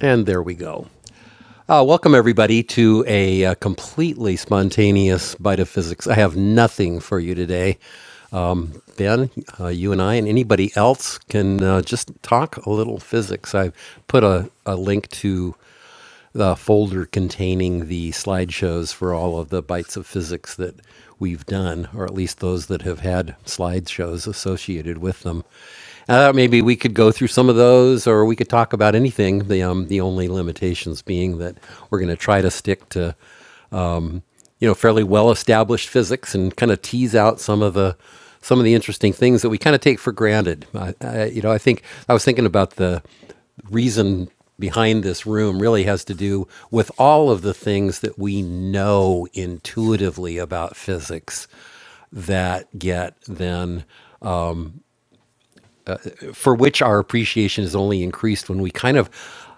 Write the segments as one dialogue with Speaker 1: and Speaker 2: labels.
Speaker 1: And there we go. Uh, welcome, everybody, to a, uh completely spontaneous bite of physics. I have nothing for you today. Ben, uh, you and I, and anybody else can uh, just talk a little physics. I have put a, a link to the folder containing the slideshows for all of the bites of physics that we've done, or at least those that have had slideshows associated with them. Uh, maybe we could go through some of those, or we could talk about anything. The um, the only limitations being that we're going to try to stick to you know fairly well established physics and kind of tease out some of the some of the interesting things that we kind of take for granted. I, I, you know, I think I was thinking about the reason behind this room really has to do with all of the things that we know intuitively about physics that get then for which our appreciation is only increased when we kind of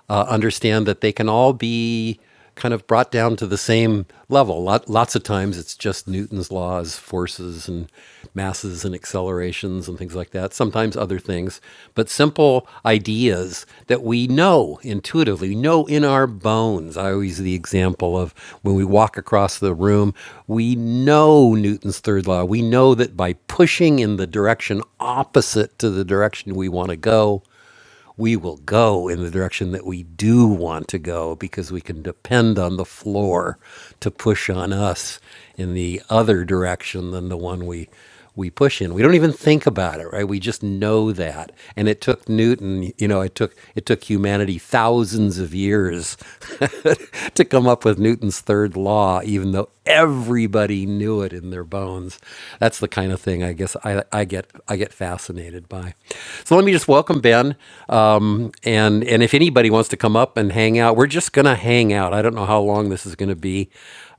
Speaker 1: uh, understand that they can all be kind of brought down to the same level. Lot, lots of times it's just Newton's laws, forces and masses and accelerations and things like that. Sometimes other things, but simple ideas that we know intuitively, we know in our bones. I always use the example of when we walk across the room, we know Newton's third law. We know that by pushing in the direction opposite to the direction we want to go, we will go in the direction that we do want to go because we can depend on the floor to push on us in the other direction than the one we we push in. We don't even think about it, right? We just know that. And it took Newton, you know, it took it took humanity thousands of years to come up with Newton's third law, even though everybody knew it in their bones. That's the kind of thing I guess I, I get I get fascinated by. So let me just welcome Ben. Um, and and if anybody wants to come up and hang out, we're just gonna hang out. I don't know how long this is gonna be.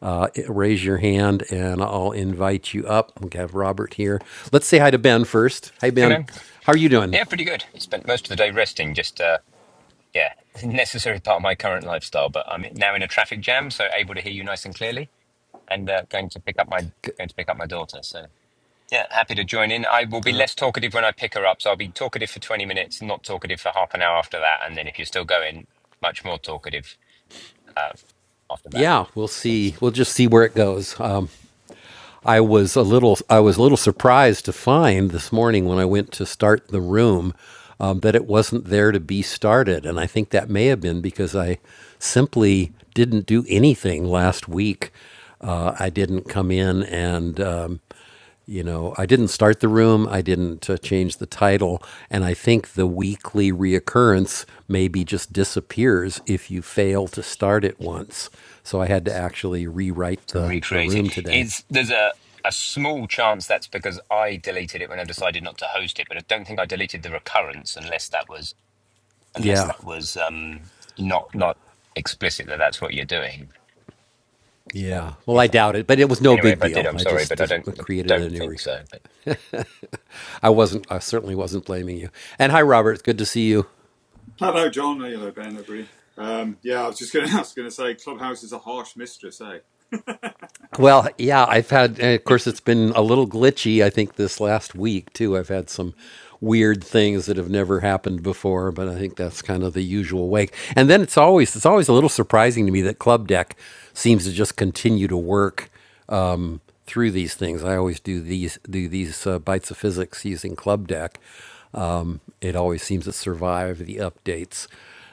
Speaker 1: Uh, raise your hand and I'll invite you up. We have Robert here. Let's say hi to Ben first. Hi
Speaker 2: Hey
Speaker 1: Ben,
Speaker 2: man.
Speaker 1: how are you doing?
Speaker 2: Yeah, pretty good. I spent most of the day resting, just uh yeah, necessary part of my current lifestyle, but I'm now in a traffic jam, so able to hear you nice and clearly and uh, going to pick up my going to pick up my daughter. So yeah, happy to join in. I will be less talkative when I pick her up, so I'll be talkative for 20 minutes, not talkative for half an hour after that, and then if you're still going, much more talkative uh, after that.
Speaker 1: Yeah, we'll
Speaker 2: So
Speaker 1: see. We'll just see where it goes. Um, I was a little I was a little surprised to find this morning when I went to start the room um, that it wasn't there to be started, and I think that may have been because I simply didn't do anything last week. Uh, I didn't come in and um, you know I didn't start the room. I didn't uh, change the title, and I think the weekly reoccurrence maybe just disappears if you fail to start it once. So I had to actually rewrite
Speaker 2: and
Speaker 1: the the
Speaker 2: recreate it.
Speaker 1: room today.
Speaker 2: It's there's a a small chance that's because I deleted it when I decided not to host it, but I don't think I deleted the recurrence unless that was unless
Speaker 1: Yeah.
Speaker 2: that was um not not explicit that that's what you're doing. So
Speaker 1: Yeah. Well, I
Speaker 2: if
Speaker 1: doubt it, but it was no
Speaker 2: anyway,
Speaker 1: big
Speaker 2: if I did,
Speaker 1: deal.
Speaker 2: I'm
Speaker 1: I
Speaker 2: sorry,
Speaker 1: just
Speaker 2: but
Speaker 1: uh,
Speaker 2: I don't I
Speaker 1: created a
Speaker 2: don't
Speaker 1: new.
Speaker 2: think
Speaker 1: Re-
Speaker 2: so. But
Speaker 1: I wasn't. I certainly wasn't blaming you. And hi, Robert. It's good to see you.
Speaker 3: Hello, John. Hello, Ben. Everybody. Um, yeah, I was just going to. I going to say, Clubhouse is a harsh mistress, eh?
Speaker 1: Well, yeah. I've had. And of course, it's been a little glitchy. I think this last week too. I've had some weird things that have never happened before, but I think that's kind of the usual way. And then it's always it's always a little surprising to me that Club Deck seems to just continue to work um, through these things. I always do these do these uh, bites of physics using Club Deck. Um, it always seems to survive the updates.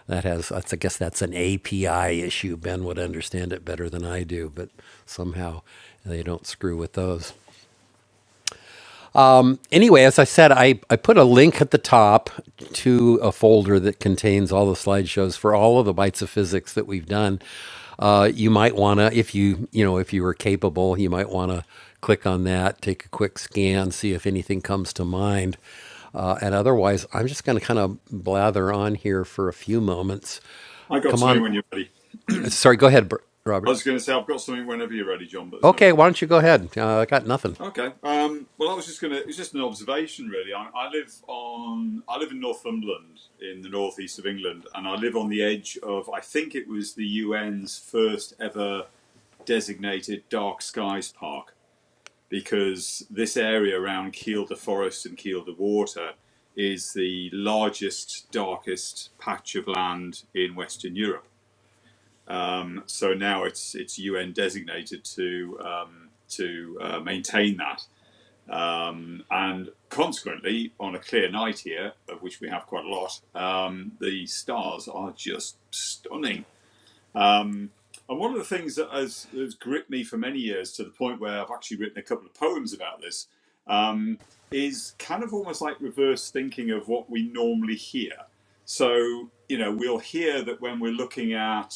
Speaker 1: That has, that's, I guess that's an API issue. Ben would understand it better than I do, but somehow they don't screw with those anyway, as I said, I, I put a link at the top to a folder that contains all the slideshows for all of the bites of physics that we've done. Uh, you might want to, if you you know if you were capable, you might want to click on that, take a quick scan, see if anything comes to mind. Uh, and otherwise, I'm just going to kind of blather on here for a few moments.
Speaker 3: I got
Speaker 1: Come
Speaker 3: something
Speaker 1: on,
Speaker 3: when you're ready.
Speaker 1: sorry, go ahead, Br-
Speaker 3: I
Speaker 1: Robert.
Speaker 3: was going to say, I've got something whenever you're ready, John. But there's no.
Speaker 1: Okay, why don't you go ahead? Uh, I got nothing.
Speaker 3: Okay. Um, well, I was just going to. It's just an observation, really. I, I live on. I live in Northumberland, in the northeast of England, and I live on the edge of. I think it was the UN's first ever designated dark skies park. because this area around Kielder Forest and Kielder Water is the largest, darkest patch of land in Western Europe. Um, so now it's it's UN designated to um, to uh, maintain that, um, and consequently, on a clear night here, of which we have quite a lot, um, the stars are just stunning um, and one of the things that has, has gripped me for many years to the point where I've actually written a couple of poems about this um, is kind of almost like reverse thinking of what we normally hear. So, you know, we'll hear that when we're looking at,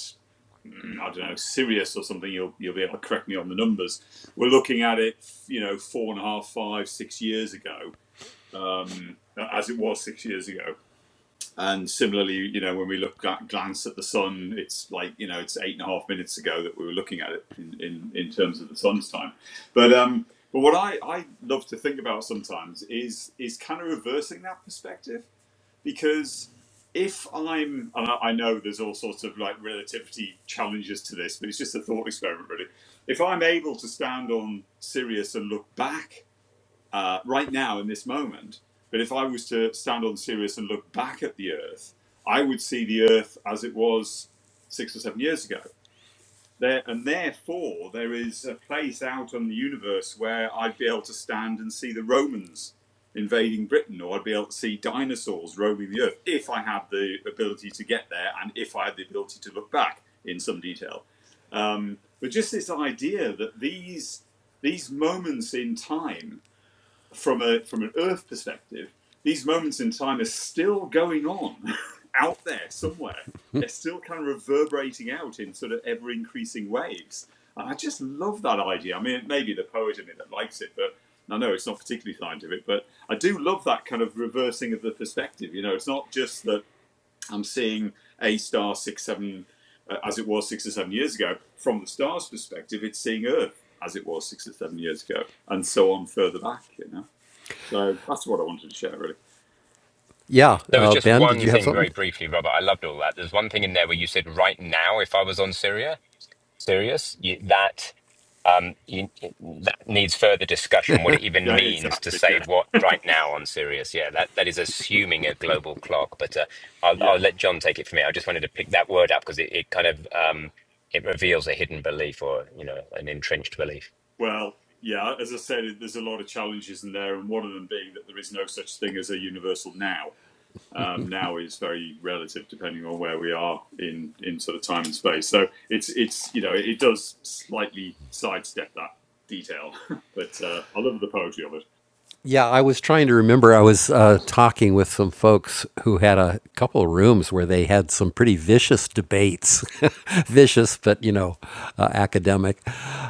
Speaker 3: mm, I don't know, Sirius or something, you'll, you'll be able to correct me on the numbers. We're looking at it, you know, four and a half, five, six years ago, um, as it was six years ago. And similarly, you know, when we look at glance at the sun, it's like you know, it's eight and a half minutes ago that we were looking at it in, in, in terms of the sun's time. But um, but what I, I love to think about sometimes is is kind of reversing that perspective because if I'm and I, I know there's all sorts of like relativity challenges to this, but it's just a thought experiment really. If I'm able to stand on Sirius and look back uh, right now in this moment. But if I was to stand on Sirius and look back at the Earth, I would see the Earth as it was six or seven years ago. There and therefore, there is a place out on the universe where I'd be able to stand and see the Romans invading Britain, or I'd be able to see dinosaurs roaming the Earth if I had the ability to get there and if I had the ability to look back in some detail. Um, but just this idea that these these moments in time from a from an Earth perspective, these moments in time are still going on out there somewhere. They're still kind of reverberating out in sort of ever increasing waves. And I just love that idea. I mean, it may be the poet in me that likes it, but I know it's not particularly scientific, but I do love that kind of reversing of the perspective. You know, it's not just that I'm seeing A star six, seven, uh, as it was six or seven years ago, from the star's perspective, it's seeing Earth as it was six or seven years ago, and so on further back, you know. So that's what I wanted to share, really.
Speaker 1: Yeah,
Speaker 2: there was
Speaker 1: uh,
Speaker 2: just
Speaker 1: Ben, did
Speaker 2: one
Speaker 1: you have
Speaker 2: thing
Speaker 1: something?
Speaker 2: very briefly, Robert. I loved all that. There's one thing in there where you said right now if I was on Syria. serious, you, that um, you, that needs further discussion. What it even
Speaker 3: Yeah,
Speaker 2: means to
Speaker 3: exactly.
Speaker 2: say
Speaker 3: Yeah.
Speaker 2: what right now on Sirius? Yeah, that that is assuming a global clock. But uh, I'll I'll
Speaker 3: Yeah.
Speaker 2: let John take it from here. I just wanted to pick that word up because it, it kind of um, it reveals a hidden belief or you know an entrenched belief.
Speaker 3: Well, yeah, as I said, it- there's a lot of challenges in there, and one of them being that there is no such thing as a universal now. Um, now is very relative depending on where we are in, in sort of time and space. So it's it's you know it does slightly sidestep that detail, but uh, I love the poetry of it.
Speaker 1: Yeah, I was trying to remember. I was uh, talking with some folks who had a couple of rooms where they had some pretty vicious debates, vicious, but you know, uh, academic,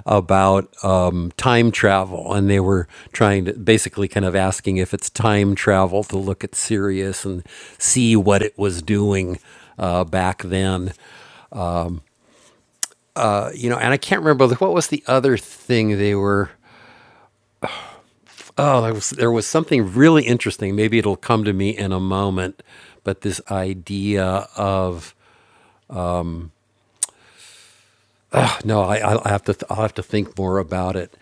Speaker 1: about um, time travel. And they were trying to basically kind of asking if it's time travel to look at Sirius and see what it was doing uh, back then. Uh, you know, and I can't remember what was the other thing they were Oh, there was, there was something really interesting. Maybe it'll come to me in a moment. But this idea of Ah, no, I, I'll have to Th- I'll have to think more about it.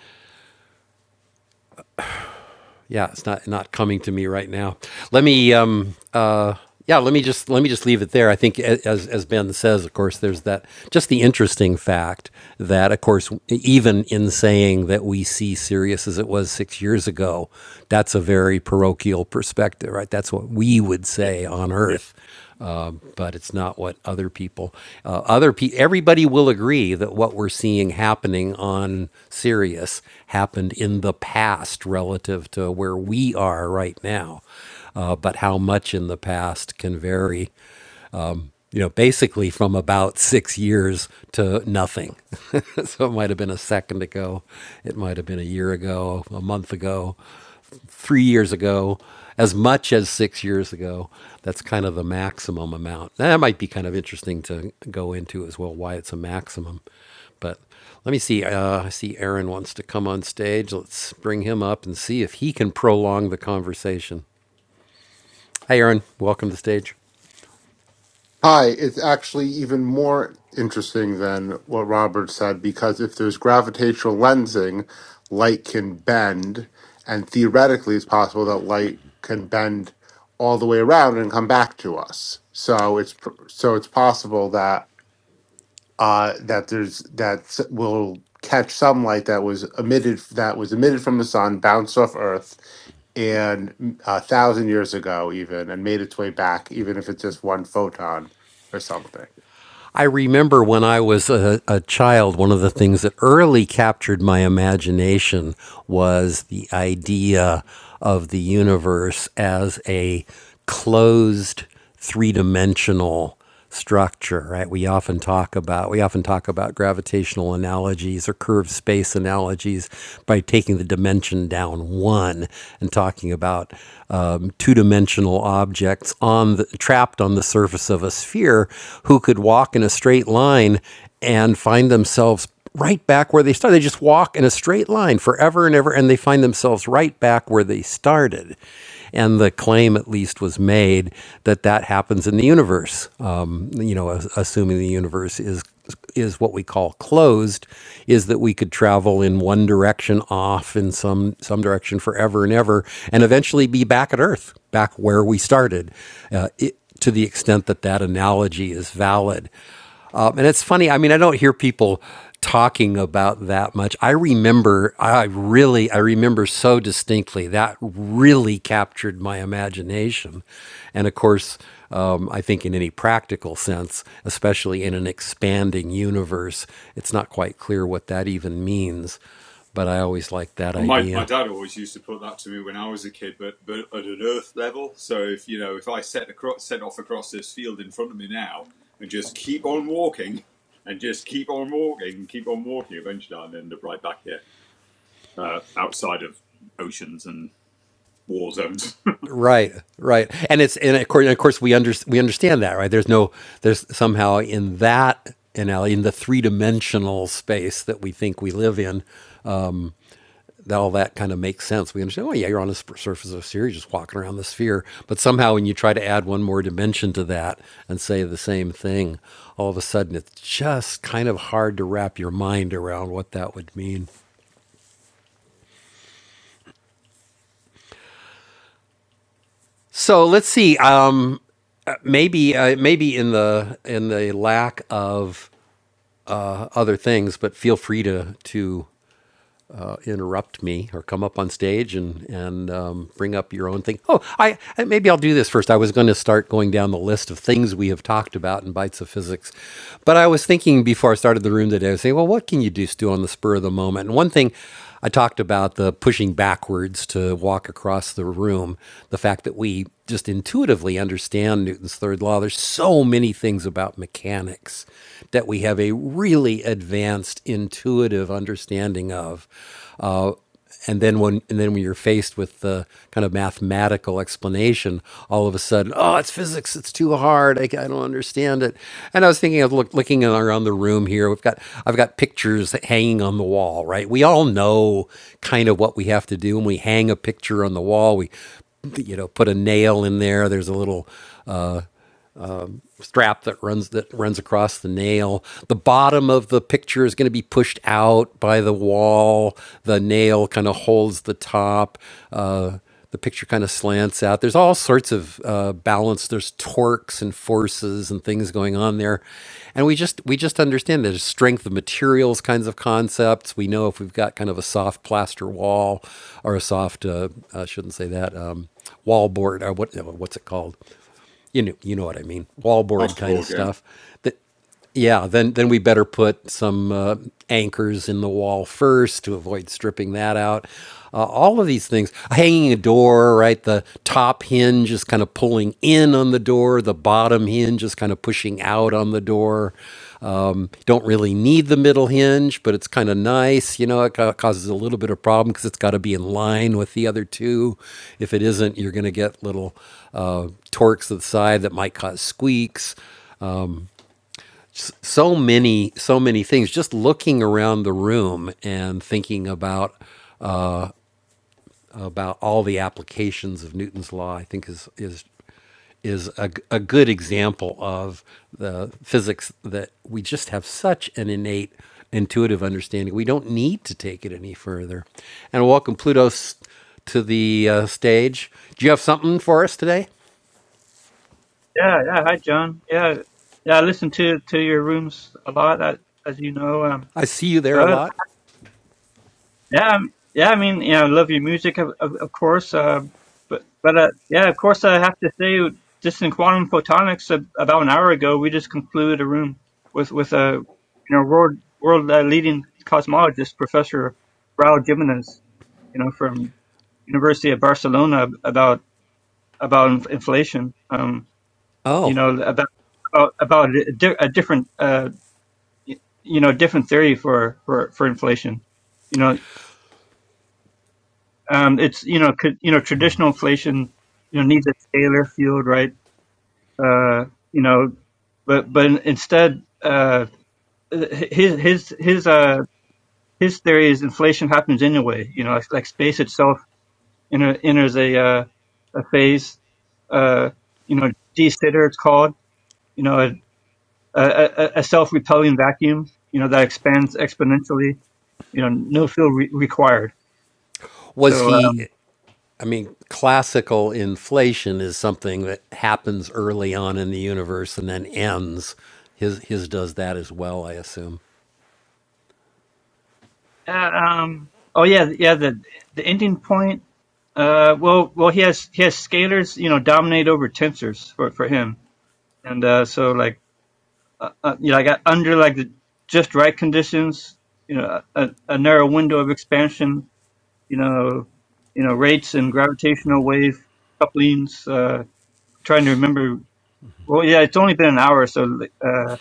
Speaker 1: Yeah, it's not not coming to me right now. Let me um uh yeah let me just let me just leave it there. I think as as Ben says, of course, there's that just the interesting fact that of course even in saying that we see Sirius as it was six years ago, that's a very parochial perspective, right? That's what we would
Speaker 3: Yeah.
Speaker 1: say on Earth uh, but it's not what other people uh, other pe- everybody will agree that what we're seeing happening on Sirius happened in the past relative to where we are right now uh, but how much in the past can vary you know, basically from about six years to nothing. so it might have been a second ago, it might have been a year ago, a month ago, three years ago, as much as six years ago. That's kind of the maximum amount. That might be kind of interesting to go into as well, why it's a maximum. But let me see. Uh, I see Aaron wants to come on stage. Let's bring him up and see if he can prolong the conversation. Hi, Aaron. Welcome to the stage.
Speaker 4: Hi, it's actually even more interesting than what Robert said because if there's gravitational lensing, light can bend, and theoretically, it's possible that light can bend all the way around and come back to us. So it's pr- so it's possible that uh, that there's that s- will catch some light that was emitted that was emitted from the sun, bounced off Earth, and mm, a thousand years ago even and made its way back even if it's just one photon or something
Speaker 1: I remember when I was a, a child, one of the things that early captured my imagination was the idea of the universe as a closed three dimensional structure right we often talk about we often talk about gravitational analogies or curved space analogies by taking the dimension down one and talking about um, two-dimensional objects on the trapped trapped on the surface of a sphere who could walk in a straight line and find themselves right back where they started. They just walk in a straight line forever and ever, and they find themselves right back where they started. And the claim, at least, was made that that happens in the universe. Um, you know, as- assuming the universe is is what we call closed, is that we could travel in one direction off in some some direction forever and ever, and eventually be back at Earth, back where we started. Uh, it, to the extent that that analogy is valid. Um, and it's funny, I mean, I don't hear people talking about that much. I remember, I really, I remember so distinctly that really captured my imagination. And of course, um, I think in any practical sense, especially in an expanding universe, it's not quite clear what that even means. But I always liked that
Speaker 3: Well, my, my
Speaker 1: idea.
Speaker 3: dad always used to put that to me when I was a kid, but but at an earth level. So if you know, if I set across set off across this field in front of me now and just keep on walking and just keep on walking and keep on walking, eventually I'll end up right back here, uh, outside of oceans and war zones.
Speaker 1: Right, right, and it's and of course, and of course we under, we understand that, right? There's no there's somehow in that analogy in the three dimensional space that we think we live in, that all that kind of makes sense. We understand, oh yeah, you're on the sp- surface of a sphere, you're just walking around the sphere. But somehow, when you try to add one more dimension to that and say the same thing, all of a sudden it's just kind of hard to wrap your mind around what that would mean. So let's see. Um, uh, maybe uh, maybe in the in the lack of other things, but feel free to to uh, interrupt me or come up on stage and and um, bring up your own thing. Oh, I maybe I'll do this first. I was going to start going down the list of things we have talked about in bites of physics, but I was thinking before I started the room today. I was saying, well, what can you just do on the spur of the moment? And one thing. I talked about the pushing backwards to walk across the room, the fact that we just intuitively understand Newton's third law. There's so many things about mechanics that we have a really advanced intuitive understanding of. Uh, and then when and then when you're faced with the kind of mathematical explanation, all of a sudden, oh, it's physics. It's too hard. I, I don't understand it. And I was thinking of look, looking around the room here. We've got I've got pictures hanging on the wall. Right. We all know kind of what we have to do when we hang a picture on the wall. We you know, put a nail in there. There's a little strap that runs that runs across the nail. The bottom of the picture is going to be pushed out by the wall. The nail kind of holds the top. Uh, the picture kind of slants out. There's all sorts of uh, balance. There's torques and forces and things going on there, and we just we just understand there's strength of materials kinds of concepts. We know if we've got kind of a soft plaster wall or a soft uh, I shouldn't say that um, wall board or what what's it called you know, you know what I mean, wallboard
Speaker 3: Off the
Speaker 1: kind of
Speaker 3: board, yeah.
Speaker 1: stuff that yeah, then then we better put some uh, anchors in the wall first to avoid stripping that out. Uh, all of these things, hanging a door, right? The top hinge is kind of pulling in on the door. The bottom hinge is kind of pushing out on the door. Um, don't really need the middle hinge, but it's kind of nice. You know, it ca- causes a little bit of problem because it's got to be in line with the other two. If it isn't, you're going to get little uh, torques to the side that might cause squeaks s- so many so many things just looking around the room and thinking about about all the applications of Newton's law I think is is is a, g- a good example of the physics that we just have such an innate intuitive understanding. We don't need to take it any further. And welcome Pluto s- to the uh, stage. Do you have something for us today?
Speaker 5: Yeah, yeah. Hi, John. Yeah, yeah. I listen to to your rooms a lot, as, as you know. Um,
Speaker 1: I see you there a
Speaker 5: but
Speaker 1: lot.
Speaker 5: yeah, um, yeah. I mean, you know, I love your music, of, of, of course. Um, but but uh, yeah, of course, I have to say, just in quantum photonics, uh, about an hour ago, we just concluded a room with with a you know world world uh, leading cosmologist, Professor Raul Jimenez, you know, from University of Barcelona, about about inflation. Um, you
Speaker 1: Oh,
Speaker 5: know about about, about a, di- a different uh, y- you know different theory for for for inflation you know um it's you know could, you know traditional inflation you know needs a Taylor field right uh you know but but in- instead uh his his his uh his theory is inflation happens anyway you know like like space itself enter, enters a uh, a phase uh you know de-sitter it's called you know a, a self-repelling vacuum, you know, that expands exponentially, you know, no fuel re- required. So,
Speaker 1: was he?
Speaker 5: um,
Speaker 1: I mean, classical inflation is something that happens early on in the universe and then ends. His his does that as well, I assume.
Speaker 5: uh, um, oh yeah, yeah, the the ending point. Uh, well, well, he has he has scalars, you know, dominate over tensors for for him, and uh, so like, uh, uh, you know, I got under like the just right conditions, you know, a, a narrow window of expansion, you know, you know, rates and gravitational wave couplings. Uh, trying to remember Well, yeah, it's only been an hour, so uh,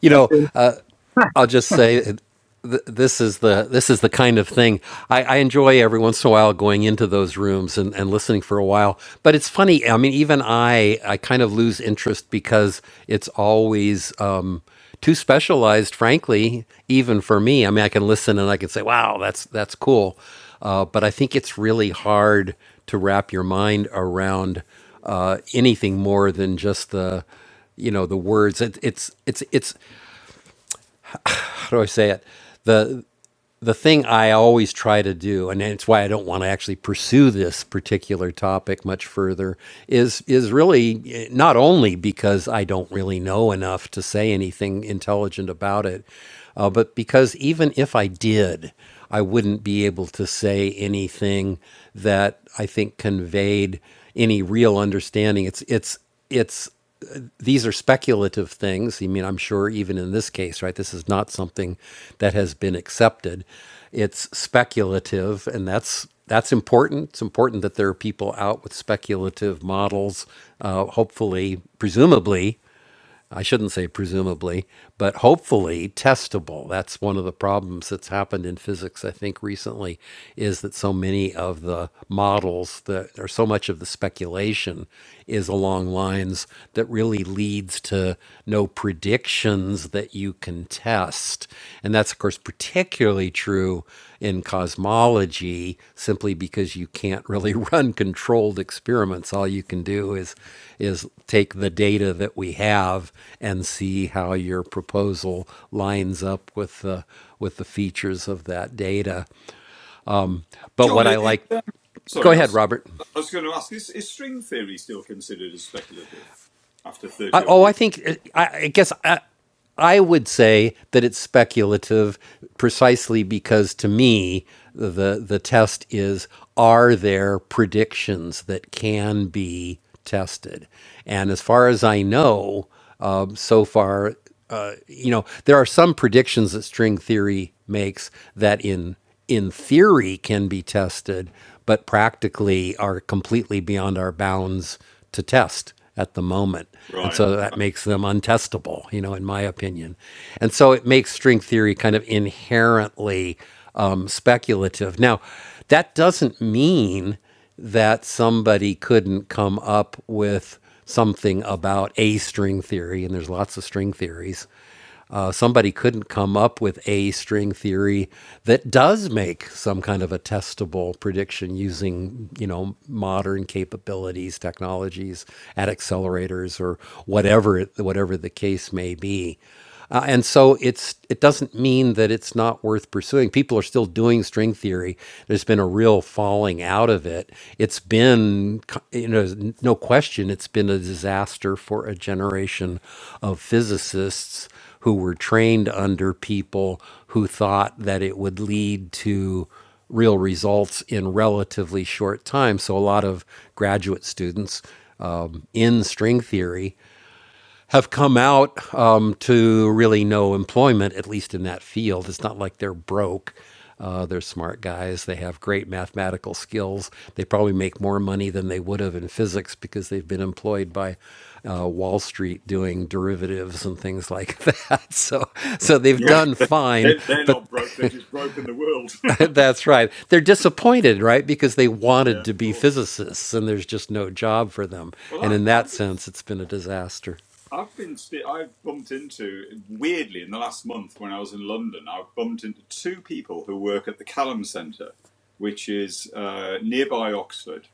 Speaker 1: You
Speaker 5: that's
Speaker 1: know,
Speaker 5: it.
Speaker 1: I'll just say th- this is the this is the kind of thing I, I enjoy every once in a while going into those rooms and, and listening for a while. But it's funny. I mean, even I I kind of lose interest because it's always um, too specialized, frankly, even for me. I mean, I can listen and I can say, "Wow, that's that's cool," uh, but I think it's really hard to wrap your mind around uh, anything more than just the you know the words it, it's it's it's how do I say it? The the thing I always try to do, and it's why I don't want to actually pursue this particular topic much further, is is really eh, not only because I don't really know enough to say anything intelligent about it, uh, but because even if I did, I wouldn't be able to say anything that I think conveyed any real understanding. It's it's it's these are speculative things. I mean, I'm sure even in this case, right? This is not something that has been accepted. It's speculative, and that's that's important. It's important that there are people out with speculative models. Uh, hopefully, presumably, I shouldn't say presumably, but hopefully testable. That's one of the problems that's happened in physics, I think, recently, is that so many of the models that, or so much of the speculation is along lines that really leads to no predictions that you can test. And that's, of course, particularly true in cosmology simply because you can't really run controlled experiments all you can do is is take the data that we have and see how your proposal lines up with the with the features of that data but
Speaker 3: John,
Speaker 1: what i
Speaker 3: is, is,
Speaker 1: like
Speaker 3: um,
Speaker 1: go
Speaker 3: sorry, I
Speaker 1: ahead
Speaker 3: was
Speaker 1: robert
Speaker 3: I was going to ask: is, is string theory still considered as speculative after
Speaker 1: I,
Speaker 3: thirty odd
Speaker 1: oh,
Speaker 3: years?
Speaker 1: I think I, I guess I, I would say that it's speculative, precisely because to me the the test is are there predictions that can be tested, and as far as I know, um, so far, uh, you know, there are some predictions that string theory makes that in in theory can be tested, but practically are completely beyond our bounds to test at the moment. And
Speaker 3: Right.
Speaker 1: so that makes them untestable, you know, in my opinion. And so it makes string theory kind of inherently um, speculative. Now, that doesn't mean that somebody couldn't come up with something about a string theory, and there's lots of string theories. Uh, somebody couldn't come up with a string theory that does make some kind of a testable prediction using, you know, modern capabilities, technologies, at accelerators or whatever it- whatever the case may be. Uh, and so it's it doesn't mean that it's not worth pursuing. People are still doing string theory. There's been a real falling out of it. It's been co- you know n- no question it's been a disaster for a generation of physicists who were trained under people who thought that it would lead to real results in relatively short time. So a lot of graduate students um, in string theory have come out um, to really no employment, at least in that field. It's not like they're broke. Uh, they're smart guys. They have great mathematical skills. They probably make more money than they would have in physics because they've been employed by uh, Wall Street doing derivatives and things like that. So, so they've
Speaker 3: Yeah,
Speaker 1: done
Speaker 3: they,
Speaker 1: fine.
Speaker 3: are they're
Speaker 1: But
Speaker 3: not broke; they've just broken the world.
Speaker 1: that's right. They're disappointed, right? Because they
Speaker 3: Yeah,
Speaker 1: wanted
Speaker 3: of
Speaker 1: to be
Speaker 3: course.
Speaker 1: physicists, and there's just no job for them.
Speaker 3: Well,
Speaker 1: And
Speaker 3: I,
Speaker 1: in
Speaker 3: I
Speaker 1: that
Speaker 3: was,
Speaker 1: sense, it's been a disaster.
Speaker 3: I've been, sti- I've bumped into, weirdly, in the last month when I was in London, I've bumped into two people who work at the Callum Centre, which is uh, nearby Oxford.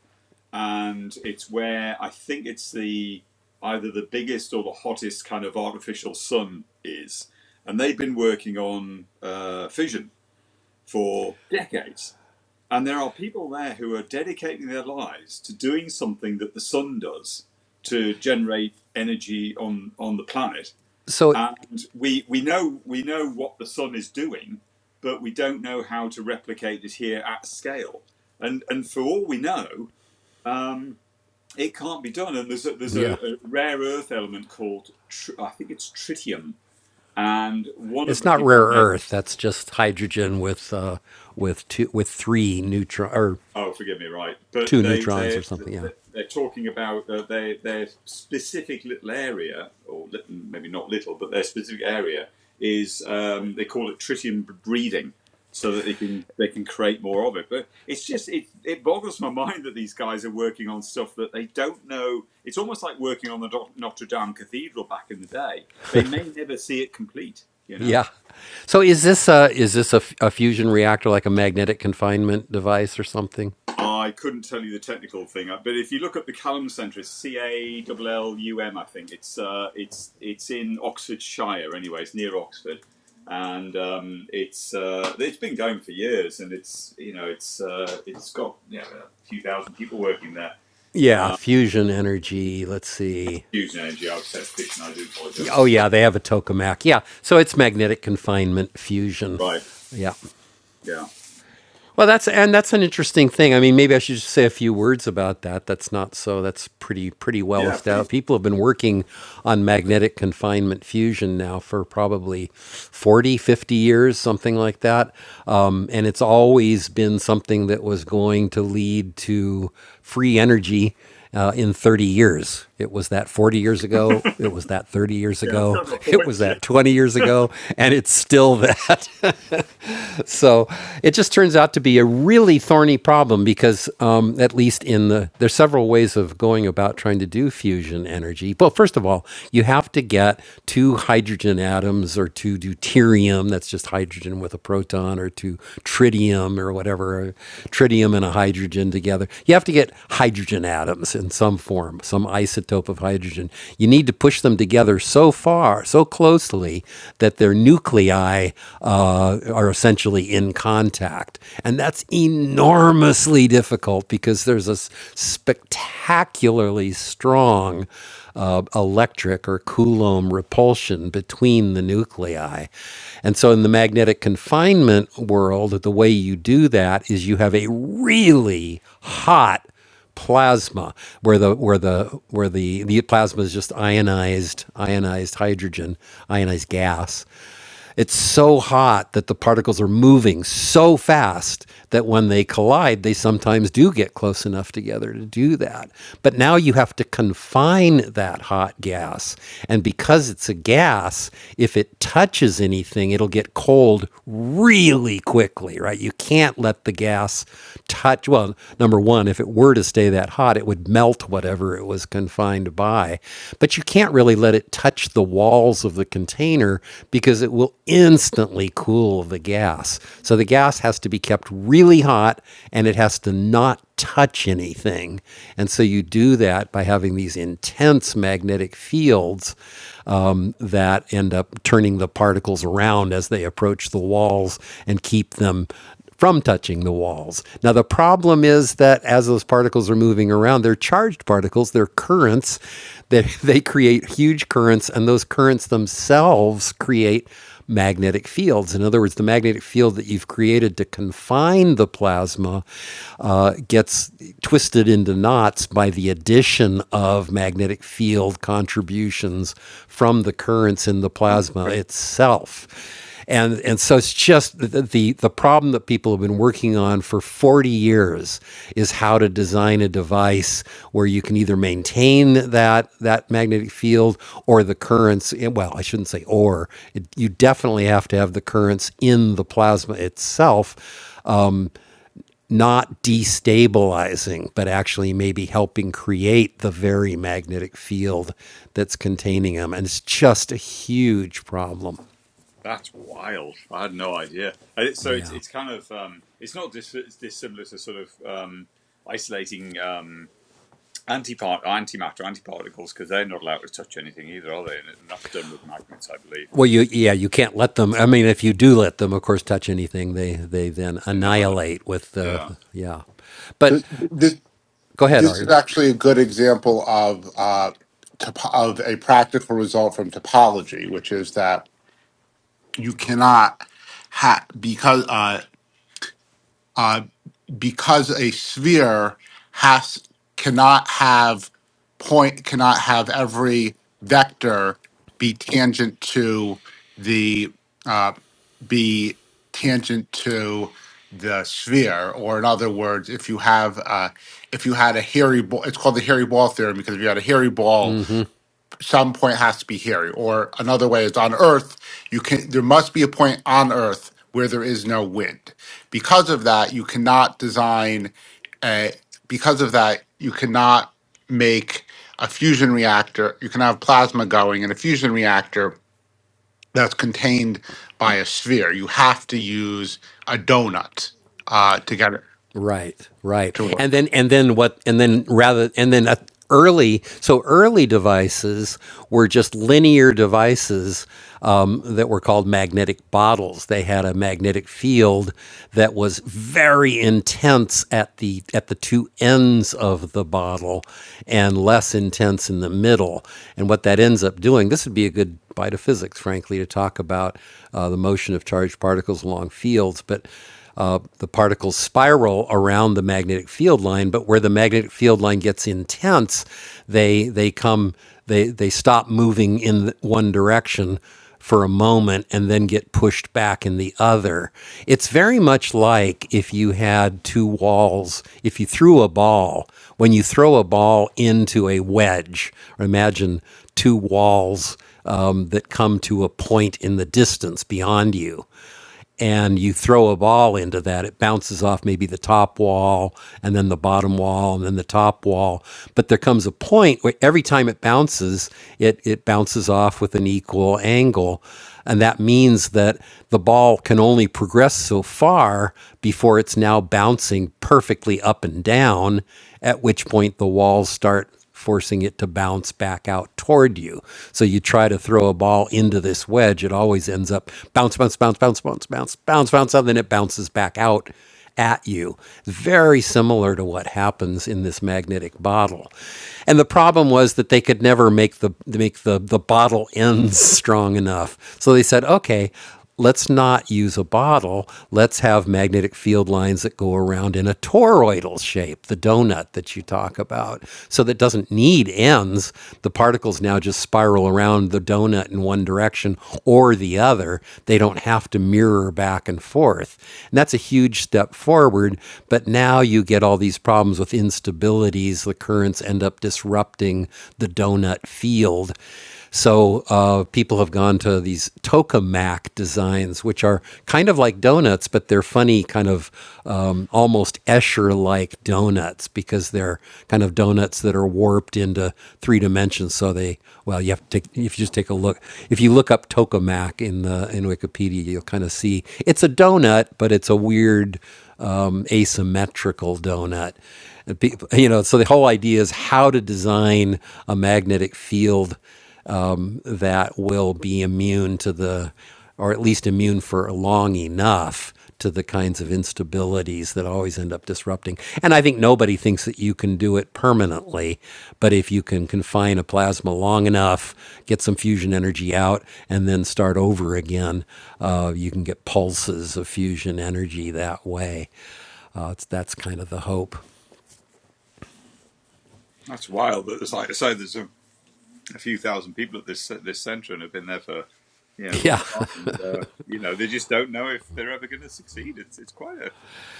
Speaker 3: And it's where I think it's the either the biggest or the hottest kind of artificial sun is. And they've been working on uh, fission for decades. And there are people there who are dedicating their lives to doing something that the sun does to generate energy on, on the planet.
Speaker 1: So,
Speaker 3: And we, we know we know what the sun is doing, but we don't know how to replicate it here at scale. And and for all we know, um, it can't be done. And there's a, there's a,
Speaker 1: yeah.
Speaker 3: a rare earth element called tr- I think it's tritium. And one of
Speaker 1: It's
Speaker 3: the
Speaker 1: not
Speaker 3: people
Speaker 1: rare
Speaker 3: I met
Speaker 1: earth. That's just hydrogen with uh, with two with three neutron or
Speaker 3: Oh, forgive me, right? But
Speaker 1: two
Speaker 3: they
Speaker 1: neutrons or
Speaker 3: they
Speaker 1: something. Yeah,
Speaker 3: they're, talking about uh, their their specific little area, or maybe not little, but their specific area is um, they call it tritium breeding, so that they can they can create more of it. But it's just it it boggles my mind that these guys are working on stuff that they don't know. It's almost like working on the Notre Dame Cathedral back in the day. They may never see it complete, you know.
Speaker 1: yeah. So is this a is this a, f- a fusion reactor like a magnetic confinement device or something?
Speaker 3: I couldn't tell you the technical thing, uh, but if you look up the Callum Centre, it's C A L L U M, I think it's uh, it's it's in Oxfordshire anyway. It's near Oxford, and um, it's uh, it's been going for years, and it's you know it's uh, it's got you know, a few thousand people working there.
Speaker 1: Yeah, fusion energy. Let's see.
Speaker 3: Huge energy, I would say, and I do
Speaker 1: Oh
Speaker 3: apologise.
Speaker 1: yeah, they have a tokamak. Yeah, so it's magnetic confinement fusion.
Speaker 3: Right?
Speaker 1: Yeah.
Speaker 3: Yeah.
Speaker 1: Well, that's and that's an interesting thing. I mean, maybe I should just say a few words about that. That's not so. That's pretty pretty well
Speaker 3: Yeah. Please.
Speaker 1: established. People have been working on magnetic confinement fusion now for probably 40, 50 years, something like that. Um, and it's always been something that was going to lead to free energy uh, in 30 years. It was that 40 years ago. It was that 30 years
Speaker 3: Yeah, I've
Speaker 1: ago.
Speaker 3: got my
Speaker 1: It
Speaker 3: point.
Speaker 1: was
Speaker 3: Yeah.
Speaker 1: that 20 years ago. And it's still that so it just turns out to be a really thorny problem because, um, at least in the, there's several ways of going about trying to do fusion energy. Well, first of all, you have to get two hydrogen atoms or two deuterium, that's just hydrogen with a proton, or two tritium or whatever, tritium and a hydrogen together. You have to get hydrogen atoms in some form, some isotope of hydrogen. You need to push them together so far far, so closely that their nuclei uh, are essentially in contact. And that's enormously difficult because there's a spectacularly strong uh, electric or Coulomb repulsion between the nuclei. And so in the magnetic confinement world, the way you do that is you have a really hot plasma, where the where the where the, the plasma is just ionized ionized hydrogen, ionized gas. It's so hot that the particles are moving so fast that when they collide, they sometimes do get close enough together to do that. But now you have to confine that hot gas. And because it's a gas, if it touches anything, it'll get cold really quickly, right? You can't let the gas touch. Well, number one, if it were to stay that hot, it would melt whatever it was confined by. But you can't really let it touch the walls of the container because it will instantly cool the gas. So the gas has to be kept really hot and it has to not touch anything. And so you do that by having these intense magnetic fields um, that end up turning the particles around as they approach the walls and keep them from touching the walls. Now, the problem is that as those particles are moving around, they're charged particles, they're currents, they, they create huge currents, and those currents themselves create magnetic fields. In other words, the magnetic field that you've created to confine the plasma uh, gets twisted into knots by the addition of magnetic field contributions from the currents in the plasma itself. And and so it's just the, the the problem that people have been working on for 40 years is how to design a device where you can either maintain that that magnetic field or the currents. Well, I shouldn't say or. It, you definitely have to have the currents in the plasma itself. Um, not destabilizing, but actually maybe helping create the very magnetic field that's containing them. And it's just a huge problem.
Speaker 3: That's wild. I had no idea. So it's
Speaker 1: Yeah.
Speaker 3: it's kind of um, it's not dis- it's dissimilar to sort of um, isolating um, antipart antimatter antiparticles because they're not allowed to touch anything either, are they? And, that's done with magnets, I believe.
Speaker 1: Well, you yeah, you can't let them. I mean, if you do let them, of course, touch anything, they they then
Speaker 3: In Ireland.
Speaker 1: annihilate with the
Speaker 3: Yeah,
Speaker 1: yeah.
Speaker 4: So
Speaker 1: But
Speaker 4: th- this
Speaker 1: go ahead,
Speaker 4: this is
Speaker 1: Art.
Speaker 4: actually a good example of uh, top- of a practical result from topology, which is that you cannot ha- because uh, uh, because a sphere has cannot have point cannot have every vector be tangent to the uh, be tangent to the sphere or in other words if you have uh, if you had a hairy ball it's called the hairy ball theorem because if you had a hairy ball some point has to be here or another way is on earth you can there must be a point on earth where there is no wind because of that you cannot design a because of that you cannot make a fusion reactor you can have plasma going in a fusion reactor that's contained by a sphere you have to use a donut uh, to get it
Speaker 1: Right, right.
Speaker 4: to
Speaker 1: And
Speaker 4: work
Speaker 1: then and then what and then rather and then uh, early so early devices were just linear devices um, that were called magnetic bottles. They had a magnetic field that was very intense at the at the two ends of the bottle and less intense in the middle. And what that ends up doing, this would be a good bite of physics, frankly, to talk about uh, the motion of charged particles along fields, but uh, the particles spiral around the magnetic field line, but where the magnetic field line gets intense, they they come they they stop moving in one direction for a moment and then get pushed back in the other. It's very much like if you had two walls, if you threw a ball, when you throw a ball into a wedge, or imagine two walls um, that come to a point in the distance beyond you and you throw a ball into that, it bounces off maybe the top wall and then the bottom wall and then the top wall. But there comes a point where every time it bounces, it, it bounces off with an equal angle. And that means that the ball can only progress so far before it's now bouncing perfectly up and down, at which point the walls start forcing it to bounce back out toward you. So you try to throw a ball into this wedge, it always ends up bounce, bounce, bounce, bounce, bounce, bounce, bounce, bounce, and then it bounces back out at you. Very similar to what happens in this magnetic bottle. And the problem was that they could never make the make the, the bottle ends strong enough. So they said, okay, let's not use a bottle. Let's have magnetic field lines that go around in a toroidal shape, the donut that you talk about. So that doesn't need ends. The particles now just spiral around the donut in one direction or the other. They don't have to mirror back and forth. And that's a huge step forward. But now you get all these problems with instabilities. The currents end up disrupting the donut field. So uh, people have gone to these tokamak designs, which are kind of like donuts, but they're funny, kind of um, almost Escher-like donuts because they're kind of donuts that are warped into three dimensions. So they, well, you have to take if you just take a look. If you look up tokamak in the in Wikipedia, you'll kind of see it's a donut, but it's a weird um, asymmetrical donut. And people, you know, so the whole idea is how to design a magnetic field um, that will be immune to the, or at least immune for long enough to the kinds of instabilities that always end up disrupting. And I think nobody thinks that you can do it permanently, but if you can confine a plasma long enough, get some fusion energy out, and then start over again, uh, you can get pulses of fusion energy that way. Uh, it's, that's kind of the hope.
Speaker 3: that's wild. That There's like I say, there's a, a few thousand people at this this centre and have been there for you know a
Speaker 1: Yeah.
Speaker 3: long time, and uh, you know they just don't know if they're ever going to succeed. It's it's quite a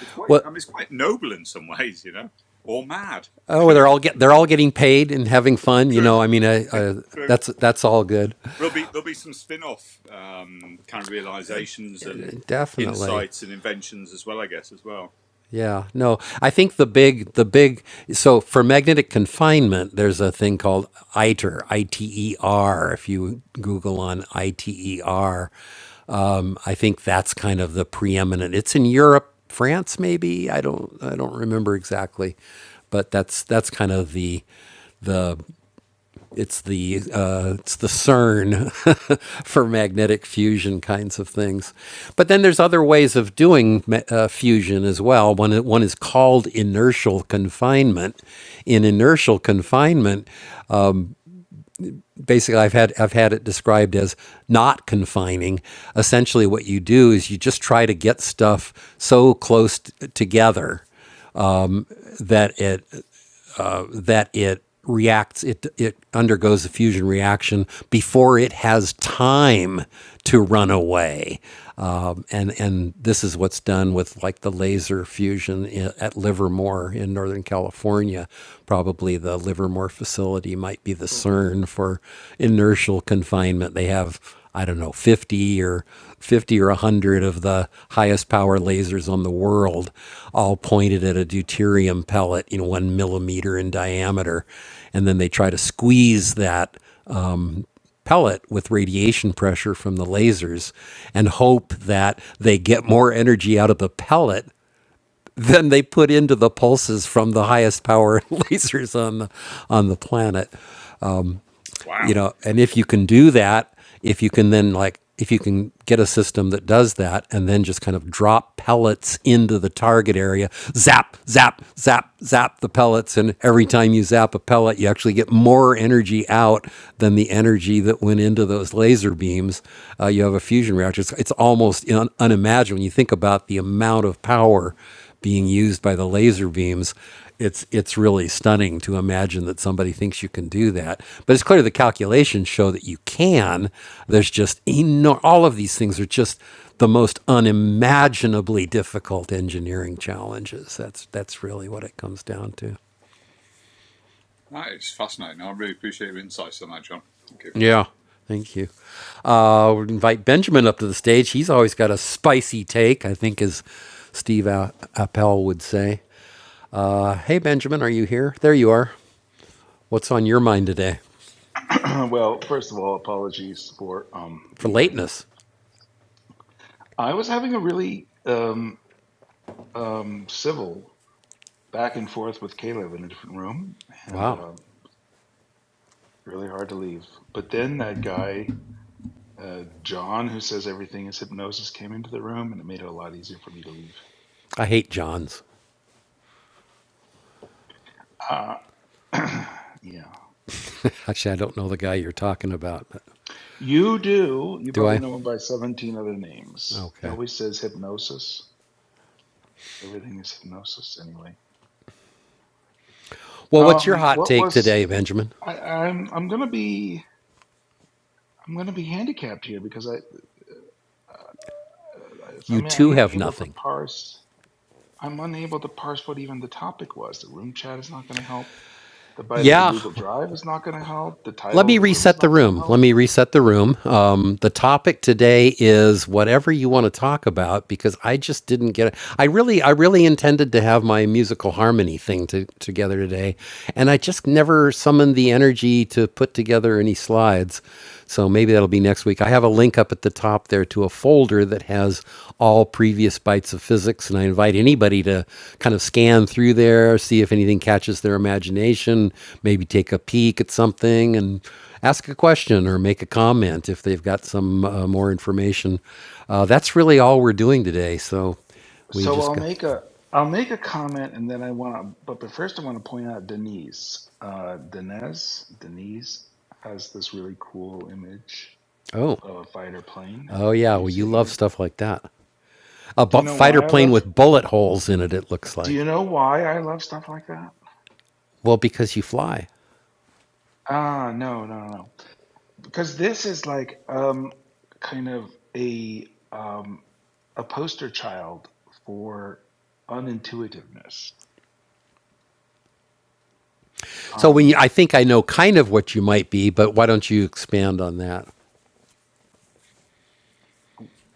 Speaker 3: it's quite I
Speaker 1: What?
Speaker 3: mean it's quite noble in some ways, you know, or mad
Speaker 1: Oh, well,
Speaker 3: depending
Speaker 1: they're
Speaker 3: on what
Speaker 1: all
Speaker 3: you're
Speaker 1: get they're
Speaker 3: looking
Speaker 1: all
Speaker 3: at
Speaker 1: getting paid and having fun. You
Speaker 3: True,
Speaker 1: know, I mean, I, I,
Speaker 3: true.
Speaker 1: that's that's all good.
Speaker 3: There'll be there'll be some spin-off um, kind of realizations and
Speaker 1: Definitely,
Speaker 3: insights and inventions as well, I guess, as well.
Speaker 1: yeah. No, I think the big the big so for magnetic confinement, there's a thing called ITER, I T E R. If you Google on I T E R, um, I think that's kind of the preeminent. It's in Europe, France, maybe. I don't I don't remember exactly, but that's that's kind of the the It's the uh, it's the CERN for magnetic fusion kinds of things, but then there's other ways of doing uh, fusion as well. One one is called inertial confinement. In inertial confinement, basically, I've had I've had it described as not confining. Essentially, what you do is you just try to get stuff so close t- together that it that it reacts it it undergoes a fusion reaction before it has time to run away um, and and this is what's done with like the laser fusion i at Livermore in Northern California probably the Livermore facility might be the CERN for inertial confinement they have I don't know, 50 or 50 or 100 of the highest power lasers on the world, all pointed at a deuterium pellet, you know, one millimeter in diameter. And then they try to squeeze that pellet with radiation pressure from the lasers and hope that they get more energy out of the pellet than they put into the pulses from the highest power lasers on the, on the planet you
Speaker 3: Wow.
Speaker 1: know and if you can do that if you can then like if you can get a system that does that and then just kind of drop pellets into the target area zap zap zap zap the pellets and every time you zap a pellet you actually get more energy out than the energy that went into those laser beams uh, you have a fusion reactor it's, it's almost un- unimaginable when you think about the amount of power being used by the laser beams. It's it's really stunning to imagine that somebody thinks you can do that. But it's clear the calculations show that you can. There's just enor- all of these things are just the most unimaginably difficult engineering challenges. That's that's really what it comes down to.
Speaker 3: That is fascinating. I really appreciate your insights on that, John. Thank you.
Speaker 1: Yeah. Thank you. Uh, we'll invite Benjamin up to the stage. He's always got a spicy take, I think, as Steve A- Appel would say. Uh, hey, Benjamin, are you here? There you are. What's on your mind today
Speaker 6: well, first of all, apologies for um,
Speaker 1: for
Speaker 6: being late.
Speaker 1: lateness?
Speaker 6: I was having a really um, um, civil back and forth with Caleb in a different room, and
Speaker 1: Wow.
Speaker 6: um, really hard to leave. But then that guy, uh, John, who says everything is hypnosis, came into the room, and it made it a lot easier for me to leave.
Speaker 1: I hate Johns.
Speaker 6: Uh, yeah,
Speaker 1: Actually, I don't know the guy you're talking about. But
Speaker 6: you do. You
Speaker 1: do
Speaker 6: probably
Speaker 1: I?
Speaker 6: know him by seventeen other names. He
Speaker 1: Okay.
Speaker 6: always says hypnosis. Everything is hypnosis anyway.
Speaker 1: Well, what's your
Speaker 6: Um,
Speaker 1: hot
Speaker 6: what
Speaker 1: take
Speaker 6: was
Speaker 1: today, Benjamin?
Speaker 6: I, I'm I'm gonna be I'm gonna be handicapped here because I uh, I
Speaker 1: You
Speaker 6: mean
Speaker 1: too
Speaker 6: I'm not
Speaker 1: have
Speaker 6: able to
Speaker 1: nothing.
Speaker 6: parse I'm unable to parse what even the topic was. The room chat is not gonna help. The bite of the
Speaker 1: Yeah.
Speaker 6: Google Drive is not gonna help. The
Speaker 1: Let
Speaker 6: title
Speaker 1: me
Speaker 6: of the room is
Speaker 1: reset the
Speaker 6: not gonna
Speaker 1: room. Let
Speaker 6: help.
Speaker 1: me reset the room. Um, the topic today is whatever you want to talk about because I just didn't get it. I really, I really intended to have my musical harmony thing to, together today, and I just never summoned the energy to put together any slides. So maybe that'll be next week. I have a link up at the top there to a folder that has all previous bites of physics, and I invite anybody to kind of scan through there, see if anything catches their imagination, maybe take a peek at something and ask a question or make a comment if they've got some uh, more information. Uh, that's really all we're doing today. So we
Speaker 6: So
Speaker 1: just
Speaker 6: I'll
Speaker 1: go,
Speaker 6: make a I'll make a comment and then I want to but, but first I want to point out Denise. Uh, Denez Denise has this really cool image
Speaker 1: oh,
Speaker 6: of a fighter plane.
Speaker 1: oh yeah,
Speaker 6: Do you
Speaker 1: well,
Speaker 6: see
Speaker 1: you
Speaker 6: it in
Speaker 1: love
Speaker 6: the?
Speaker 1: stuff like that. A
Speaker 6: Do
Speaker 1: bu-
Speaker 6: you know
Speaker 1: fighter
Speaker 6: why I
Speaker 1: plane
Speaker 6: love
Speaker 1: with bullet holes in it, it looks
Speaker 6: Do
Speaker 1: like.
Speaker 6: you know why I love stuff like that?
Speaker 1: Well, because you fly.
Speaker 6: Ah, no, no, no, no. Because this is like um kind of a um a poster child for unintuitiveness.
Speaker 1: So when you, I
Speaker 6: Um
Speaker 1: think I know kind of what you might be, but why don't you expand on that?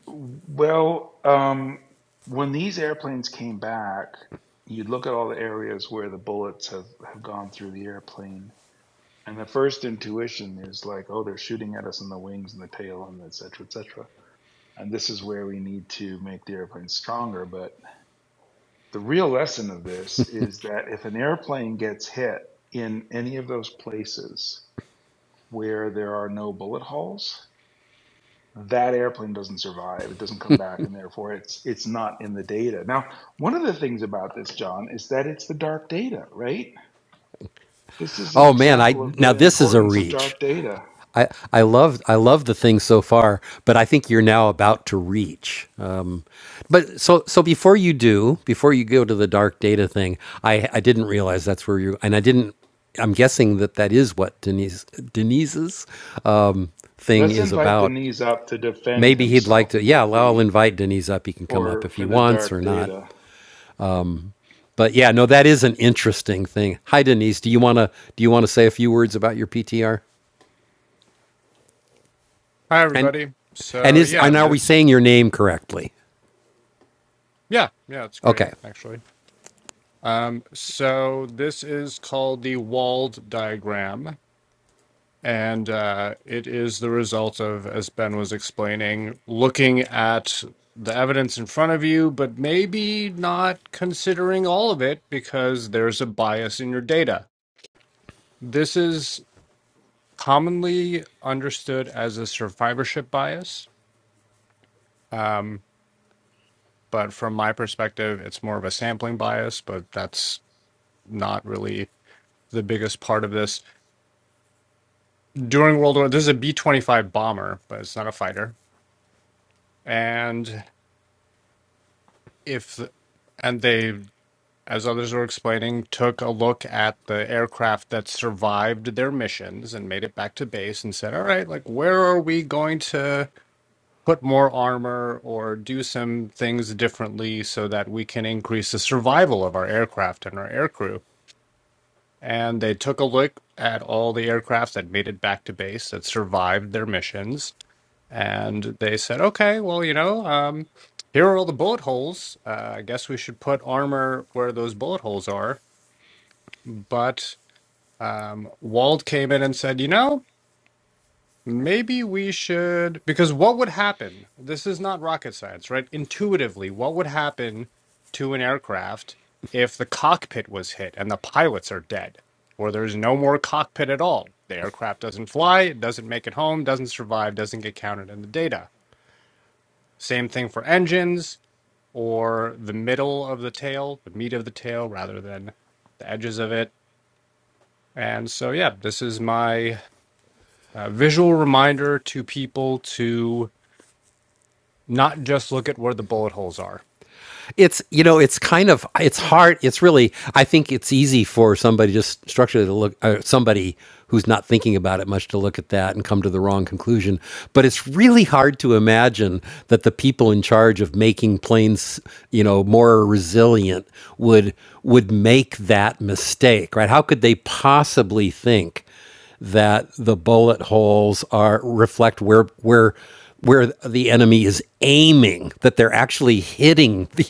Speaker 6: well, um when these airplanes came back, you'd look at all the areas where the bullets have, have gone through the airplane, and the first intuition is like, oh, they're shooting at us in the wings and the tail and et cetera, et cetera. And this is where we need to make the airplane stronger. But the real lesson of this is that if an airplane gets hit in any of those places where there are no bullet holes, that airplane doesn't survive. It doesn't come back, and therefore it's it's not in the data. Now, one of the things about this, John, is that it's the dark data, right? This is an
Speaker 1: Oh man, I
Speaker 6: example of
Speaker 1: now
Speaker 6: the
Speaker 1: this is a
Speaker 6: importance of
Speaker 1: reach.
Speaker 6: dark data.
Speaker 1: I I love I love the thing so far, but I think you're now about to reach. Um, but so so before you do, before you go to the dark data thing, I I didn't realize that's where you and I didn't. I'm guessing that that is what Denise Denise's um, thing
Speaker 6: Let's
Speaker 1: is
Speaker 6: invite the
Speaker 1: about.
Speaker 6: knees up to defend
Speaker 1: Maybe he'd like
Speaker 6: himself
Speaker 1: to.
Speaker 6: with
Speaker 1: Yeah, well, I'll
Speaker 6: the
Speaker 1: invite Denise up. He can come up
Speaker 6: for
Speaker 1: if he
Speaker 6: for the
Speaker 1: wants
Speaker 6: dark
Speaker 1: or not.
Speaker 6: data.
Speaker 1: But yeah, no, that is an interesting thing. Hi, Denise. Do you wanna do you wanna say a few words about your PTR?
Speaker 7: Hi,
Speaker 1: And
Speaker 7: everybody.
Speaker 1: and
Speaker 7: So
Speaker 1: is
Speaker 7: yeah,
Speaker 1: and are we
Speaker 7: this
Speaker 1: saying your name correctly?
Speaker 7: yeah, yeah, it's great
Speaker 1: Okay.
Speaker 7: actually. Um, so this is called the walled diagram, and uh, it is the result of, as Ben was explaining, looking at the evidence in front of you, but maybe not considering all of it because there's a bias in your data. This is commonly understood as a survivorship bias. Um, But from my perspective, it's more of a sampling bias, but that's not really the biggest part of this. During World War, this is a B 25 bomber, but it's not a fighter. And if, and they, as others were explaining, took a look at the aircraft that survived their missions and made it back to base and said, all right, like, where are we going to put more armor or do some things differently so that we can increase the survival of our aircraft and our aircrew? and they took a look at all the aircraft that made it back to base that survived their missions and they said okay well you know um, here are all the bullet holes uh, i guess we should put armor where those bullet holes are but um, wald came in and said you know Maybe we should, because what would happen? This is not rocket science, right? Intuitively, what would happen to an aircraft if the cockpit was hit and the pilots are dead, or there's no more cockpit at all? The aircraft doesn't fly, it doesn't make it home, doesn't survive, doesn't get counted in the data. Same thing for engines or the middle of the tail, the meat of the tail rather than the edges of it. And so, yeah, this is my uh, visual reminder to people to not just look at where the bullet holes are.
Speaker 1: it's you know it's kind of it's hard it's really i think it's easy for somebody just structurally to look uh, somebody who's not thinking about it much to look at that and come to the wrong conclusion but it's really hard to imagine that the people in charge of making planes you know more resilient would would make that mistake right how could they possibly think that the bullet holes are reflect where where where the enemy is aiming that they're actually hitting the,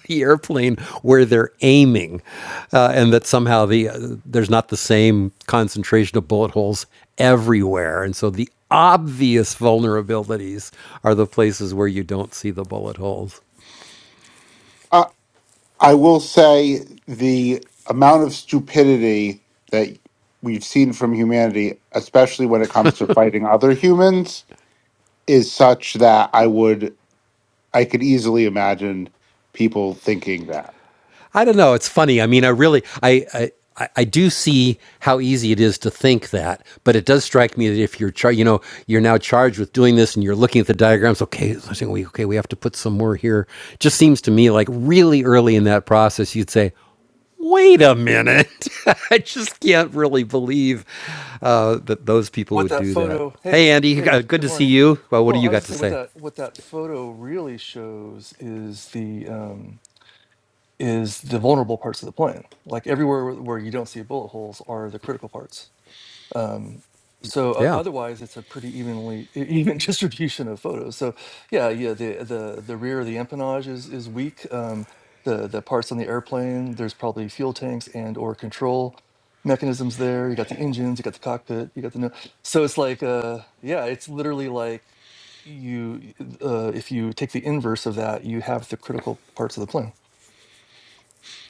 Speaker 1: the airplane where they're aiming uh, and that somehow the uh, there's not the same concentration of bullet holes everywhere and so the obvious vulnerabilities are the places where you don't see the bullet holes
Speaker 4: I will say the amount of stupidity that we've seen from humanity, especially when it comes to fighting other humans, is such that I would I could easily imagine people thinking that.
Speaker 1: I don't know. It's funny. I mean, I really, I, I, I- do see how easy it is to think that, but it does strike me that if you're, char- you know, you're now charged with doing this and you're looking at the diagrams. Okay, so okay, we have to put some more here. Just seems to me like really early in that process, you'd say, "Wait a minute! I just can't really believe uh, that those people
Speaker 8: what
Speaker 1: would
Speaker 8: that
Speaker 1: do that."
Speaker 8: photo hey
Speaker 1: Hey, Andy, uh,
Speaker 8: hey
Speaker 1: good
Speaker 8: good
Speaker 1: to see
Speaker 8: morning
Speaker 1: you. Well, what do
Speaker 8: well
Speaker 1: you
Speaker 8: i was
Speaker 1: got
Speaker 8: gonna
Speaker 1: to
Speaker 8: say what
Speaker 1: say?
Speaker 8: that what that photo really shows is the um is the vulnerable parts of the plane like everywhere where where you don't see bullet holes are the critical parts um, so o-
Speaker 1: Yeah.
Speaker 8: otherwise, it's a pretty evenly e- even distribution of photos. So yeah, yeah, the the the rear of the empennage is is weak. Um, the the parts on the airplane, there's probably fuel tanks and or control mechanisms there. You got the engines, you got the cockpit, you got the no. So it's like uh yeah, it's literally like you uh, if you take the inverse of that, you have the critical parts of the plan.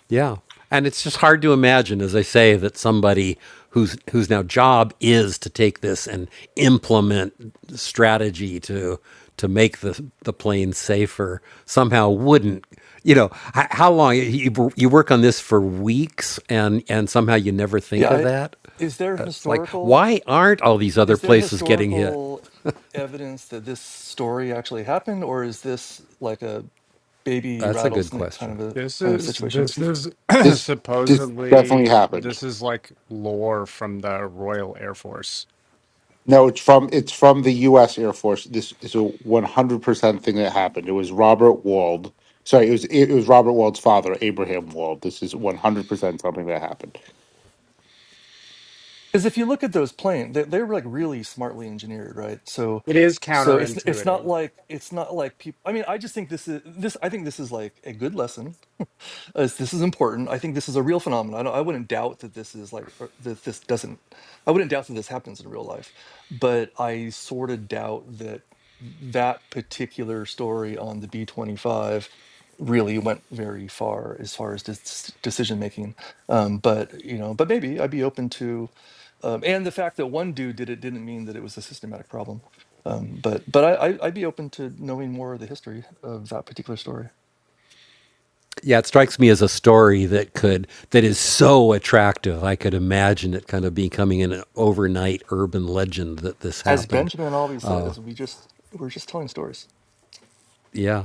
Speaker 1: Yeah. And it's just hard to imagine, as I say, that somebody whose whose now job is to take this and implement strategy to to make the the plane safer somehow wouldn't. You know, how long you, you work on this for weeks, and and somehow you never think
Speaker 8: Yeah,
Speaker 1: of
Speaker 8: I,
Speaker 1: that.
Speaker 8: is there
Speaker 1: It's like,
Speaker 8: historical
Speaker 1: why aren't all these other
Speaker 8: is there
Speaker 1: places getting hit?
Speaker 8: historical evidence that this story actually happened, or is this like a baby
Speaker 1: That's a good
Speaker 8: rattlesnake kind
Speaker 1: question.
Speaker 8: of a
Speaker 7: This
Speaker 8: kind of
Speaker 7: is
Speaker 8: situation?
Speaker 7: this is
Speaker 4: This this definitely
Speaker 7: supposedly
Speaker 4: happened.
Speaker 7: this is like lore from the Royal Air Force.
Speaker 4: No, it's from it's from the US Air Force. This is a 100% thing that happened. It was Robert Wald. Sorry, it was it was Robert Wald's father, Abraham Wald. This is 100% something that happened.
Speaker 8: Because if you look at those planes, they, they're like really smartly engineered, right? So,
Speaker 7: It is
Speaker 8: so it's it's not
Speaker 7: counterintuitive.
Speaker 8: like it's not like people. I mean, I just think this is this. I think this is like a good lesson as this is important. I think this is a real phenomenon. I, don't- I wouldn't doubt that this is like or that this doesn't. I wouldn't doubt that this happens in real life, but I sort of doubt that that particular story on the B twenty five really went very far as far as dis- decision making. Um, but you know, but maybe I'd be open to. Um, and the fact that one dude did it didn't mean that it was a systematic problem. Um, but but I, I, I'd be open to knowing more of the history of that particular story.
Speaker 1: yeah, it strikes me as a story that could that is so attractive. I could imagine it kind of becoming an overnight urban legend that this
Speaker 8: As
Speaker 1: happened.
Speaker 8: Benjamin always says, we just we're just telling stories.
Speaker 1: Yeah.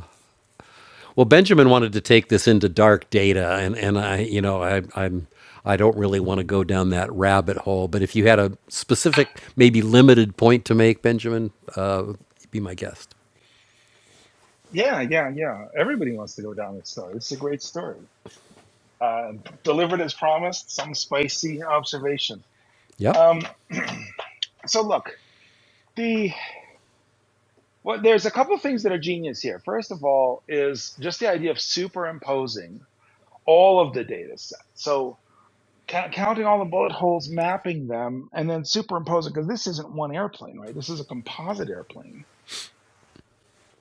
Speaker 1: Well, Benjamin wanted to take this into dark data, and and I, you know, I, I'm I don't really want to go down that rabbit hole. But if you had a specific, maybe limited point to make, Benjamin, uh, be my guest.
Speaker 6: Yeah, yeah, yeah. Everybody wants to go down this story. This is a great story. Uh, delivered as promised. Some spicy observation.
Speaker 1: Yep.
Speaker 6: Um, so look, the well, there's a couple of things that are genius here. First of all, is just the idea of superimposing all of the data set. So ca- counting all the bullet holes, mapping them, and then superimposing because this isn't one airplane, right? This is a composite airplane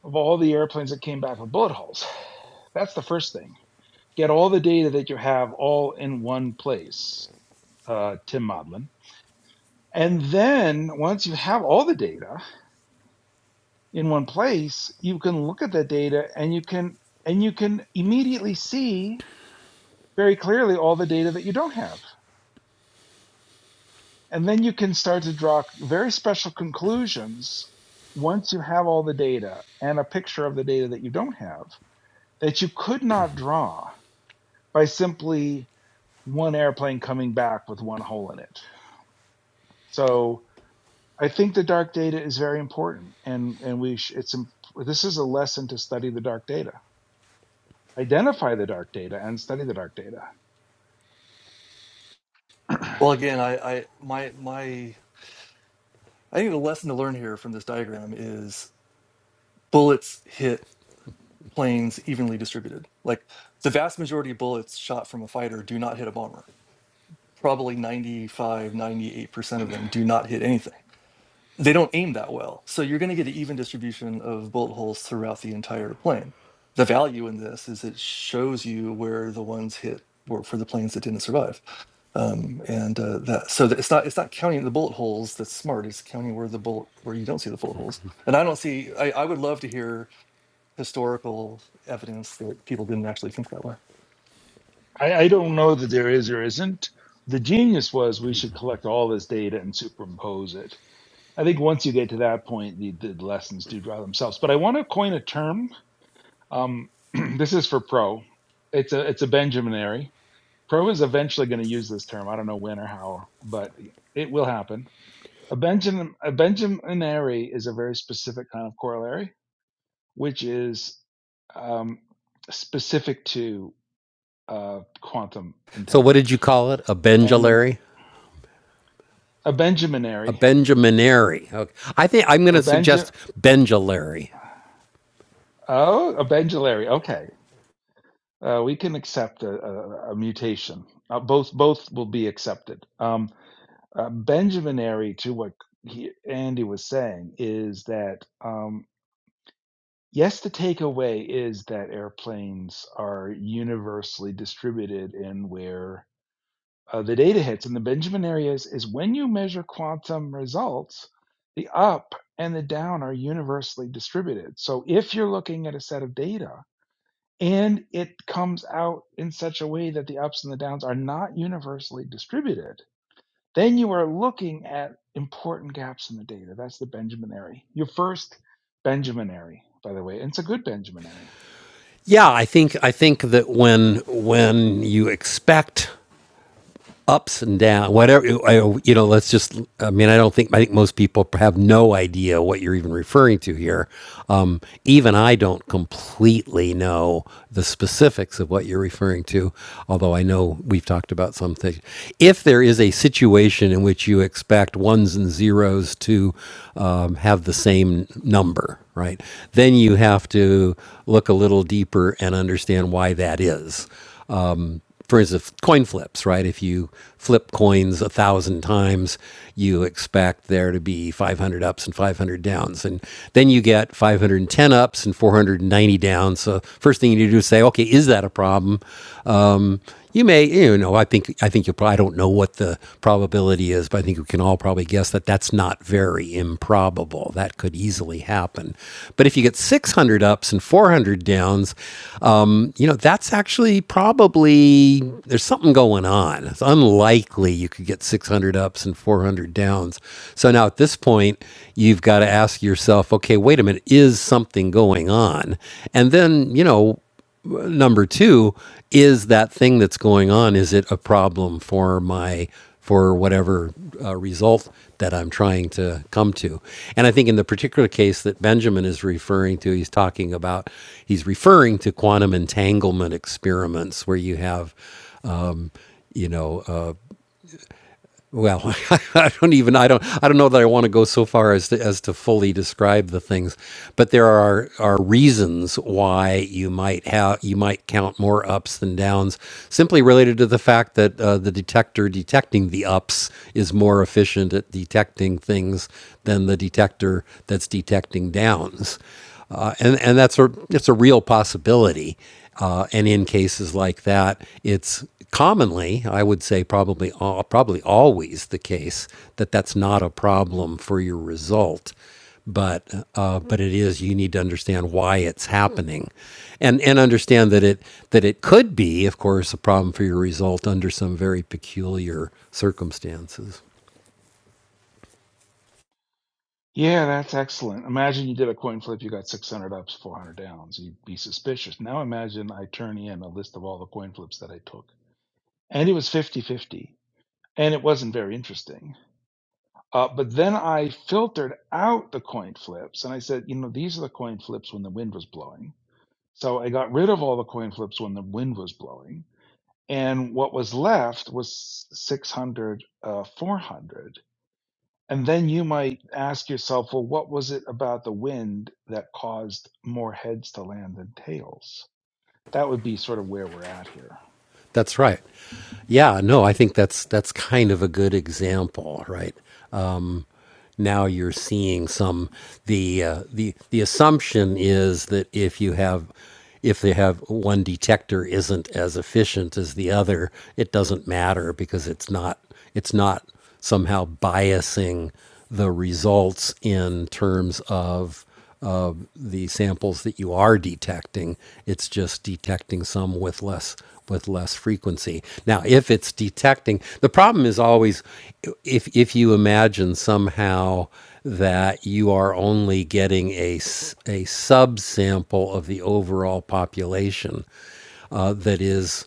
Speaker 6: of all the airplanes that came back with bullet holes. That's the first thing. get all the data that you have all in one place, uh, Tim Modlin. And then once you have all the data in one place, you can look at that data and you can and you can immediately see very clearly all the data that you don't have. And then you can start to draw very special conclusions once you have all the data and a picture of the data that you don't have that you could not draw by simply one airplane coming back with one hole in it. So I think the dark data is very important, and and we sh- it's this is a lesson to study the dark data, identify the dark data, and study the dark data.
Speaker 8: Well, again, I, I my my I think the lesson to learn here from this diagram is bullets hit planes evenly distributed. Like the vast majority of bullets shot from a fighter do not hit a bomber. Probably ninety five, ninety eight percent of them do not hit anything. they don't aim that well. So you're going to get an even distribution of bullet holes throughout the entire plane. The value in this is it shows you where the ones hit were for the planes that didn't survive. Um, and uh, that so that it's not it's not counting the bullet holes that's smart. It's counting where the bullet where you don't see the bullet holes. And I don't see. I, I would love to hear historical evidence that people didn't actually think that way.
Speaker 6: I, I don't know that there is or isn't. The genius was we should collect all this data and superimpose it. I think once you get to that point, the, the lessons do draw themselves. But I want to coin a term. Um, this is for pro. It's a it's a Benjaminary. Pro is eventually going to use this term. I don't know when or how, but it will happen A Benjamin a Benjaminary is a very specific kind of corollary, which is um, specific to uh, quantum
Speaker 1: So what did you
Speaker 6: entanglement.
Speaker 1: call it? A
Speaker 6: And the
Speaker 1: Benjalary?
Speaker 6: a
Speaker 1: A
Speaker 6: Benjaminary,
Speaker 1: Benjaminary. Okay. I think I'm going
Speaker 6: a
Speaker 1: to
Speaker 6: Benja,
Speaker 1: suggest Benjalary.
Speaker 6: oh, a Benjulary. Okay, uh, we can accept a, a, a mutation. Uh, both both will be accepted. Um, a Benjaminary to what he, Andy was saying is that. um, Yes, the takeaway is that airplanes are universally distributed in where uh, the data hits. And the Benjamin areas is when you measure quantum results, the up and the down are universally distributed. So if you're looking at a set of data and it comes out in such a way that the ups and the downs are not universally distributed, then you are looking at important gaps in the data. That's the Benjamin area. Your first Benjamin area, by the way. And it's a good Benjamin area.
Speaker 1: Yeah, I think I think that when when you expect ups and downs, whatever. you know, let's just. I mean, I don't think I think most people have no idea what you're even referring to here. Um, even I don't completely know the specifics of what you're referring to, although I know we've talked about something. If there is a situation in which you expect ones and zeros to um, have the same number, right? Then you have to look a little deeper and understand why that is um, for instance, coin flips, right? If you flip coins a thousand times, you expect there to be 500 ups and 500 downs. And then you get 510 ups and 490 downs. So, first thing you do is say, okay, is that a problem? Um, you may, you know, I think I think you. will I don't know what the probability is, but I think we can all probably guess that that's not very improbable. That could easily happen. But if you get 600 ups and 400 downs, um, you know, that's actually probably there's something going on. It's unlikely you could get 600 ups and 400 downs. So now at this point, you've got to ask yourself, okay, wait a minute, is something going on? And then, you know number two is that thing that's going on is it a problem for my for whatever uh, result that i'm trying to come to and i think in the particular case that benjamin is referring to he's talking about he's referring to quantum entanglement experiments where you have you know uh, well, I don't even I don't I don't know that I want to go so far as to as to fully describe the things, but there are are reasons why you might have you might count more ups than downs, simply related to the fact that uh, the detector detecting the ups is more efficient at detecting things than the detector that's detecting downs uh, and and that's a it's a real possibility. Uh, and in cases like that, it's commonly, I would say, probably al- probably always the case that that's not a problem for your result. But uh, but it is. You need to understand why it's happening, and and understand that it that it could be, of course, a problem for your result under some very peculiar circumstances.
Speaker 6: Yeah, that's excellent. Imagine you did a coin flip, you got 600 ups, 400 downs. You'd be suspicious. Now imagine I turn in a list of all the coin flips that I took. And it was 50 50. And it wasn't very interesting. Uh, but then I filtered out the coin flips and I said, you know, these are the coin flips when the wind was blowing. So I got rid of all the coin flips when the wind was blowing. And what was left was 600, uh, 400. And then you might ask yourself, well, what was it about the wind that caused more heads to land than tails? That would be sort of where we're at here.
Speaker 1: That's right. Yeah, no, I think that's that's kind of a good example, right? Um, now you're seeing some the uh, the the assumption is that if you have if they have one detector isn't as efficient as the other, it doesn't matter because it's not it's not somehow biasing the results in terms of of the samples that you are detecting. It's just detecting some with less with less frequency. Now, if it's detecting, the problem is always if if you imagine somehow that you are only getting a a s- a subsample of the overall population uh, that is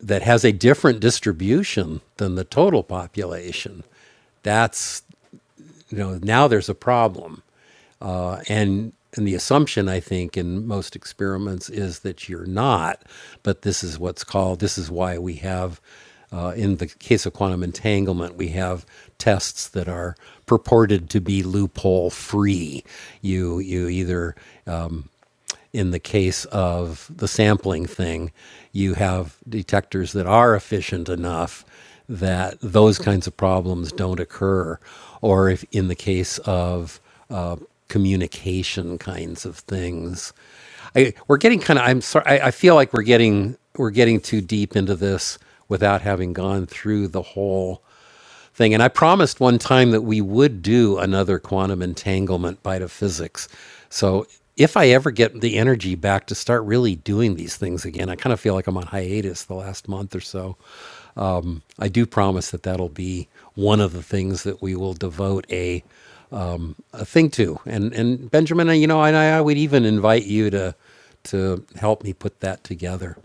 Speaker 1: that has a different distribution than the total population. That's you know now there's a problem uh, and and the assumption i think in most experiments is that you're not but this is what's called this is why we have uh, in the case of quantum entanglement we have tests that are purported to be loophole free you you either in the case of the sampling thing, you have detectors that are efficient enough that those kinds of problems don't occur. Or if in the case of uh, communication kinds of things, I, we're getting kind of. I'm sorry. I, I feel like we're getting we're getting too deep into this without having gone through the whole thing. And I promised one time that we would do another quantum entanglement bite of physics. So if I ever get the energy back to start really doing these things again, I kind of feel like I'm on hiatus the last month or so. I do promise that that'll be one of the things that we will devote a, a thing to. And and Benjamin, you know, and I, I would even invite you to to help me put that together.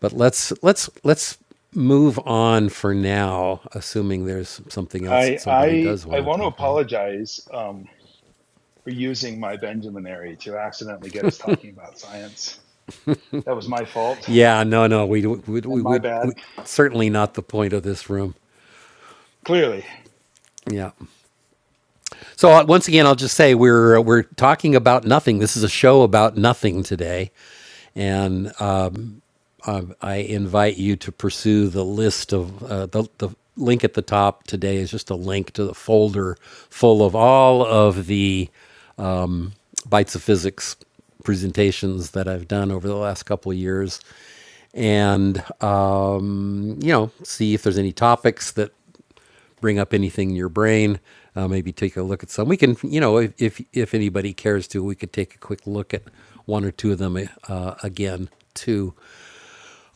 Speaker 1: But let's let's let's move on for now, assuming there's something else that
Speaker 6: I
Speaker 1: somebody
Speaker 6: I
Speaker 1: does
Speaker 6: I
Speaker 1: want to
Speaker 6: want to
Speaker 1: talk about.
Speaker 6: apologize um, for using my Benjaminary to accidentally get us talking about science. That was my fault
Speaker 1: Yeah, no, no, we we we,
Speaker 6: and my
Speaker 1: we, we
Speaker 6: bad.
Speaker 1: certainly not the point of this room.
Speaker 6: Clearly,
Speaker 1: Yeah. So uh, once again, I'll just say we're uh, we're talking about nothing. This is a show about nothing today, and uh, um, I invite you to pursue the list of uh, the the link at the top today is just a link to the folder full of all of the bites of physics presentations that I've done over the last couple of years, and um, you know, see if there's any topics that bring up anything in your brain. Uh, maybe take a look at some. We can, you know, if if, if anybody cares to, we could take a quick look at one or two of them uh, again too.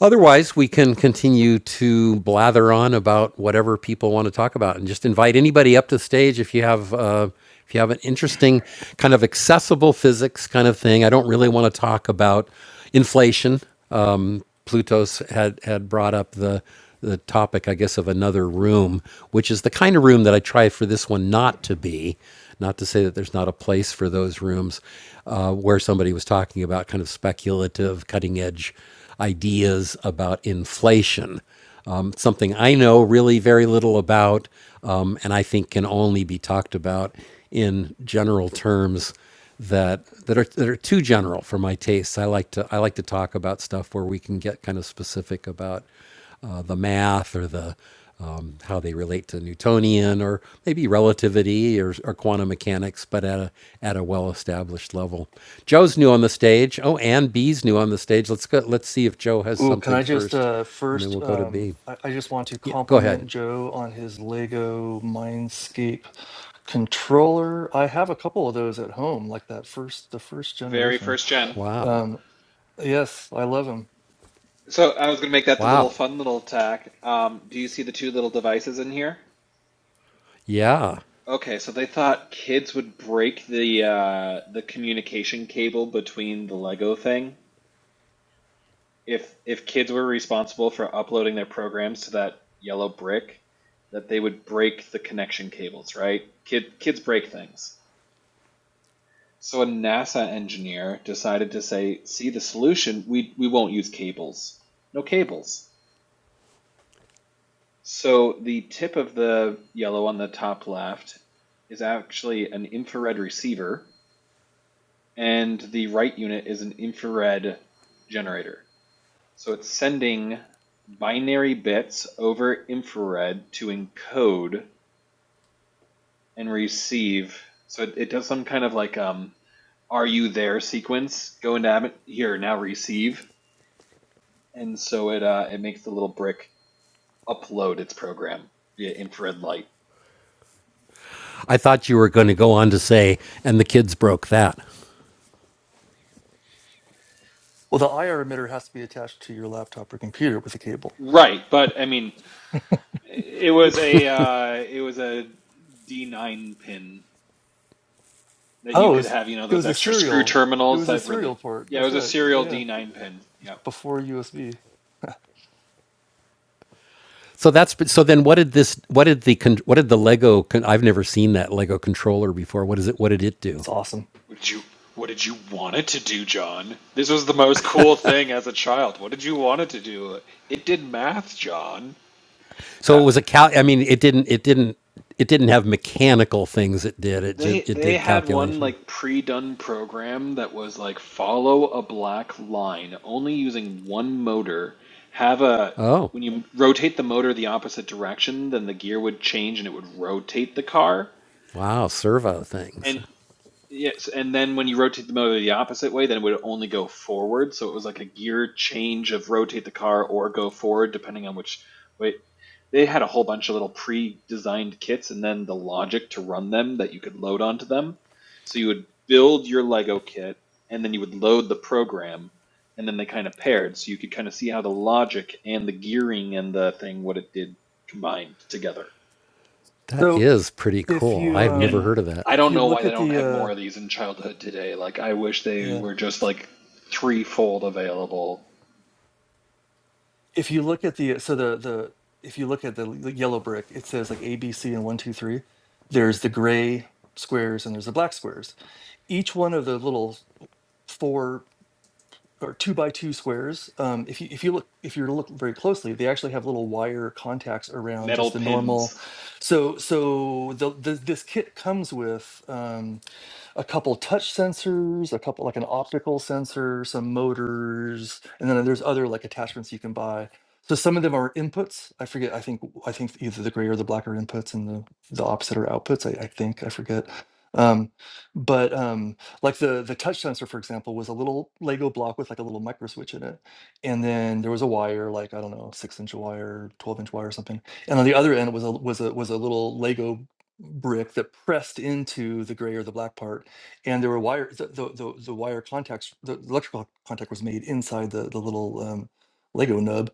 Speaker 1: Otherwise, we can continue to blather on about whatever people want to talk about, and just invite anybody up to the stage if you have uh, if you have an interesting kind of accessible physics kind of thing. I don't really want to talk about inflation. Um, Pluto's had had brought up the the topic, I guess, of another room, which is the kind of room that I try for this one not to be. Not to say that there's not a place for those rooms uh, where somebody was talking about kind of speculative, cutting edge ideas about inflation. Um, something I know really very little about, um, and I think can only be talked about in general terms that that are that are too general for my tastes. I like to I like to talk about stuff where we can get kind of specific about uh, the math or the um, how they relate to Newtonian or maybe relativity or, or quantum mechanics, but at a at a well-established level. Joe's new on the stage. Oh, and B's new on the stage. Let's go. Let's see if Joe has
Speaker 8: Ooh, can
Speaker 1: something
Speaker 8: I just
Speaker 1: first,
Speaker 8: uh,
Speaker 1: and then
Speaker 8: first?
Speaker 1: we'll go to
Speaker 8: Um,
Speaker 1: B.
Speaker 8: I, I just want to
Speaker 1: Yeah, go
Speaker 8: compliment
Speaker 1: ahead.
Speaker 8: Joe on his Lego Mindscape Controller, I have a couple of those at home, like that first, the first
Speaker 9: Very
Speaker 8: generation.
Speaker 9: first gen.
Speaker 1: Wow,
Speaker 8: Um, yes, I love them.
Speaker 9: So I was going to make that the little
Speaker 1: wow.
Speaker 9: fun little tack. Um, do you see the two little devices in here?
Speaker 1: Yeah,
Speaker 9: Okay, so they thought kids would break the uh, the communication cable between the Lego thing. If if kids were responsible for uploading their programs to that yellow brick, that they would break the connection cables, right? Kid kids break things. So a NASA engineer decided to say, "See the solution, we we won't use cables. No cables." So the tip of the yellow on the top left is actually an infrared receiver, and the right unit is an infrared generator. So it's sending binary bits over infrared to encode and receive. So it, it does some kind of like um, are you there sequence. Go into Abbott here now receive, and so it uh, it makes the little brick upload its program via infrared light.
Speaker 1: I thought you were going to go on to say, and the kids broke that.
Speaker 8: Well, the IR emitter has to be attached to your laptop or computer with a cable.
Speaker 9: Right, but I mean It was a uh, it was a D9 pin that you
Speaker 8: Oh, it
Speaker 9: could
Speaker 8: was,
Speaker 9: have, you know,
Speaker 8: it
Speaker 9: those
Speaker 8: was a
Speaker 9: extra screw
Speaker 8: serial. It
Speaker 9: terminals
Speaker 8: was a
Speaker 9: that
Speaker 8: serial
Speaker 9: really.
Speaker 8: port.
Speaker 9: Yeah, it
Speaker 8: That's
Speaker 9: was a
Speaker 8: right. Yeah,
Speaker 9: serial
Speaker 8: yeah.
Speaker 9: D9 pin. Yep.
Speaker 8: Before USB.
Speaker 1: So that's so. Then what did this? What did the? con- What did the Lego? con- I've never seen that Lego controller before. What is it? What did it do?
Speaker 8: It's awesome.
Speaker 9: What did you What did you want it to do, John? This was the most cool thing as a child. What did you want it to do? It did math, John. Uh,
Speaker 1: So it was a cal. I mean, it didn't. It didn't. It didn't have mechanical things. It did. It ju-
Speaker 9: They
Speaker 1: it
Speaker 9: they
Speaker 1: did
Speaker 9: had one
Speaker 1: calculation.
Speaker 9: like pre-done program that was like follow a black line, only using one motor. Have a
Speaker 1: Oh
Speaker 9: when you rotate the motor the opposite direction, then the gear would change and it would rotate the car.
Speaker 1: wow, servo things.
Speaker 9: and. Yes, and then when you rotate the motor the opposite way, then it would only go forward. So it was like a gear change of rotate the car or go forward, depending on which way. They had a whole bunch of little pre-designed kits, and then the logic to run them that you could load onto them. So you would build your Lego kit, and then you would load the program, and then they kind of paired, so you could kind of see how the logic and the gearing and the thing what it did combined together.
Speaker 1: That
Speaker 8: So
Speaker 1: is pretty
Speaker 8: if
Speaker 1: cool.
Speaker 8: you
Speaker 1: I've
Speaker 9: And
Speaker 1: never
Speaker 8: um
Speaker 1: heard of that.
Speaker 9: I
Speaker 8: if
Speaker 9: don't
Speaker 8: you
Speaker 9: know
Speaker 8: look
Speaker 9: why they
Speaker 8: at
Speaker 9: don't
Speaker 8: the
Speaker 9: have
Speaker 8: uh
Speaker 9: more of these in childhood today. Like, I wish they
Speaker 8: yeah
Speaker 9: were just like threefold available.
Speaker 8: if you look at the uh, so the the if you look at the l- yellow brick, it says like A B C and one two three. There's the gray squares and there's the black squares each one of the little four or two by two squares, um, if you if you look if you were to look very closely, they actually have little wire contacts around
Speaker 9: Metal
Speaker 8: just the normal.
Speaker 9: pins.
Speaker 8: So so the, the this kit comes with. Um, a couple touch sensors, a couple like an optical sensor, some motors, and then there's other like attachments you can buy. So some of them are inputs. I forget. I think I think either the gray or the black are inputs, and the the opposite are outputs. I, I think I forget. Um, but um, like the the touch sensor, for example, was a little Lego block with like a little micro switch in it, and then there was a wire, like I don't know, six inch wire, twelve inch wire, or something. And on the other end was a was a was a little Lego brick that pressed into the gray or the black part and there were wire the the, the, the wire contacts the electrical contact was made inside the the little um, lego nub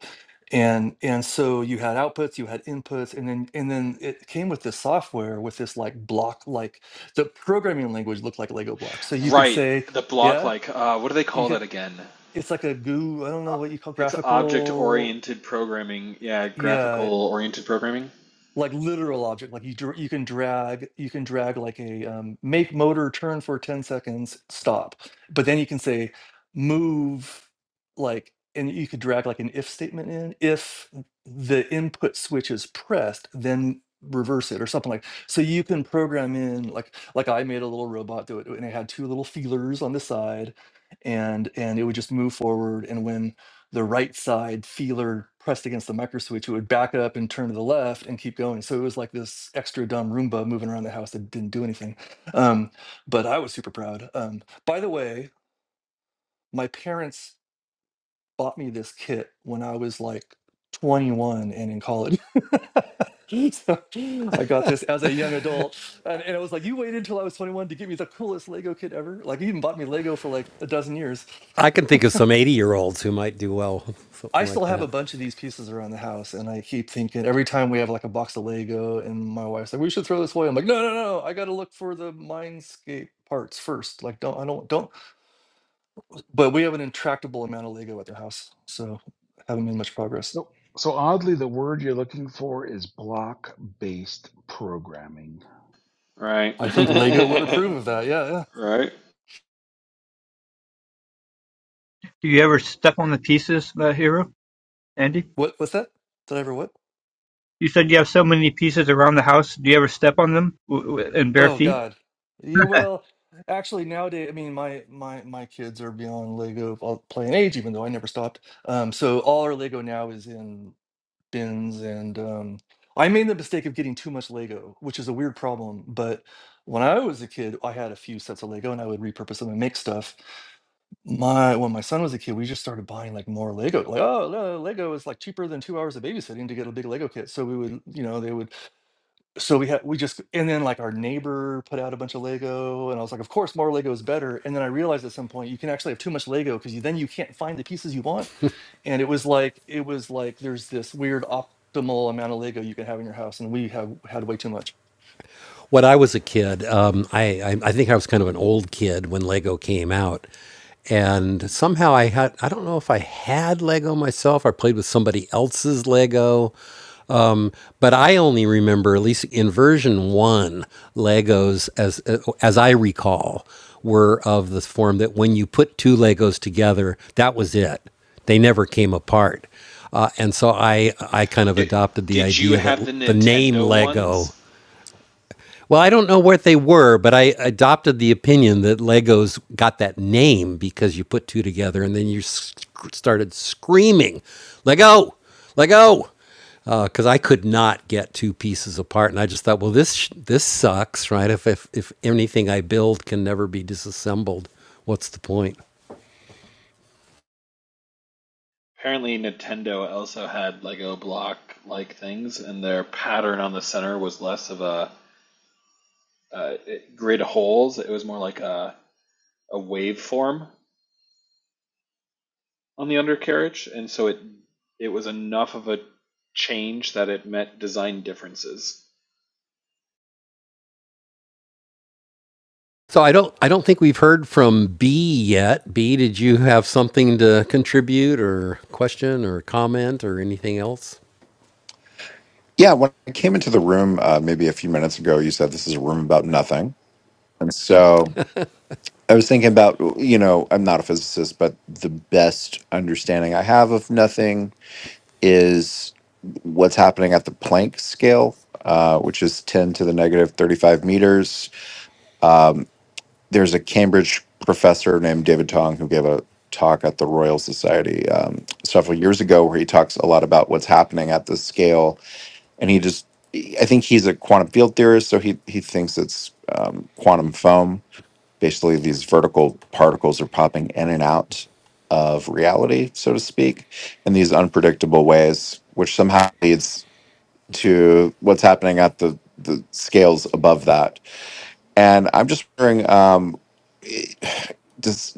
Speaker 8: and and so you had outputs you had inputs and then and then it came with this software with this like block like the programming language looked like lego blocks so you could
Speaker 9: Right.
Speaker 8: say
Speaker 9: The block,
Speaker 8: yeah
Speaker 9: like, uh, what do they
Speaker 8: you
Speaker 9: call that
Speaker 8: could
Speaker 9: again?
Speaker 8: it's like a goo i don't
Speaker 9: Uh,
Speaker 8: know what you call
Speaker 9: It's object
Speaker 8: graphical
Speaker 9: oriented programming. Yeah,
Speaker 8: yeah
Speaker 9: graphical oriented programming.
Speaker 8: like literal object like you dr- you can drag you can drag like a um, make motor turn for 10 seconds stop but then you can say move like and you could drag like an if statement in if the input switch is pressed then reverse it or something like so you can program in like like i made a little robot do it and it had two little feelers on the side and and it would just move forward and when the right side feeler pressed against the micro switch, it would back up and turn to the left and keep going. So it was like this extra dumb Roomba moving around the house that didn't do anything. Um, but I was super proud. Um, by the way, my parents bought me this kit when I was like 21 and in college. so I got this as a young adult. And, and I was like, you waited until I was 21 to get me the coolest Lego kit ever? Like, you even bought me Lego for like a dozen years.
Speaker 1: I can think of some eighty year olds who might do well with
Speaker 8: I
Speaker 1: something like
Speaker 8: still have a
Speaker 1: that.
Speaker 8: bunch of these pieces around the house, and I keep thinking every time we have like a box of Lego, and my wife's like, "We should throw this away." I'm like, "No, no, no! I got to look for the Mindscape parts first. Like, don't I don't don't." But we have an intractable amount of Lego at the house, so haven't made much progress.
Speaker 6: So, so oddly, the word you're looking for is block based programming.
Speaker 9: Right.
Speaker 8: I think Lego would approve of that. Yeah, yeah.
Speaker 9: right.
Speaker 5: do you ever step on the pieces, uh, Hero? Andy,
Speaker 8: What? What's that? Did I ever what?
Speaker 5: you said you have so many pieces around the house. Do you ever step on them w- w- in bare
Speaker 8: Oh
Speaker 5: feet?
Speaker 8: God. Yeah. Well, actually, nowadays, I mean, my my my kids are beyond Lego uh, playing age, even though I never stopped. Um, so all our Lego now is in bins and um I made the mistake of getting too much Lego, which is a weird problem, but when I was a kid, I had a few sets of Lego and I would repurpose them and make stuff. My when my son was a kid, we just started buying like more Lego. Like, oh, no, Lego is like cheaper than 2 hours of babysitting to get a big Lego kit. So we would, you know, they would so we had we just and then like our neighbor put out a bunch of lego and i was like of course more lego is better and then i realized at some point you can actually have too much lego because you then you can't find the pieces you want and it was like it was like there's this weird optimal amount of lego you can have in your house and we have had way too much
Speaker 1: when I was a kid, um, I, I I think I was kind of an old kid when Lego came out, and somehow I had I don't know if I had Lego myself. I played with somebody else's Lego, um, but I only remember at least in version one, Legos as as I recall were of the form that when you put two Legos together, that was it. They never came apart. Uh, and so I, I kind of
Speaker 9: Did,
Speaker 1: adopted the
Speaker 9: did you
Speaker 1: idea that
Speaker 9: have the
Speaker 1: the name
Speaker 9: Nintendo
Speaker 1: Lego
Speaker 9: ones?
Speaker 1: well, I don't know what they were, but I adopted the opinion that Legos got that name because you put two together and then you sc- started screaming, Lego, Lego, because uh, I could not get two pieces apart, and I just thought, well, this this sucks, right? If, if if anything I build can never be disassembled, what's the point?
Speaker 9: Apparently, Nintendo also had Lego block like things, and their pattern on the center was less of a uh, it- grid holes. It was more like a a waveform on the undercarriage, and so it it was enough of a change that it met design differences.
Speaker 1: So I don't I don't think we've heard from B yet. B, did you have something to contribute or question or comment or anything else?
Speaker 10: Yeah, when I came into the room uh, maybe a few minutes ago, you said this is a room about nothing. And so I was thinking about, you know, I'm not a physicist, but the best understanding I have of nothing is what's happening at the Planck scale, uh, which is 10 to the negative 35 meters. Um, there's a Cambridge professor named David Tong who gave a talk at the Royal Society um, several years ago where he talks a lot about what's happening at this scale and he just i think he's a quantum field theorist so he he thinks it's um, quantum foam basically these vertical particles are popping in and out of reality so to speak in these unpredictable ways which somehow leads to what's happening at the the scales above that and i'm just wondering um does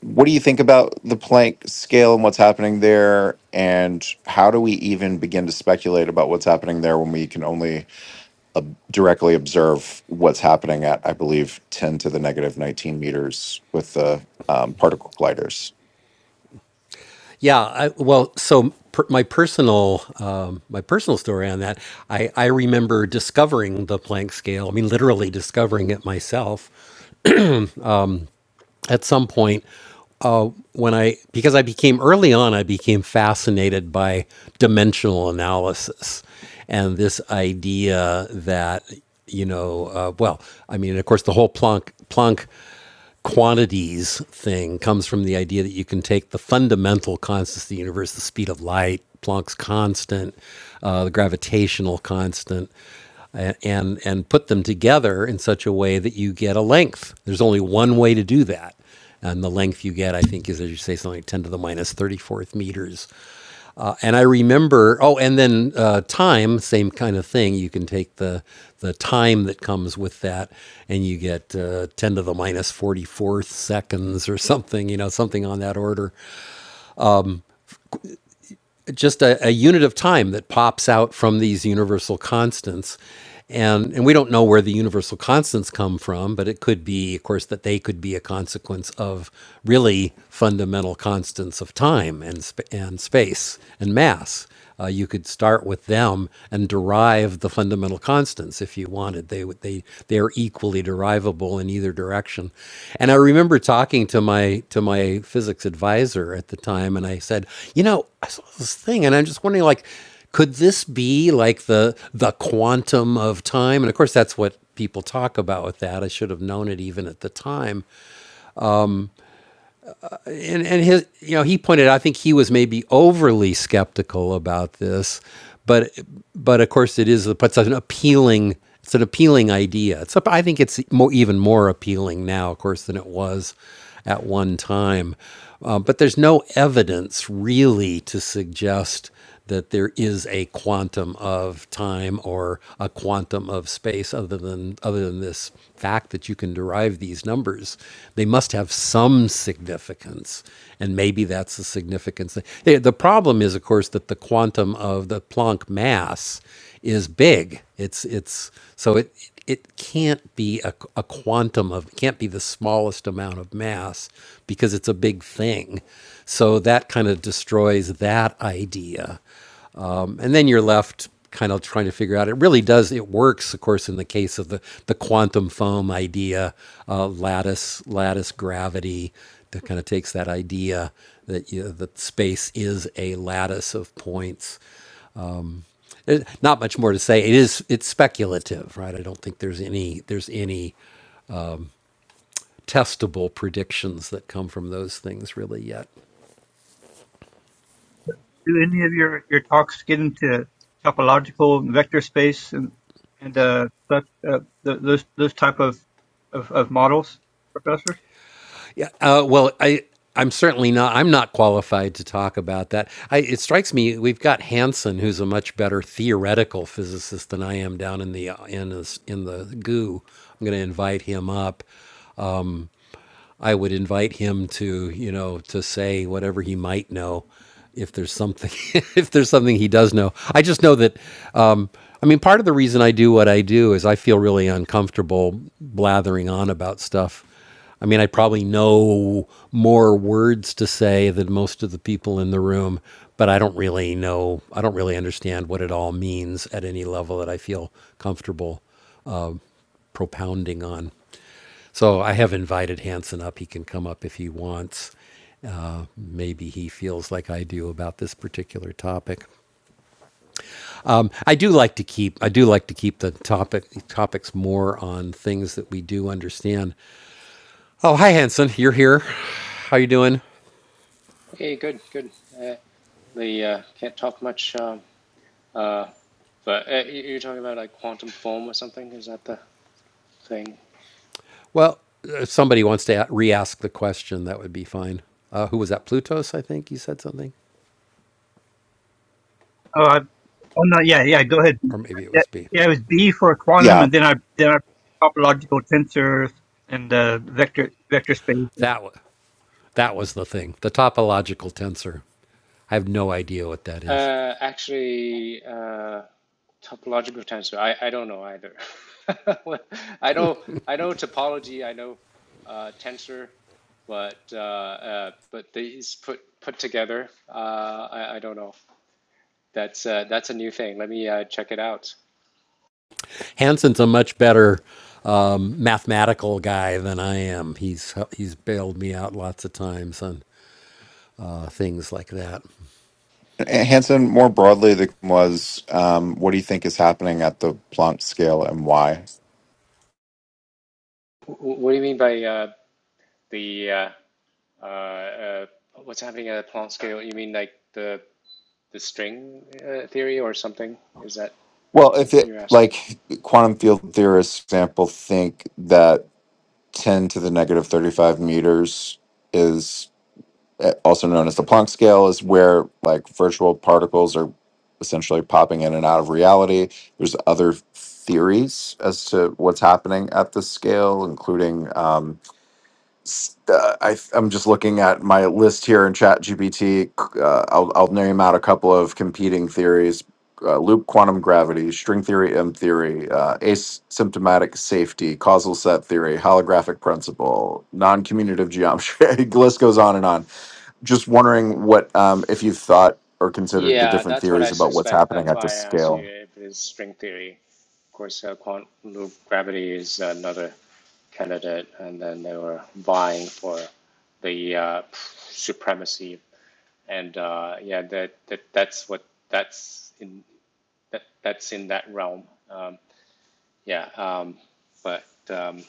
Speaker 10: what do you think about the Planck scale and what's happening there? And how do we even begin to speculate about what's happening there when we can only ob- directly observe what's happening at, I believe, 10 to the negative 19 meters with the um, particle colliders.
Speaker 1: Yeah, I, well, so per, my personal um, my personal story on that, I, I remember discovering the Planck scale. I mean, literally discovering it myself at some point uh, when I because I became early on, I became fascinated by dimensional analysis and this idea that you know, uh, well, I mean, of course, the whole Planck Planck quantities thing comes from the idea that you can take the fundamental constants of the universe, the speed of light, Planck's constant, uh, the gravitational constant, and and put them together in such a way that you get a length. There's only one way to do that, and the length you get, I think, is as you say, something like 10 to the 34th meters. Uh, and I remember, oh, and then uh, time, same kind of thing. You can take the the time that comes with that, and you get uh, ten to the minus forty fourth seconds or something, you know, something on that order. Just a, a unit of time that pops out from these universal constants, and and we don't know where the universal constants come from, but it could be, of course, that they could be a consequence of really fundamental constants of time and sp- and space and mass uh, you could start with them and derive the fundamental constants if you wanted. They would- they they are equally derivable in either direction. And I remember talking to my to my physics advisor at the time, and I said, you know, I saw this thing, and I'm just wondering, like, could this be like the the quantum of time? And of course, that's what people talk about with that. I should have known it even at the time and and his you know he pointed out, I think he was maybe overly skeptical about this, but but of course it is but it's an appealing it's an appealing idea. It's up- I think it's more even more appealing now, of course, than it was at one time. Uh, but there's no evidence really to suggest that there is a quantum of time or a quantum of space other than other than this fact that you can derive these numbers they must have some significance and maybe that's the significance the the problem is of course that the quantum of the Planck mass is big. It's it's so it it can't be a, a quantum of it can't be the smallest amount of mass because it's a big thing. So that kind of destroys that idea, Um, and then you're left kind of trying to figure out. It really does. It works, of course, in the case of the the quantum foam idea, uh, lattice lattice gravity that kind of takes that idea that you know, that space is a lattice of points there's not much more to say. It is it's speculative, right? I don't think there's any there's any testable predictions that come from those things really yet.
Speaker 5: Do any of your, your talks get into topological vector space and and uh, such, uh th- those those type of, of, of models, Professor?
Speaker 1: Uh, well, I I'm certainly not I'm not qualified to talk about that. I, it strikes me we've got Hansen, who's a much better theoretical physicist than I am down in the in the, in the goo. I'm going to invite him up. I would invite him to, you know, to say whatever he might know, if there's something, if there's something he does know. I just know that, um, I mean, part of the reason I do what I do is I feel really uncomfortable blathering on about stuff. I mean, I probably know more words to say than most of the people in the room, but I don't really know, I don't really understand what it all means at any level that I feel comfortable propounding on. So I have invited Hanson up. He can come up if he wants. Maybe he feels like I do about this particular topic. Um, I do like to keep I do like to keep the topic topics more on things that we do understand. Oh, hi Hanson, you're here. How you doing?
Speaker 11: Okay, good, good. Uh, the uh, can't talk much. Um, uh, but uh, you- you're talking about like quantum foam or something? Is that the thing?
Speaker 1: Well, if somebody wants to a- re-ask the question, that would be fine. Uh, who was that? Plutos, I think you said something,
Speaker 5: Oh, I, oh no, yeah, yeah. Go ahead.
Speaker 1: or maybe it
Speaker 5: Yeah,
Speaker 1: was B.
Speaker 5: yeah, it was B for quantum,
Speaker 10: Yeah.
Speaker 5: and then I then I topological tensors and uh, vector vector space.
Speaker 1: That wa that was the thing. The topological tensor. I have no idea what that is.
Speaker 11: Uh, actually, uh, topological tensor. I, I don't know either. I know I know topology. I know uh, tensor, but uh, uh, but these put put together. Uh, I, I don't know. That's uh, that's a new thing. Let me uh, check it out.
Speaker 1: Hanson's a much better um, mathematical guy than I am. He's he's bailed me out lots of times on uh, things like that.
Speaker 10: A- Hansen, more broadly, the question was um, what do you think is happening at the Planck scale and why?
Speaker 11: W- what do you mean by uh, the uh, uh, uh, what's happening at a Planck scale? You mean like the the string uh, theory or something? Is that
Speaker 10: Well, if it,
Speaker 11: you're asking?
Speaker 10: like, quantum field theorists, for example, think that 10 to the negative 35 meters is uh, also known as the Planck scale, is where like virtual particles are essentially popping in and out of reality. There's other theories as to what's happening at this scale, including. um, uh, I, I'm just looking at my list here in ChatGPT. Uh, I'll, I'll name out a couple of competing theories: uh, loop quantum gravity, string theory, M theory, uh, asymptomatic safety, causal set theory, holographic principle, non-commutative geometry. the list goes on and on. Just wondering what um, if you've thought or considered the
Speaker 11: Yeah,
Speaker 10: different
Speaker 11: that's what
Speaker 10: theories
Speaker 11: I
Speaker 10: about what's
Speaker 11: suspect.
Speaker 10: happening
Speaker 11: That's
Speaker 10: at
Speaker 11: why
Speaker 10: this
Speaker 11: I asked
Speaker 10: scale.
Speaker 11: you if it is string theory. Of course, uh, quantum loop gravity is another candidate, and then they were vying for the uh, supremacy. And uh, yeah, that, that that's what that's in that that's in that realm. Um, yeah, um, but um,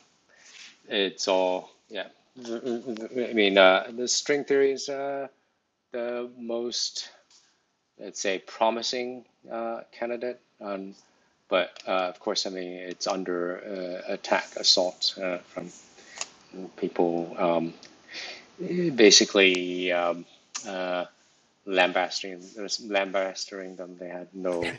Speaker 11: it's all yeah. I mean, uh, the string theory is uh, the most, let's say, promising uh, candidate. Um, but uh, of course, I mean, it's under uh, attack, assault uh, from people um, basically um, uh, lambasting, lambasting them. They had no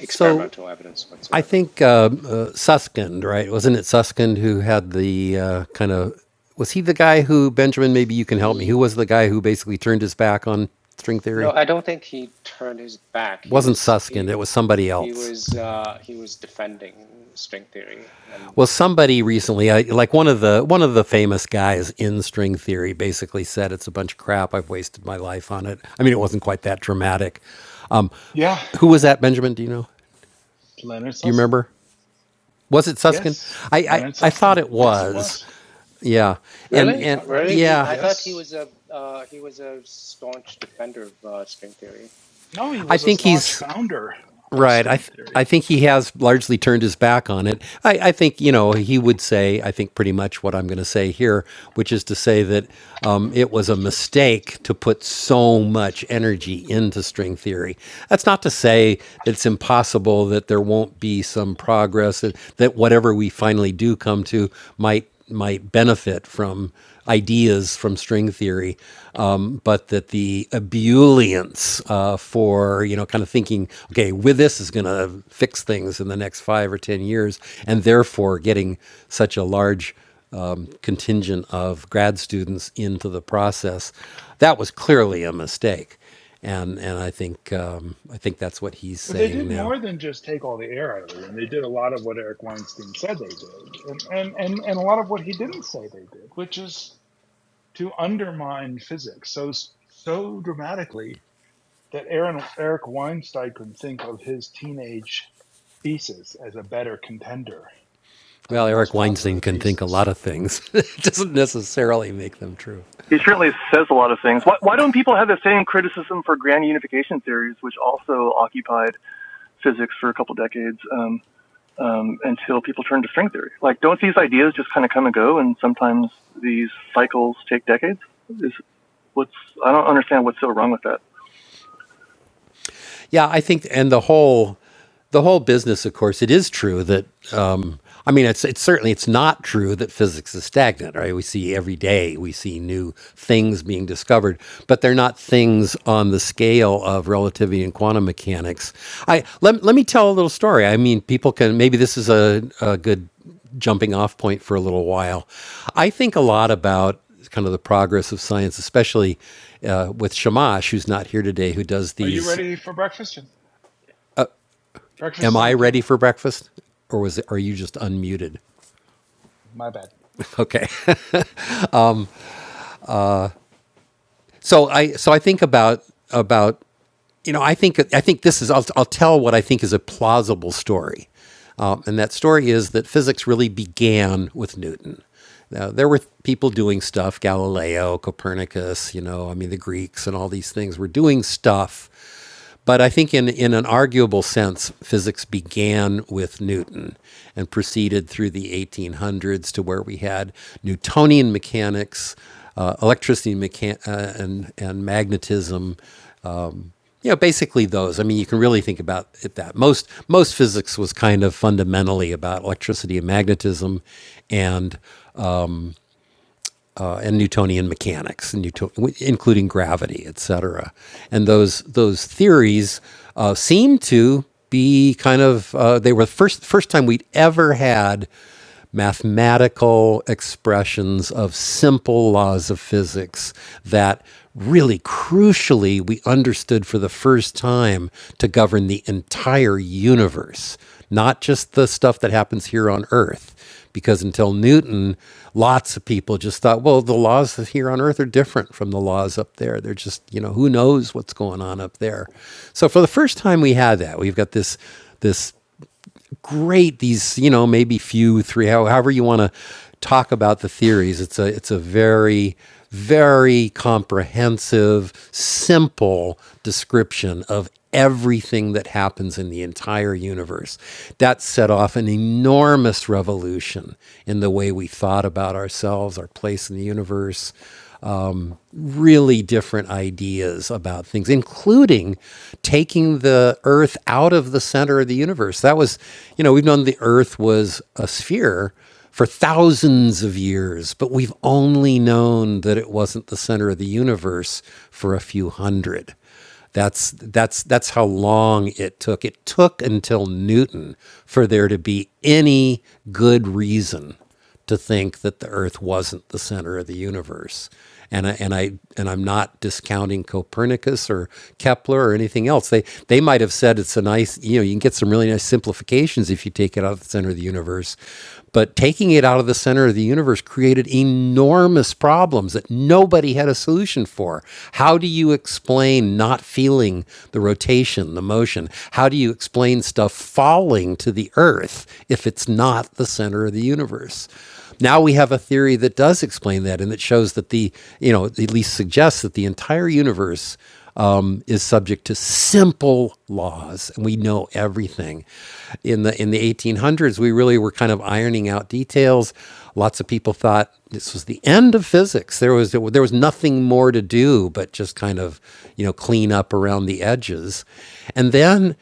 Speaker 1: So
Speaker 11: evidence
Speaker 1: I
Speaker 11: whatsoever.
Speaker 1: think uh, uh, Suskind, right? Wasn't it Suskind who had the uh, kind of was he the guy who Benjamin? Maybe you can help me. Who was the guy who basically turned his back on string
Speaker 11: No,
Speaker 1: theory?
Speaker 11: I don't think he turned his back.
Speaker 1: It
Speaker 11: He
Speaker 1: wasn't
Speaker 11: was
Speaker 1: Suskind.
Speaker 11: he.
Speaker 1: It was somebody
Speaker 11: he
Speaker 1: else.
Speaker 11: was uh, he was defending string theory and
Speaker 1: Well, somebody recently, I, like one of the one of the famous guys in string theory, basically said it's a bunch of crap. I've wasted my life on it. I mean, it wasn't quite that dramatic. Um,
Speaker 6: yeah,
Speaker 1: who was that, Benjamin? Do you know?
Speaker 6: Leonard
Speaker 1: Do you
Speaker 6: Susskind.
Speaker 1: remember? Was it Susskind?
Speaker 6: Yes,
Speaker 1: I I,
Speaker 6: Leonard
Speaker 1: I thought
Speaker 6: Susskind.
Speaker 1: it
Speaker 6: Yes, it
Speaker 1: was.
Speaker 6: was.
Speaker 1: Yeah, and
Speaker 6: You
Speaker 11: really
Speaker 1: and
Speaker 6: thought right?
Speaker 11: really he
Speaker 1: yeah,
Speaker 11: I thought he
Speaker 6: Yes.
Speaker 11: was a uh, he was a staunch defender of uh, string theory.
Speaker 6: No, he
Speaker 1: I
Speaker 6: was a
Speaker 1: think
Speaker 11: Yeah.
Speaker 6: staunch
Speaker 1: he's.
Speaker 6: founder of
Speaker 1: Right. I
Speaker 6: string
Speaker 1: th- I
Speaker 6: theory.
Speaker 1: think he has largely turned his back on it. I, I think you know he would say I think pretty much what I'm going to say here, which is to say that um, it was a mistake to put so much energy into string theory. That's not to say that it's impossible that there won't be some progress and that whatever we finally do come to might might benefit from ideas from string theory, um, but that the ebullience uh, for you know kind of thinking, okay, with this is going to fix things in the next five or ten years, and therefore getting such a large um, contingent of grad students into the process, that was clearly a mistake, and and I think um, I think that's what he's
Speaker 6: But they
Speaker 1: saying
Speaker 6: did
Speaker 1: now.
Speaker 6: more than just take all the air out of it, and they did a lot of what Eric Weinstein said they did, and, and, and, and a lot of what he didn't say they did, which is to undermine physics so so dramatically that Aaron, Eric Weinstein could think of his teenage thesis as a better contender than
Speaker 1: Well,
Speaker 6: the
Speaker 1: Eric
Speaker 6: most
Speaker 1: Weinstein
Speaker 6: popular
Speaker 1: can think a
Speaker 6: thesis.
Speaker 1: lot of things. it doesn't necessarily make them true.
Speaker 8: He certainly says a lot of things. Why, why don't people have the same criticism for grand unification theories, which also occupied physics for a couple decades um, um, until people turned to string theory? Like, don't these ideas just kind of come and go, and sometimes these cycles take decades? Is what's I don't understand what's so wrong with that.
Speaker 1: yeah, I think, and the whole the whole business, of course, it is true that um, I mean, it's it's certainly it's not true that physics is stagnant, right? We see every day we see new things being discovered, but they're not things on the scale of relativity and quantum mechanics. I let let me tell a little story. I mean, people can maybe this is a, a good jumping off point for a little while. I think a lot about kind of the progress of science, especially uh, with Shamash, who's not here today, who does
Speaker 6: Are you
Speaker 1: these.
Speaker 6: ready for breakfast? Breakfast
Speaker 1: Am
Speaker 6: is on
Speaker 1: I
Speaker 6: the
Speaker 1: ready
Speaker 6: table.
Speaker 1: for breakfast, or was it, are you just unmuted?
Speaker 6: My bad.
Speaker 1: Okay. so I so I think about about you know, I think I think this is. I'll, I'll tell what I think is a plausible story, uh, and that story is that physics really began with Newton. Now, there were people doing stuff, Galileo, Copernicus, you know, I mean, the Greeks and all these things were doing stuff. But I think, in, in an arguable sense, physics began with Newton and proceeded through the 1800s to where we had Newtonian mechanics, uh, electricity mechan- uh, and, and magnetism, you know, basically those. I mean, you can really think about it that most most physics was kind of fundamentally about electricity and magnetism, and uh, and Newtonian mechanics, and Newton, including gravity, et cetera, And those those theories uh, seem to be kind of uh, they were the first first time we'd ever had mathematical expressions of simple laws of physics that really crucially we understood for the first time to govern the entire universe, not just the stuff that happens here on Earth because until Newton, lots of people just thought, well, the laws here on Earth are different from the laws up there. They're just, you know, who knows what's going on up there. So for the first time, we had that. We've got this this great these you know maybe few three however you want to talk about the theories it's a it's a very very comprehensive simple description of everything that happens in the entire universe that set off an enormous revolution in the way we thought about ourselves our place in the universe um, really different ideas about things, including taking the Earth out of the center of the universe. That was, you know, we've known the Earth was a sphere for thousands of years, but we've only known that it wasn't the center of the universe for a few hundred. That's that's that's how long it took. It took until Newton for there to be any good reason to think that the Earth wasn't the center of the universe. And I, and I and I'm not discounting Copernicus or Kepler or anything else. They they might have said it's a nice you know you can get some really nice simplifications if you take it out of the center of the universe, but taking it out of the center of the universe created enormous problems that nobody had a solution for. How do you explain not feeling the rotation, the motion? How do you explain stuff falling to the earth if it's not? not the center of the universe. Now we have a theory that does explain that and that shows that the, you know, at least suggests that the entire universe um, is subject to simple laws, and we know everything. In the in the 1800s, we really were kind of ironing out details. Lots of people thought this was the end of physics. There was there was nothing more to do but just kind of you know clean up around the edges, and then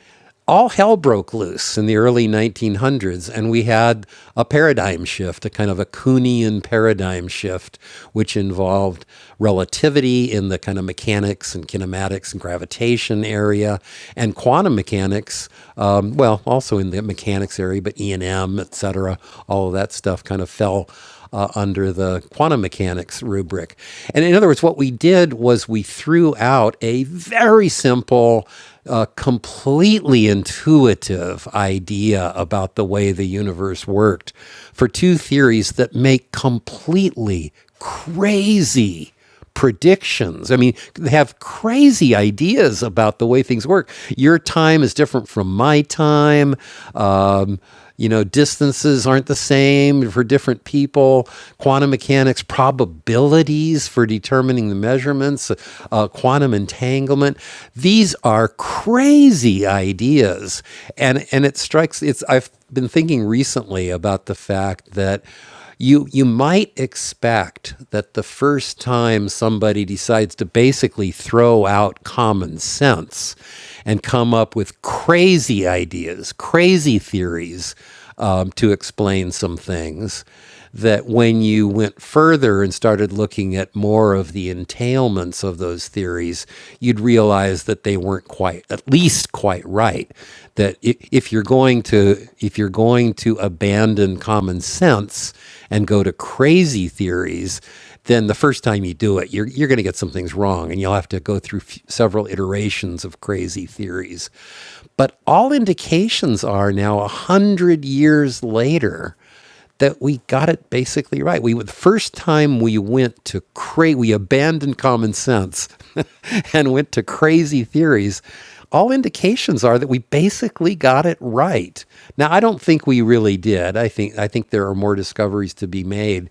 Speaker 1: all hell broke loose in the early 1900s, and we had a paradigm shift, a kind of a Kuhnian paradigm shift, which involved relativity in the kind of mechanics and kinematics and gravitation area, and quantum mechanics, um, well, also in the mechanics area, but E and M, et cetera, all of that stuff kind of fell uh, under the quantum mechanics rubric. And in other words, what we did was we threw out a very simple a completely intuitive idea about the way the universe worked for two theories that make completely crazy predictions. I mean, they have crazy ideas about the way things work. Your time is different from my time. Um, you know, distances aren't the same for different people. Quantum mechanics probabilities for determining the measurements, uh, quantum entanglement. These are crazy ideas, and and it strikes. It's I've been thinking recently about the fact that you you might expect that the first time somebody decides to basically throw out common sense and come up with crazy ideas, crazy theories um, to explain some things, that when you went further and started looking at more of the entailments of those theories, you'd realize that they weren't quite, at least quite right. That if you're going going to if you're going to abandon common sense and go to crazy theories, then the first time you do it, you're you're going to get some things wrong, and you'll have to go through f- several iterations of crazy theories. But all indications are now a hundred years later that we got it basically right. We the first time we went to cra we abandoned common sense and went to crazy theories. All indications are that we basically got it right. Now I don't think we really did. I think I think there are more discoveries to be made.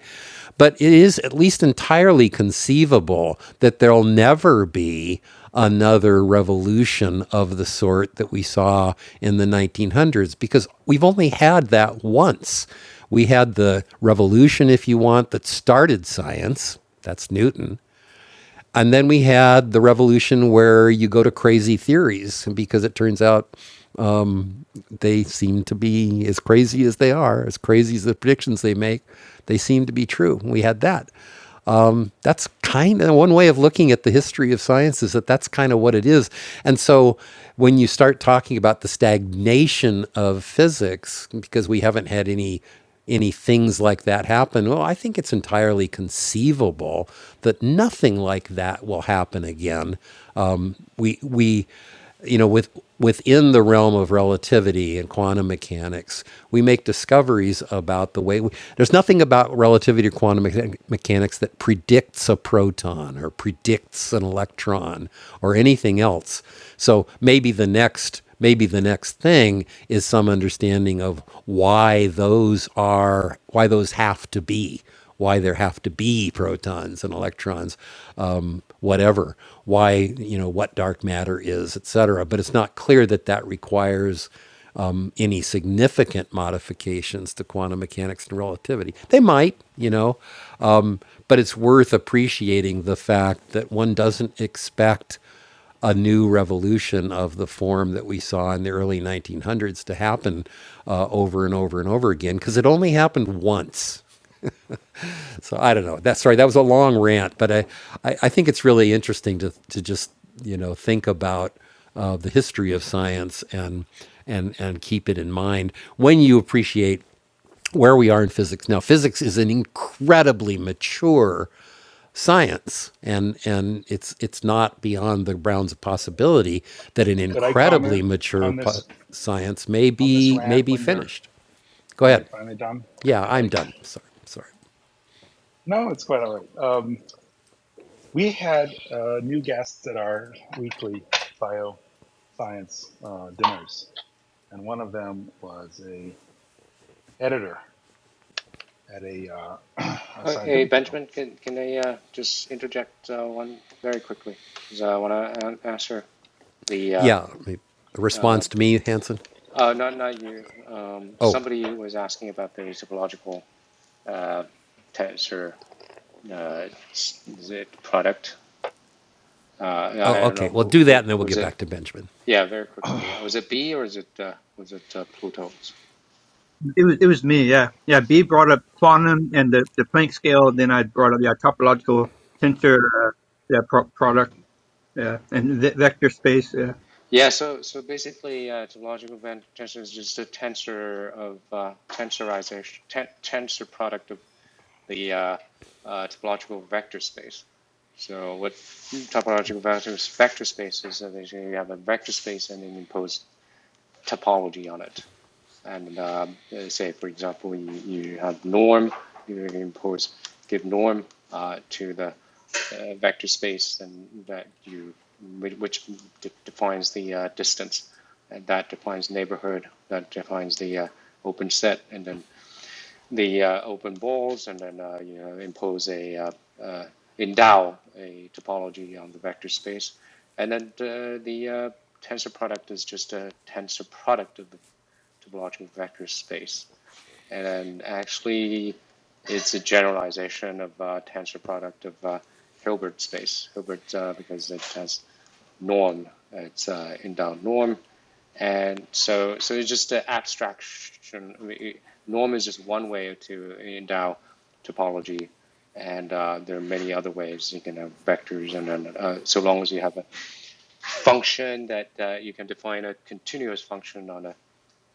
Speaker 1: But it is at least entirely conceivable that there'll never be another revolution of the sort that we saw in the 1900s because we've only had that once we had the revolution, if you want, that started science. That's Newton. And then we had the revolution where you go to crazy theories because it turns out they seem to be as crazy as they are, as crazy as the predictions they make, they seem to be true. We had that that's kind of one way of looking at the history of science is that that's kind of what it is. And so when you start talking about the stagnation of physics, because we haven't had any any things like that happen, well, I think it's entirely conceivable that nothing like that will happen again. Um, we we you know, with within the realm of relativity and quantum mechanics, we make discoveries about the way we, there's nothing about relativity or quantum mecha- mechanics that predicts a proton or predicts an electron or anything else. So maybe the next maybe the next thing is some understanding of why those are why those have to be why there have to be protons and electrons, um, whatever, why, you know, what dark matter is, et cetera. But it's not clear that that requires um, any significant modifications to quantum mechanics and relativity. They might, you know, um, but it's worth appreciating the fact that one doesn't expect a new revolution of the form that we saw in the early 1900s to happen uh, over and over and over again because it only happened once so I don't know. That sorry, that was a long rant, but I, I, I think it's really interesting to to just you know think about uh, the history of science and and and keep it in mind when you appreciate where we are in physics now. Physics is an incredibly mature science and and it's it's not beyond the bounds of possibility that an
Speaker 6: Could I
Speaker 1: incredibly
Speaker 6: comment
Speaker 1: mature
Speaker 6: on
Speaker 1: po-
Speaker 6: this
Speaker 1: science may
Speaker 6: on this
Speaker 1: be may
Speaker 6: rant
Speaker 1: be
Speaker 6: when you're
Speaker 1: finished go
Speaker 6: when
Speaker 1: ahead
Speaker 6: you're finally done?
Speaker 1: yeah
Speaker 6: Could
Speaker 1: i'm
Speaker 6: I?
Speaker 1: done sorry sorry
Speaker 6: No, it's quite all right. Um, we had uh, new guests at our weekly bioscience uh, dinners, and one of them was a editor at a, uh, a
Speaker 11: Okay,
Speaker 6: scientific journal.
Speaker 11: Benjamin, can can I uh, just interject uh, one very quickly because I want to answer the uh,
Speaker 1: Yeah. A
Speaker 11: uh,
Speaker 1: response to me, Hanson?
Speaker 11: uh, not not you um,
Speaker 1: Oh,
Speaker 11: somebody was asking about the topological uh, tensor uh, is it product. Uh, I
Speaker 1: oh,
Speaker 11: don't
Speaker 1: okay.
Speaker 11: know
Speaker 1: Well,
Speaker 11: who
Speaker 1: do that
Speaker 11: who
Speaker 1: and then we'll
Speaker 11: was
Speaker 1: get
Speaker 11: it
Speaker 1: back to Benjamin.
Speaker 11: Yeah, very quickly. Uh, Was it B or is it uh, was it uh, Pluto?
Speaker 5: It was it was me, yeah. Yeah, B brought up quantum and the, the Planck scale, then I brought up yeah, topological tensor uh, yeah, pro- product, yeah, and ve- vector space, yeah.
Speaker 11: Yeah, so so basically, uh, topological event tensor is just a tensor of uh, tensorization, ten tensor product of the uh, uh, topological vector space. So what topological vector vector space is uh, basically you have a vector space and then you impose topology on it. And um, uh, say, for example, you, you have norm, you impose give norm uh, to the uh, vector space and that you which de- defines the uh, distance and that defines neighborhood that defines the uh, open set and then the uh, open balls and then uh, you know, impose a uh, uh, endow a topology on the vector space and then uh, the uh, tensor product is just a tensor product of the topological vector space and actually, it's a generalization of uh, tensor product of uh, Hilbert space. Hilbert uh, because it has norm. It's uh, inbound norm, and so so it's just an abstraction. I mean, norm is just one way to endow topology, and uh, there are many other ways. You can have vectors, and then uh, so long as you have a function that uh, you can define a continuous function on a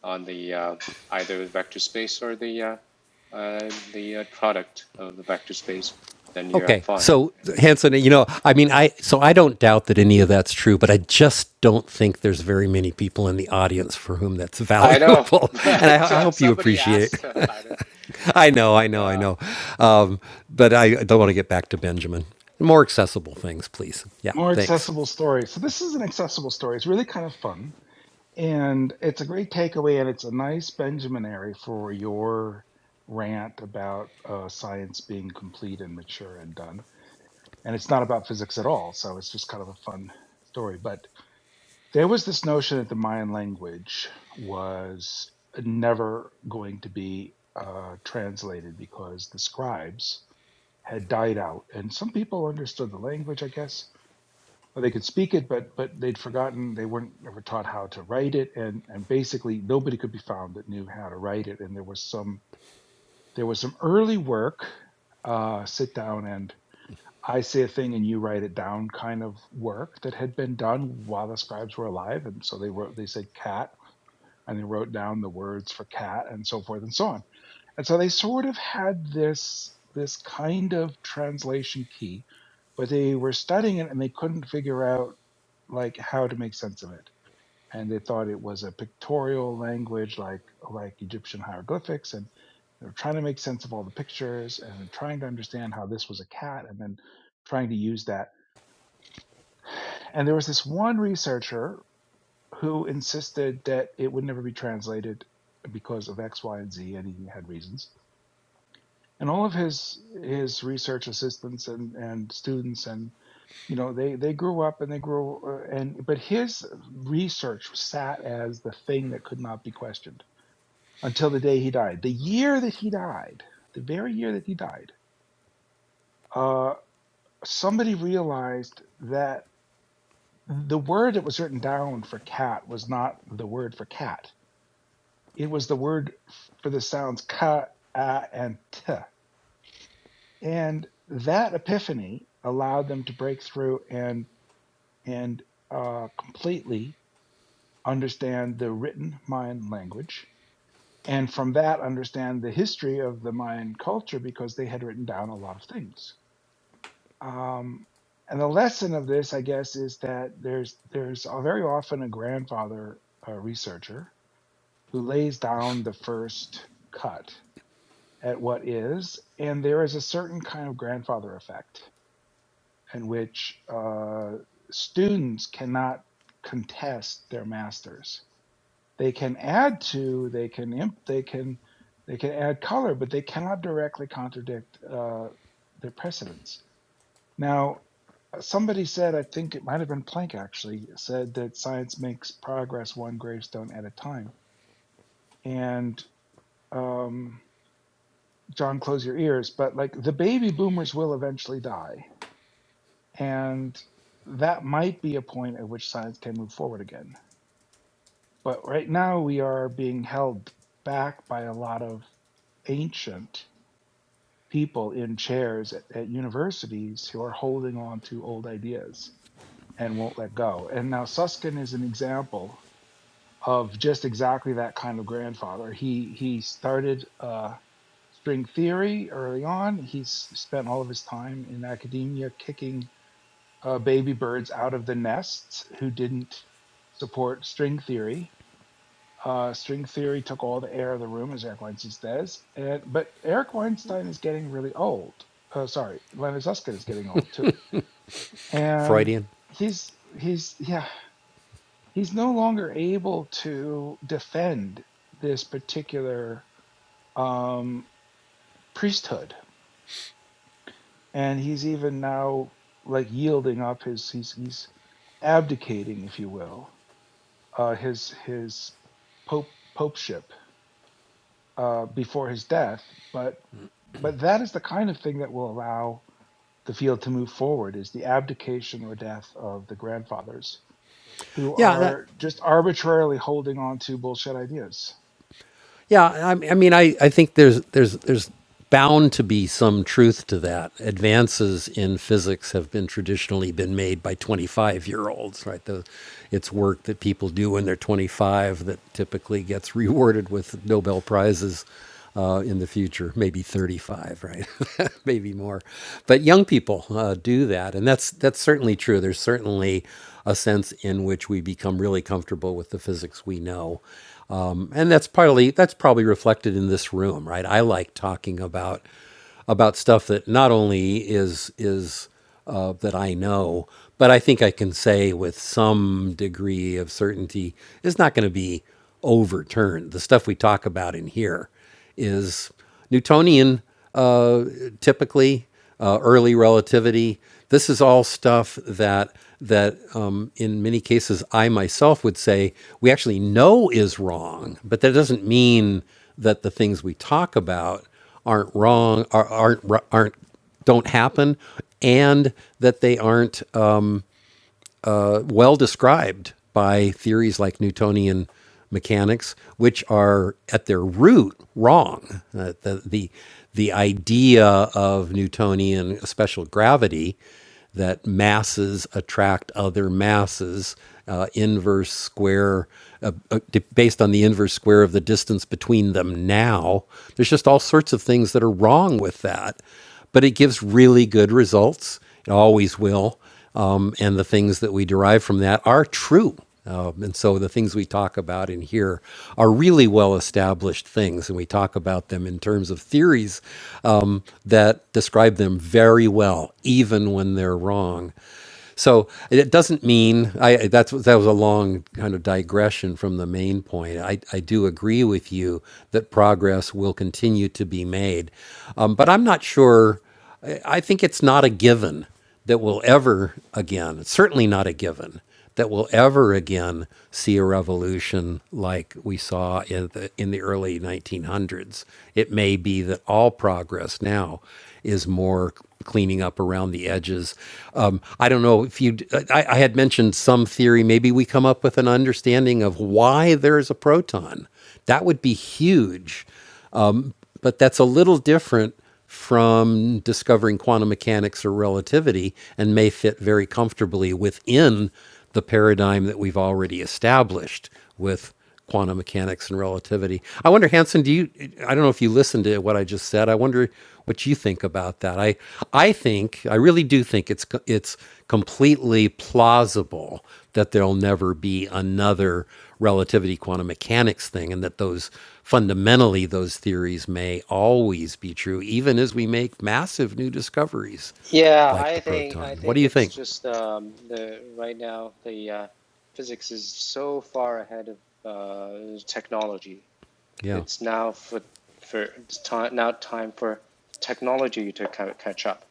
Speaker 11: on the uh, either vector space or the uh, uh, the uh, product of the vector space, then you're
Speaker 1: Okay.
Speaker 11: fine.
Speaker 1: So, Hanson, you know, I mean, I, so I don't doubt that any of that's true, but I just don't think there's very many people in the audience for whom that's
Speaker 11: I know,
Speaker 1: valuable. And
Speaker 11: but
Speaker 1: I, I
Speaker 11: uh,
Speaker 1: hope you
Speaker 11: somebody
Speaker 1: appreciate
Speaker 11: asked about it,
Speaker 1: I know, I
Speaker 11: and
Speaker 1: know, I
Speaker 11: uh,
Speaker 1: know. Um, but I don't want to get back to Benjamin. More accessible things, please. Yeah.
Speaker 6: More
Speaker 1: Thanks.
Speaker 6: accessible story. So this is an accessible story. It's really kind of fun. And it's a great takeaway, and it's a nice Benjaminary for your rant about uh, science being complete and mature and done. And it's not about physics at all, so it's just kind of a fun story. But there was this notion that the Mayan language was never going to be uh, translated because the scribes had died out, and some people understood the language, I guess, or they could speak it, but but they'd forgotten. They weren't ever taught how to write it, and and basically nobody could be found that knew how to write it. And there was some there was some early work, uh, sit down and I say a thing and you write it down kind of work that had been done while the scribes were alive. And so they wrote they said cat and they wrote down the words for cat and so forth and so on. And so they sort of had this this kind of translation key, but they were studying it and they couldn't figure out like how to make sense of it and they thought it was a pictorial language like like egyptian hieroglyphics and they were trying to make sense of all the pictures and trying to understand how this was a cat and then trying to use that and there was this one researcher who insisted that it would never be translated because of x y and z and he had reasons and all of his his research assistants and and students and you know they they grew up and they grew uh, and but his research sat as the thing that could not be questioned until the day he died the year that he died the very year that he died uh somebody realized that the word that was written down for cat was not the word for cat it was the word for the sounds ka a and t and that epiphany allowed them to break through and and uh completely understand the written Mayan language, and from that understand the history of the Mayan culture because they had written down a lot of things. Um, and the lesson of this, I guess, is that there's there's a, very often a grandfather uh, researcher who lays down the first cut at what is, and there is a certain kind of grandfather effect in which uh, students cannot contest their masters They can add to, they can imp, they can they can add color, but they cannot directly contradict uh, their precedents. Now, somebody said, I think it might have been Planck actually, said that science makes progress one gravestone at a time. And um, John, close your ears, but like the baby boomers will eventually die. And that might be a point at which science can move forward again. But right now we are being held back by a lot of ancient people in chairs at, at universities who are holding on to old ideas and won't let go. And now Susskind is an example of just exactly that kind of grandfather. He he started uh, string theory early on. He's spent all of his time in academia kicking uh, baby birds out of the nests who didn't support string theory uh, string theory took all the air of the room, as Eric Weinstein says. And but Eric Weinstein is getting really old. Uh, sorry, Leonard Susskind is getting old too, and
Speaker 1: Freudian.
Speaker 6: he's he's yeah he's no longer able to defend this particular um, priesthood, and he's even now like yielding up his he's he's abdicating, if you will, uh, his his pope popeship uh, before his death. But but that is the kind of thing that will allow the field to move forward is the abdication or death of the grandfathers who
Speaker 1: Yeah. That,
Speaker 6: are just arbitrarily holding on to bullshit ideas.
Speaker 1: Yeah, I, I mean, I, I think there's there's there's bound to be some truth to that. Advances in physics have been traditionally been made by 25 year olds, right? The, it's work that people do when they're 25 that typically gets rewarded with Nobel prizes uh, in the future, maybe 35, right? maybe more. But young people uh, do that, and that's that's certainly true. There's certainly a sense in which we become really comfortable with the physics we know um, and that's probably that's probably reflected in this room right i like talking about about stuff that not only is is uh, that i know but i think i can say with some degree of certainty it's not going to be overturned the stuff we talk about in here is newtonian typically uh, early relativity. This is all stuff that that um, in many cases I myself would say we actually know is wrong, but that doesn't mean that the things we talk about aren't wrong, are, aren't aren't don't happen, and that they aren't well described by theories like Newtonian mechanics, which are at their root wrong. Uh, the, the, the idea of Newtonian special gravity that masses attract other masses, uh, inverse square, uh, uh, based on the inverse square of the distance between them now. There's just all sorts of things that are wrong with that. But it gives really good results. It always will um, and the things that we derive from that are true. Um, and so the things we talk about in here are really well established things, and we talk about them in terms of theories um, that describe them very well, even when they're wrong. So it doesn't mean I that's that was a long kind of digression from the main point. I, I do agree with you that progress will continue to be made, um, but I'm not sure. I think it's not a given that we'll ever again, it's certainly not a given that we'll ever again see a revolution like we saw in the in the early 1900s. It may be that all progress now is more cleaning up around the edges. Um, I don't know if you. I, I had mentioned some theory. Maybe we come up with an understanding of why there is a proton. That would be huge but that's a little different from discovering quantum mechanics or relativity and may fit very comfortably within the paradigm that we've already established with quantum mechanics and relativity. I wonder Hanson, do you I don't know if you listened to what I just said. I wonder what you think about that. I I think I really do think it's it's completely plausible that there'll never be another relativity quantum mechanics thing and that those fundamentally those theories may always be true, even as we make massive new discoveries
Speaker 11: yeah,
Speaker 1: like
Speaker 11: I
Speaker 1: the
Speaker 11: think I
Speaker 1: proton. What do
Speaker 11: think
Speaker 1: you
Speaker 11: it's
Speaker 1: think?
Speaker 11: just um, the right now the uh, physics is so far ahead of uh, technology.
Speaker 1: Yeah,
Speaker 11: It's now for for it's time now time for technology to catch up.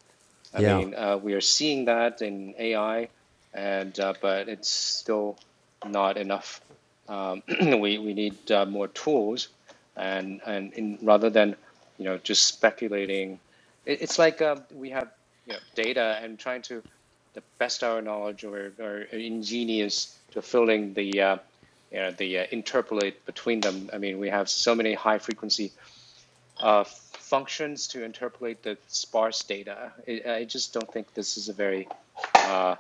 Speaker 11: I
Speaker 1: yeah,
Speaker 11: mean, uh, we are seeing that in AI, and uh, but it's still not enough. Um, we we need uh, more tools, and and in, rather than you know just speculating, it, it's like um, we have you know data and trying to the best our knowledge or, or ingenious to filling the uh, you know, the uh, interpolate between them. I mean, we have so many high frequency uh, functions to interpolate the sparse data. I, I just don't think this is a very uh,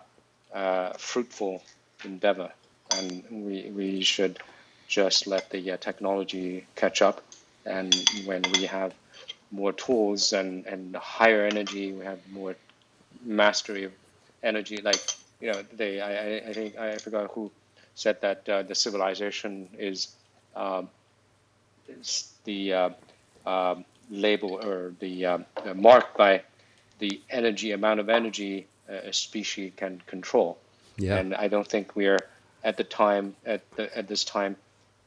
Speaker 11: uh, fruitful endeavor, and we we should just let the uh, technology catch up. And when we have more tools and, and higher energy, we have more mastery of energy. Like you know, they I, I I think I forgot who said that uh, the civilization is the uh, um, label or the um, uh, mark by the energy amount of energy uh, a species can control,
Speaker 1: yeah.
Speaker 11: and I don't think we are at the time at the at this time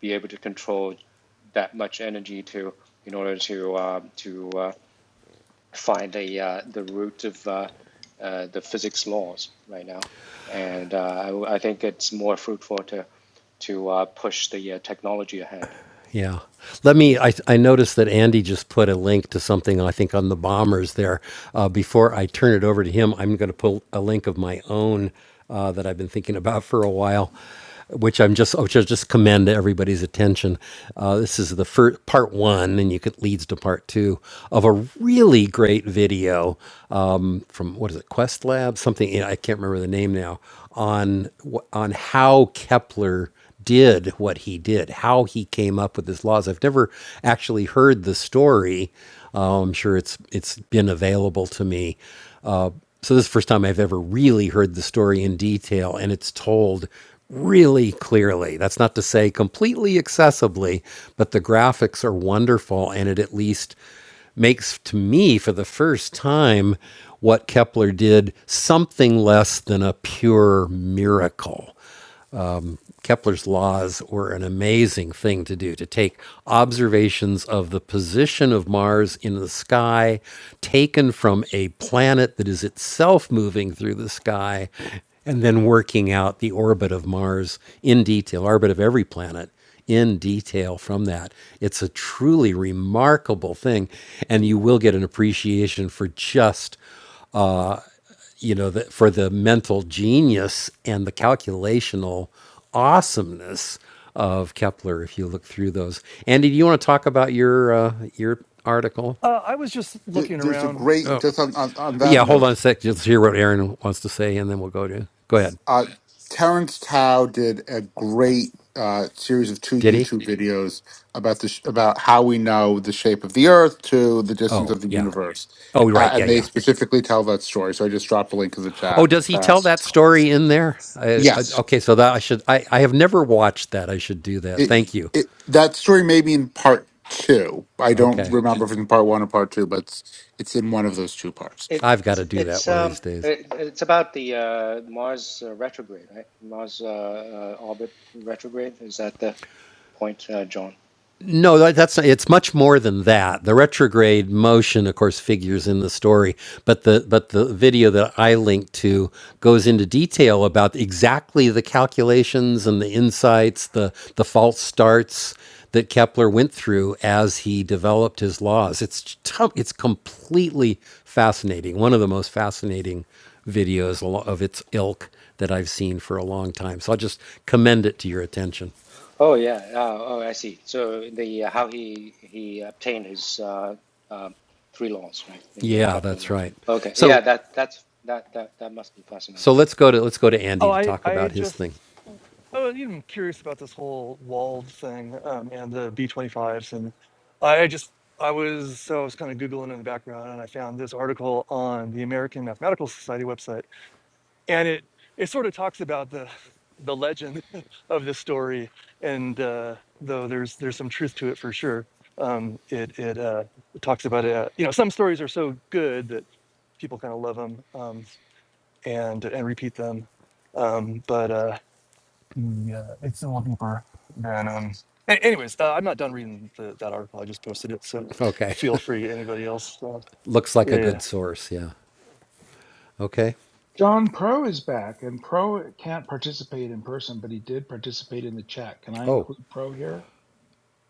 Speaker 11: be able to control that much energy to in order to uh, to uh, find the uh, the root of uh, uh, the physics laws right now, and uh, I, I think it's more fruitful to to uh, push the uh, technology ahead.
Speaker 1: Yeah. Let me. I, I noticed that Andy just put a link to something, I think, on the bombers there. Uh, before I turn it over to him, I'm going to put a link of my own uh, that I've been thinking about for a while, which I'm just, which I just commend to everybody's attention. Uh, this is the first part one, and you could leads to part two of a really great video um, from what is it, Quest Lab, something I can't remember the name now on wh- on how Kepler did what he did, how he came up with his laws. I've never actually heard the story. Uh, I'm sure it's it's been available to me. Uh, so this is the first time I've ever really heard the story in detail, and it's told really clearly. That's not to say completely accessibly, but the graphics are wonderful, and it at least makes to me for the first time what Kepler did something less than a pure miracle. Kepler's laws were an amazing thing to do to take observations of the position of Mars in the sky, taken from a planet that is itself moving through the sky, and then working out the orbit of Mars in detail, orbit of every planet in detail from that. It's a truly remarkable thing, and you will get an appreciation for just you know, the, for the mental genius and the calculational awesomeness of Kepler. If you look through those, Andy, do you want to talk about your uh, your article?
Speaker 8: Uh, I was just
Speaker 4: Th-
Speaker 8: looking
Speaker 4: There's a
Speaker 8: around.
Speaker 4: great just on, on, on that
Speaker 1: Yeah, hold on
Speaker 4: note
Speaker 1: a sec. Just hear what Aaron wants to say, and then we'll go to. Go ahead.
Speaker 4: Uh, Terrence Tao did a great uh, series of two
Speaker 1: Did he?
Speaker 4: YouTube videos about the sh- about how we know the shape of the Earth to the distance
Speaker 1: Oh,
Speaker 4: of the
Speaker 1: yeah.
Speaker 4: universe,
Speaker 1: Oh,
Speaker 4: uh,
Speaker 1: right. Yeah,
Speaker 4: and they
Speaker 1: yeah.
Speaker 4: specifically tell that story. So I just dropped a link in the
Speaker 1: Oh,
Speaker 4: chat.
Speaker 1: does he
Speaker 4: Uh,
Speaker 1: tell that story in there? I, I,
Speaker 4: yes,
Speaker 1: okay, so that I should. I, I have never watched that. I should do that. Thank
Speaker 4: it
Speaker 1: you.
Speaker 4: it that story may be in part two. I don't
Speaker 1: Okay,
Speaker 4: remember if it's in part one or part two, but it's, it's in one of those two parts.
Speaker 1: I've got
Speaker 11: It's
Speaker 1: to do that
Speaker 11: it's
Speaker 1: one of
Speaker 11: um
Speaker 1: these days.
Speaker 11: it, it's about the uh, Mars uh, retrograde, right? Mars uh, uh, orbit retrograde. Is that the point, uh, John?
Speaker 1: No, that, that's not, it's much more than that. The retrograde motion, of course, figures in the story, but the but the video that I linked to goes into detail about exactly the calculations and the insights, the the false starts that Kepler went through as he developed his laws. It's to- it's completely fascinating. One of the most fascinating videos al- of its ilk that I've seen for a long time. So I'll just commend it to your attention.
Speaker 11: Oh yeah. Oh, oh, I see. So the uh, how he he obtained his uh, um three laws, right? The uh,
Speaker 1: Yeah,
Speaker 11: capital
Speaker 1: that's
Speaker 11: laws.
Speaker 1: right.
Speaker 11: Okay. Yeah.
Speaker 1: So
Speaker 11: That that's that that that must be
Speaker 1: So
Speaker 11: fascinating.
Speaker 1: let's go to let's go to
Speaker 8: Oh,
Speaker 1: Andy to
Speaker 8: I
Speaker 1: talk
Speaker 8: I
Speaker 1: about his thing.
Speaker 8: just Oh, you know, I'm curious about this whole wall thing um, and the B25s. And I just, I was, so I was kind of Googling in the background and I found this article on the American Mathematical Society website. And it, it sort of talks about the, the legend of this story. And uh, though there's, there's some truth to it for sure. Um, it, it uh, talks about, uh, you know, some stories are so good that people kind of love them um, and, and repeat them. Um, but, uh, yeah, it's a little deeper. And um, a- anyways, uh, I'm not done reading the, that article. I just posted it, so
Speaker 1: Okay,
Speaker 8: feel free. Anybody else? Uh,
Speaker 1: looks like
Speaker 8: yeah.
Speaker 1: a good
Speaker 8: yeah.
Speaker 1: source. Yeah. Okay.
Speaker 6: John Pro is back, and Pro can't participate in person, but he did participate in the chat. Can I
Speaker 1: Oh,
Speaker 6: include Pro here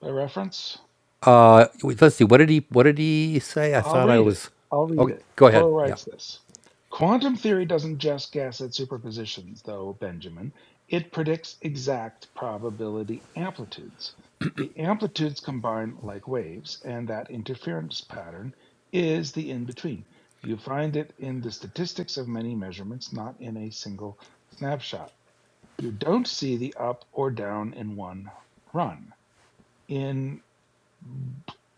Speaker 6: by reference?
Speaker 1: uh, wait, let's see. What did he What did he say? I
Speaker 6: I'll
Speaker 1: thought I
Speaker 6: read it.
Speaker 1: was.
Speaker 6: I'll
Speaker 1: Oh,
Speaker 6: read it.
Speaker 1: go ahead.
Speaker 6: Quo
Speaker 1: Yeah.
Speaker 6: writes this Quantum theory doesn't just guess at superpositions, though, Benjamin. It predicts exact probability amplitudes. The amplitudes combine like waves, and that interference pattern is the in between. You find it in the statistics of many measurements, not in a single snapshot. You don't see the up or down in one run. In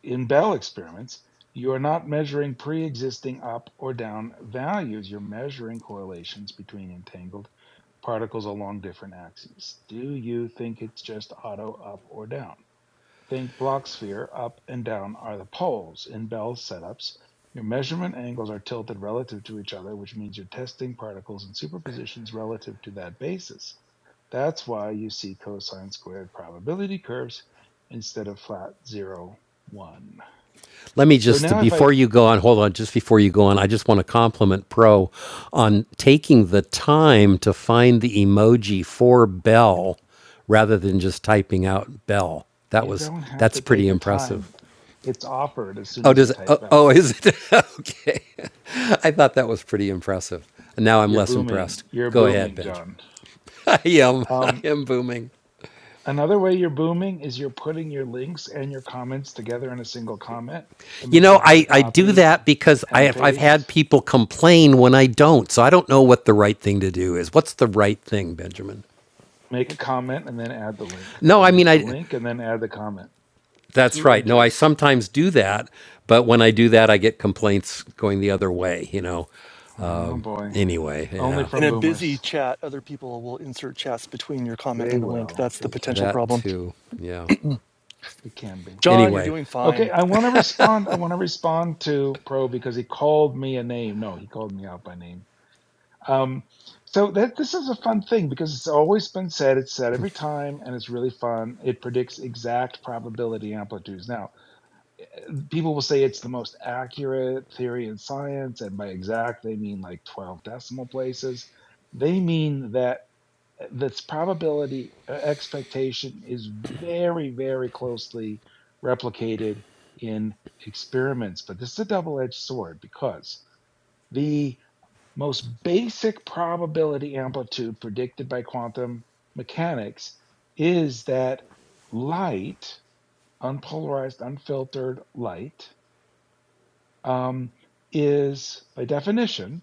Speaker 6: in Bell experiments, you are not measuring pre-existing up or down values. You're measuring correlations between entangled particles along different axes. Do you think it's just auto up or down? Think Blocksphere up and down are the poles. In Bell setups, your measurement angles are tilted relative to each other, which means you're testing particles in superpositions relative to that basis. That's why you see cosine squared probability curves instead of flat zero one.
Speaker 1: Let me
Speaker 6: So
Speaker 1: just
Speaker 6: now if
Speaker 1: before
Speaker 6: I
Speaker 1: you go on. Hold on. Just before you go on, I just want to compliment Pro on taking the time to find the emoji for Bell rather than just typing out Bell. That
Speaker 6: you
Speaker 1: was
Speaker 6: don't have
Speaker 1: that's
Speaker 6: to
Speaker 1: pretty
Speaker 6: take the
Speaker 1: impressive.
Speaker 6: time. It's offered as soon
Speaker 1: Oh,
Speaker 6: as you
Speaker 1: does it? Oh,
Speaker 6: type
Speaker 1: oh
Speaker 6: Bell.
Speaker 1: is it? okay. I thought that was pretty impressive. Now I'm
Speaker 6: You're
Speaker 1: less
Speaker 6: booming.
Speaker 1: impressed.
Speaker 6: You're
Speaker 1: Go ahead,
Speaker 6: booming,
Speaker 1: Benjamin.
Speaker 6: John.
Speaker 1: I am. I
Speaker 6: Um,
Speaker 1: am booming.
Speaker 6: Another way you're booming is you're putting your links and your comments together in a single comment. It
Speaker 1: You
Speaker 6: makes it
Speaker 1: know,
Speaker 6: hard to
Speaker 1: I, I do
Speaker 6: copy
Speaker 1: that because I
Speaker 6: and
Speaker 1: have, I've had
Speaker 6: paste.
Speaker 1: people complain when I don't. So I don't know what the right thing to do is. What's the right thing, Benjamin?
Speaker 6: Make a comment and then add the link,
Speaker 1: No,
Speaker 6: or
Speaker 1: I mean,
Speaker 6: make the
Speaker 1: I.
Speaker 6: link and then add the comment.
Speaker 1: That's
Speaker 6: Two
Speaker 1: right. No, I
Speaker 6: enters.
Speaker 1: sometimes do that, but when I do that, I get complaints going the other way. You know.
Speaker 6: Oh boy.
Speaker 1: Anyway,
Speaker 6: Only
Speaker 1: yeah,
Speaker 8: In
Speaker 6: from
Speaker 8: a busy
Speaker 6: boomers.
Speaker 8: chat, other people will insert chats between your comment
Speaker 6: They
Speaker 8: and the link.
Speaker 6: will.
Speaker 8: That's the
Speaker 6: They can.
Speaker 8: potential
Speaker 1: that
Speaker 8: problem.
Speaker 1: too. Yeah.
Speaker 6: It can be.
Speaker 8: John, you're
Speaker 1: Anyway,
Speaker 8: doing
Speaker 6: Okay,
Speaker 8: fine.
Speaker 6: I want to respond. I want to respond to Pro because he called me a name. No, he called me out by name. Um, so that this is a fun thing because it's always been said. It's said every time, and it's really fun. It predicts exact probability amplitudes. Now, people will say it's the most accurate theory in science, and by exact they mean like twelve decimal places. They mean that this probability uh, expectation is very, very closely replicated in experiments. But this is a double-edged sword because the most basic probability amplitude predicted by quantum mechanics is that light, unpolarized, unfiltered light, um, is by definition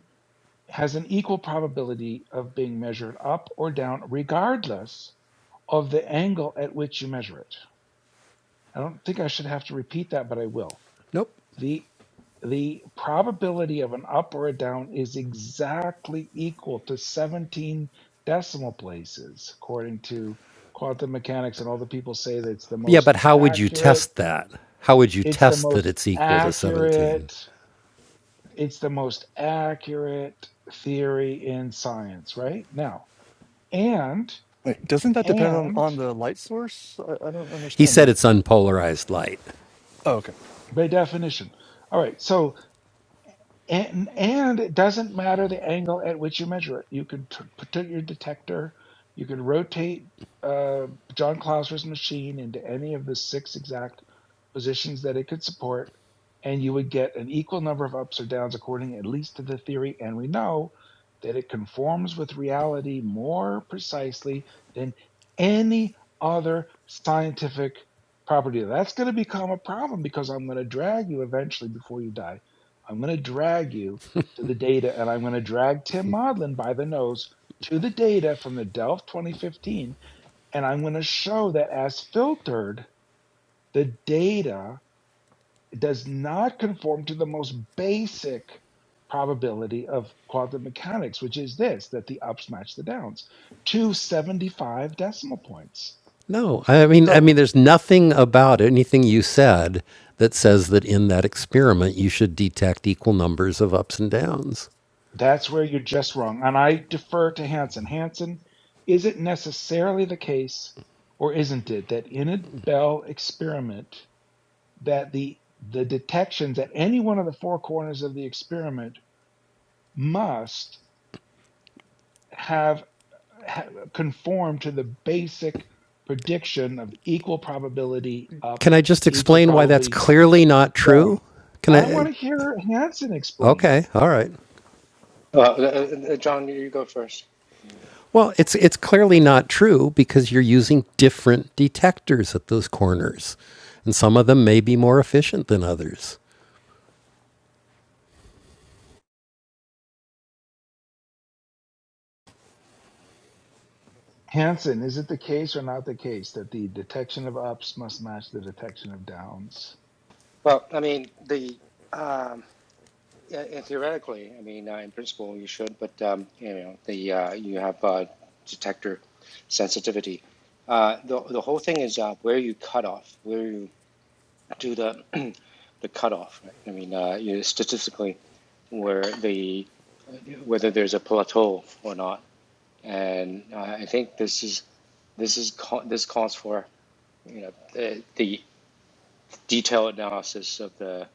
Speaker 6: has an equal probability of being measured up or down, regardless of the angle at which you measure it. I don't think I should have to repeat that, but I will
Speaker 1: nope.
Speaker 6: the the probability of an up or a down is exactly equal to 17 decimal places according to quantum mechanics and all the people say that it's the
Speaker 1: Yeah,
Speaker 6: most
Speaker 1: but how would you
Speaker 6: accurate
Speaker 1: test that? How would you
Speaker 6: it's the
Speaker 1: test that
Speaker 6: most
Speaker 1: it's equal to 17?
Speaker 6: accurate it's the most accurate theory in science right now and
Speaker 8: Wait, doesn't that depend on,
Speaker 6: and
Speaker 8: on the light source? I, I don't
Speaker 1: He
Speaker 8: understand
Speaker 1: said
Speaker 8: that.
Speaker 1: it's unpolarized light.
Speaker 8: Oh, okay.
Speaker 6: by definition all right so and and it doesn't matter the angle at which you measure it. You could t- put your detector, you could rotate uh, John Clauser's machine into any of the six exact positions that it could support, and you would get an equal number of ups or downs according, at least to the theory. And we know that it conforms with reality more precisely than any other scientific property. That's going to become a problem because I'm going to drag you eventually before you die I'm going to drag you to the data and I'm going to drag Tim Modlin by the nose to the data from the Delft 2015. And I'm going to show that as filtered, the data does not conform to the most basic probability of quantum mechanics, which is this that the ups match the downs to 75 decimal points.
Speaker 1: No, I mean I
Speaker 6: So
Speaker 1: mean there's nothing about it, anything you said that says that in that experiment you should detect equal numbers of ups and downs.
Speaker 6: That's where you're just wrong. And I defer to Hansen. Hansen, is it necessarily the case, or isn't it, that in a Bell experiment, that the the detections at any one of the four corners of the experiment must have, ha conform to the basic prediction of equal probability up,
Speaker 1: Can I just
Speaker 6: equal
Speaker 1: explain why that's
Speaker 6: probability
Speaker 1: clearly not true?
Speaker 6: down.
Speaker 1: Can
Speaker 6: I want
Speaker 1: I
Speaker 6: to hear Hansen explain it.
Speaker 1: Okay, all right.
Speaker 11: Well, uh, uh, uh, John, you go first.
Speaker 1: Well, it's it's clearly not true because you're using different detectors at those corners. And some of them may be more efficient than others.
Speaker 6: Hanson, is it the case or not the case that the detection of ups must match the detection of downs?
Speaker 11: Well, I mean the. um, Yeah, yeah, theoretically, I mean, uh, in principle, you should, but um, you know, the uh, you have uh, detector sensitivity. Uh, the the whole thing is uh, where you cut off, where you do the the cutoff. Right? I mean, uh, you statistically where the whether there's a plateau or not, and uh, I think this is this is ca- this calls for you know the, the detailed analysis of the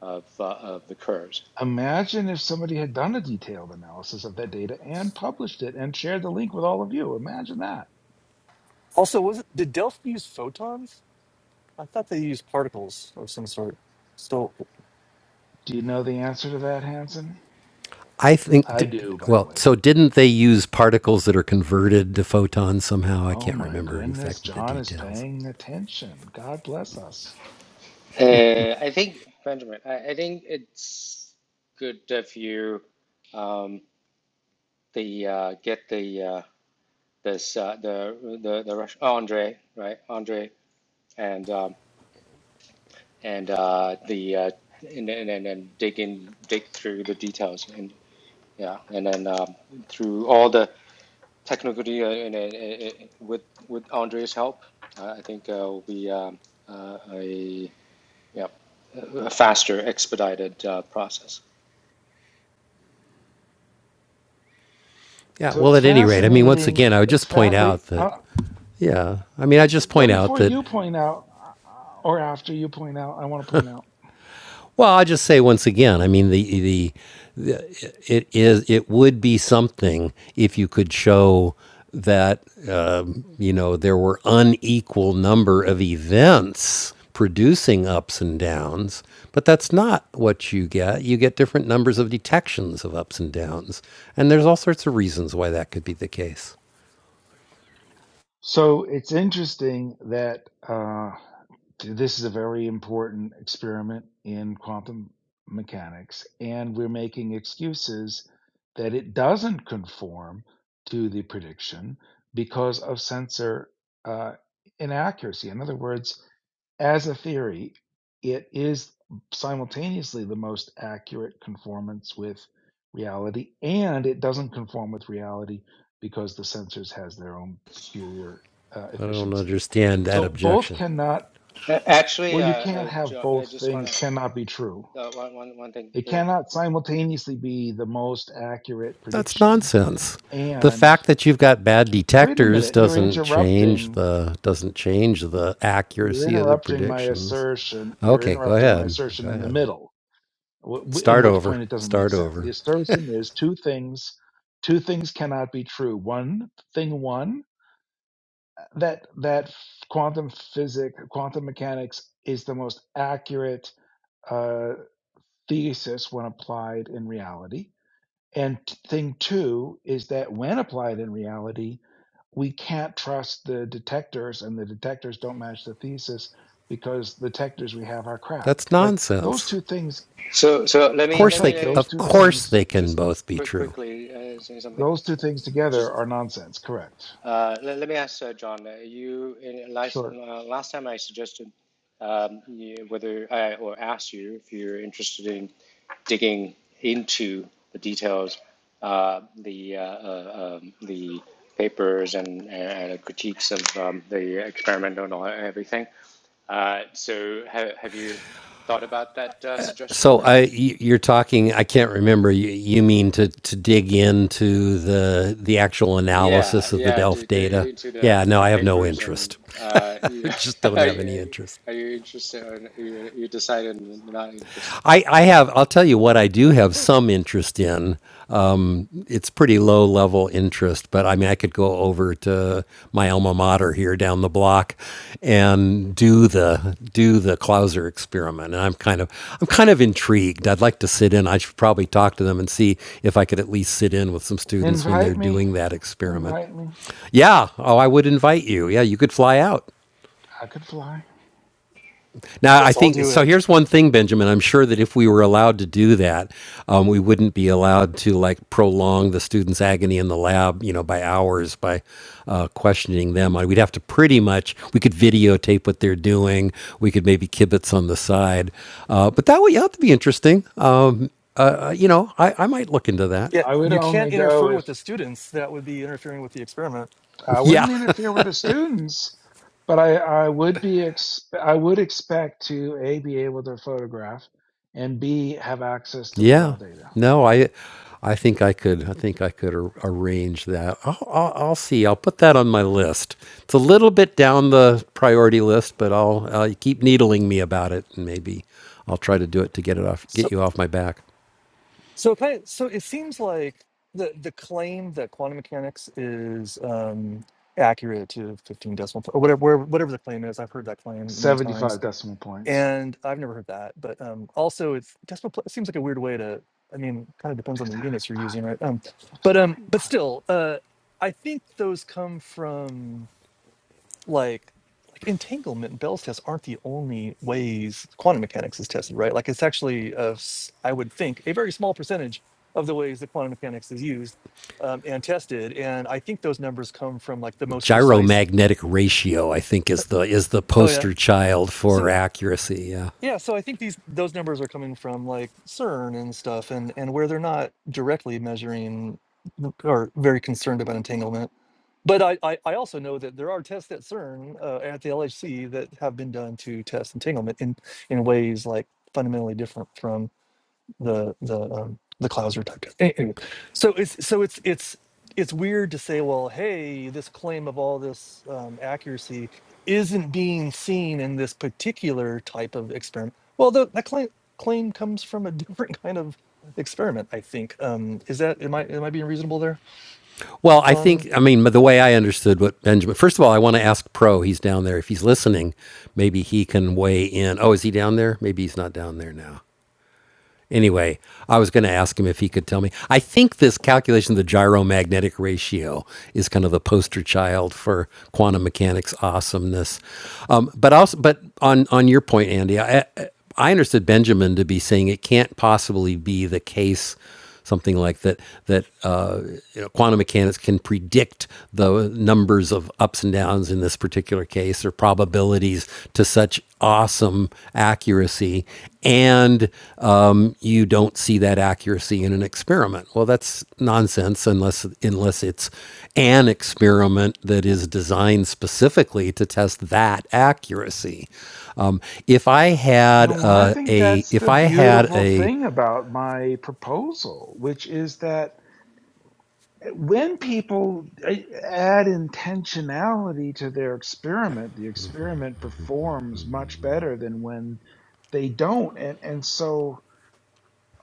Speaker 11: of uh, of the curves.
Speaker 6: Imagine if somebody had done a detailed analysis of that data and published it and shared the link with all of you. Imagine that.
Speaker 8: Also, was it did Delphi use photons? I thought they used particles of some sort. So
Speaker 6: Do you know the answer to that, Hanson?
Speaker 1: I think,
Speaker 6: I do, by the
Speaker 1: well,
Speaker 6: way.
Speaker 1: so didn't they use particles that are converted to photons somehow? I
Speaker 6: Oh
Speaker 1: can't
Speaker 6: my
Speaker 1: remember
Speaker 6: goodness,
Speaker 1: exactly the
Speaker 6: John is
Speaker 1: details.
Speaker 6: paying attention. God bless us.
Speaker 11: Uh, I think, Benjamin, I, I think it's good if you um, the uh, get the uh, this uh, the the the Russian Andre right Andre and um, and uh, the uh, and, and and and dig in dig through the details and yeah and then um, through all the technical detail and, and, and, and with with Andre's help, uh, I think uh, will be um, uh, a yeah a faster expedited uh, process.
Speaker 1: Yeah,
Speaker 6: So
Speaker 1: well,
Speaker 6: it's
Speaker 1: at any rate, I mean, once
Speaker 6: fascinating.
Speaker 1: again, I would
Speaker 6: It's
Speaker 1: just point
Speaker 6: fat. We
Speaker 1: out that,
Speaker 6: uh,
Speaker 1: yeah, I mean, I just
Speaker 6: well
Speaker 1: point out
Speaker 6: before
Speaker 1: that,
Speaker 6: you point out, uh, or after you point out, I want to point out.
Speaker 1: well, I'll just say once again, I mean, the the, it is it would be something if you could show that um, you know there were unequal number of events producing ups and downs but that's not what you get you get different numbers of detections of ups and downs and there's all sorts of reasons why that could be the case
Speaker 6: So it's interesting that uh, th- this is a very important experiment in quantum mechanics, and we're making excuses that it doesn't conform to the prediction because of sensor uh, inaccuracy. In other words, as a theory, it is simultaneously the most accurate conformance with reality, and it doesn't conform with reality because the sensors has their own peculiar uh,
Speaker 1: i don't
Speaker 6: efficiency.
Speaker 1: understand that
Speaker 6: So both
Speaker 1: objection
Speaker 6: cannot.
Speaker 11: A- Actually,
Speaker 6: Well, you
Speaker 11: uh,
Speaker 6: can't
Speaker 11: uh,
Speaker 6: have
Speaker 11: Jo- I
Speaker 6: both
Speaker 11: just wanna
Speaker 6: things cannot be true.
Speaker 11: uh, one one one thing.
Speaker 6: It
Speaker 11: here.
Speaker 6: cannot simultaneously be the most accurate
Speaker 1: that's
Speaker 6: prediction
Speaker 1: nonsense the
Speaker 6: and
Speaker 1: fact that you've got bad
Speaker 6: wait a
Speaker 1: detectors
Speaker 6: minute, you're
Speaker 1: doesn't change
Speaker 6: interrupting
Speaker 1: the doesn't change the
Speaker 6: you're
Speaker 1: accuracy of the
Speaker 6: interrupting my
Speaker 1: predictions
Speaker 6: assertion. You're
Speaker 1: Okay, go
Speaker 6: interrupting my
Speaker 1: ahead. Go
Speaker 6: assertion in the
Speaker 1: ahead.
Speaker 6: middle w- in
Speaker 1: Start
Speaker 6: which
Speaker 1: over.
Speaker 6: point it doesn't make
Speaker 1: Start
Speaker 6: sense. The
Speaker 1: over.
Speaker 6: assertion is two things, two things cannot be true. One thing, one that that quantum physics, quantum mechanics is the most accurate uh, thesis when applied in reality, and t- thing two is that when applied in reality, we can't trust the detectors, and the detectors don't match the thesis because the detectors we have are crap.
Speaker 1: That's
Speaker 6: Like those
Speaker 1: nonsense.
Speaker 6: two things.
Speaker 11: So so let
Speaker 1: Of
Speaker 11: me
Speaker 6: That's
Speaker 1: course
Speaker 11: let
Speaker 1: they
Speaker 11: me
Speaker 6: right.
Speaker 1: c-
Speaker 11: let me
Speaker 6: Those
Speaker 1: of
Speaker 6: two
Speaker 11: just
Speaker 1: course
Speaker 6: things
Speaker 1: they can
Speaker 11: just
Speaker 1: both be
Speaker 11: quick
Speaker 1: true.
Speaker 11: quickly uh, say something.
Speaker 6: Those two things together
Speaker 11: Just
Speaker 6: are nonsense. Correct.
Speaker 11: uh, let, let me ask uh, John. Uh, you in, last
Speaker 6: Sure.
Speaker 11: uh, last time I suggested um, you, whether I or asked you if you're interested in digging into the details, uh, the uh, uh, um, the papers and, uh, and critiques of um, the experimental and all- everything. Uh, so ha have you thought about that uh,
Speaker 1: So
Speaker 11: suggestion? And
Speaker 1: I y- you're talking I can't remember you, you mean to to dig into the the actual
Speaker 11: yeah,
Speaker 1: analysis of the
Speaker 11: yeah,
Speaker 1: Delph
Speaker 11: to get
Speaker 1: data.
Speaker 11: into the
Speaker 1: Yeah, no,
Speaker 11: the
Speaker 1: I have no
Speaker 11: papers and
Speaker 1: interest.
Speaker 11: uh, you,
Speaker 1: just don't
Speaker 11: are
Speaker 1: have any
Speaker 11: you
Speaker 1: interest.
Speaker 11: are you interested or you you decided not interested?
Speaker 1: I, I have, I'll tell you what I do have some interest in. Um, it's pretty low level interest, but I mean, I could go over to my alma mater here down the block and do the, do the Clauser experiment. And I'm kind of, I'm kind of intrigued. I'd like to sit in. I should probably talk to them and see if I could at least sit in with some students when they're
Speaker 6: Invite me.
Speaker 1: doing that experiment.
Speaker 6: Invite me.
Speaker 1: Yeah. Oh, I would invite you. Yeah. You could fly out.
Speaker 6: I could fly.
Speaker 1: Now, I
Speaker 8: let's all
Speaker 1: think
Speaker 8: do
Speaker 1: so.
Speaker 8: it.
Speaker 1: Here's one thing, Benjamin. I'm sure that if we were allowed to do that, um, we wouldn't be allowed to like prolong the students' agony in the lab, you know, by hours by uh, questioning them. I- We'd have to pretty much we could videotape what they're doing. We could maybe kibitz on the side, uh, but that would have to be interesting. Um, uh, uh, you know, I, I might look into that.
Speaker 8: Yeah,
Speaker 6: I would
Speaker 8: you can't
Speaker 6: only go
Speaker 8: interfere
Speaker 6: if
Speaker 8: with the students. That would be interfering with the experiment.
Speaker 6: I
Speaker 1: Yeah.
Speaker 6: wouldn't interfere with the students, but I, I would be ex- I would expect to a be able to photograph, and b have access to the
Speaker 1: Yeah.
Speaker 6: raw data.
Speaker 1: No, I I think I could I think I could ar- arrange that. I'll, I'll, I'll see. I'll put that on my list. It's a little bit down the priority list, but I'll uh, you keep needling me about it, and maybe I'll try to do it to get it off get
Speaker 8: So,
Speaker 1: you off my back.
Speaker 8: so kind of, so it seems like the the claim that quantum mechanics is um, accurate to 15 decimal po- or whatever where- whatever the claim is. I've heard that claim many
Speaker 6: Seventy
Speaker 8: times,
Speaker 6: five decimal points.
Speaker 8: and I've never heard that. But um, also, it's decimal. pla- It seems like a weird way to. I mean, kind of depends on
Speaker 6: Just,
Speaker 8: the units you're using, right? Um,
Speaker 6: just
Speaker 8: but um,
Speaker 6: having
Speaker 8: but
Speaker 6: fun.
Speaker 8: still, uh, I think those come from. Like like, entanglement and Bell's test aren't the only ways quantum mechanics is tested, right? Like, it's actually, uh, would think, a very small percentage of the ways that quantum mechanics is used um, and tested. And I think those numbers come from like the most precise.
Speaker 1: Gyromagnetic ratio, I think, is the is the
Speaker 8: Oh yeah.
Speaker 1: poster child for
Speaker 8: So
Speaker 1: accuracy. Yeah.
Speaker 8: yeah, so I think these those numbers are coming from like CERN and stuff, and and where they're not directly measuring n- or very concerned about entanglement. But I, I, I also know that there are tests at CERN uh, at the LHC that have been done to test entanglement in, in ways like fundamentally different from the the um, the Clauser type test. Any- Anyway, so it's so it's it's it's weird to say, well, hey, this claim of all this um, accuracy isn't being seen in this particular type of experiment. Well, the, that claim claim comes from a different kind of experiment. I think um, is that am I am I being reasonable there,
Speaker 1: Well, I
Speaker 8: John?
Speaker 1: think, I mean, the way I understood what Benjamin, first of all, I want to ask Pro, he's down there. If he's listening, maybe he can weigh in. Oh, is he down there? Maybe he's not down there now. Anyway, I was going to ask him if he could tell me. I think this calculation of the gyromagnetic ratio is kind of the poster child for quantum mechanics awesomeness. Um, but also, but on on your point, Andy, I, I understood Benjamin to be saying it can't possibly be the case something like that that uh, you know, quantum mechanics can predict the numbers of ups and downs in this particular case or probabilities to such awesome accuracy and um, you don't see that accuracy in an experiment well that's nonsense unless unless it's an experiment that is designed specifically to test that accuracy um, if i had
Speaker 6: No, I
Speaker 1: uh,
Speaker 6: think
Speaker 1: a
Speaker 6: that's
Speaker 1: if
Speaker 6: the
Speaker 1: i had
Speaker 6: beautiful
Speaker 1: a
Speaker 6: thing about my proposal, which is that when people eh, add intentionality to their experiment, the experiment performs much better than when they don't. And, and so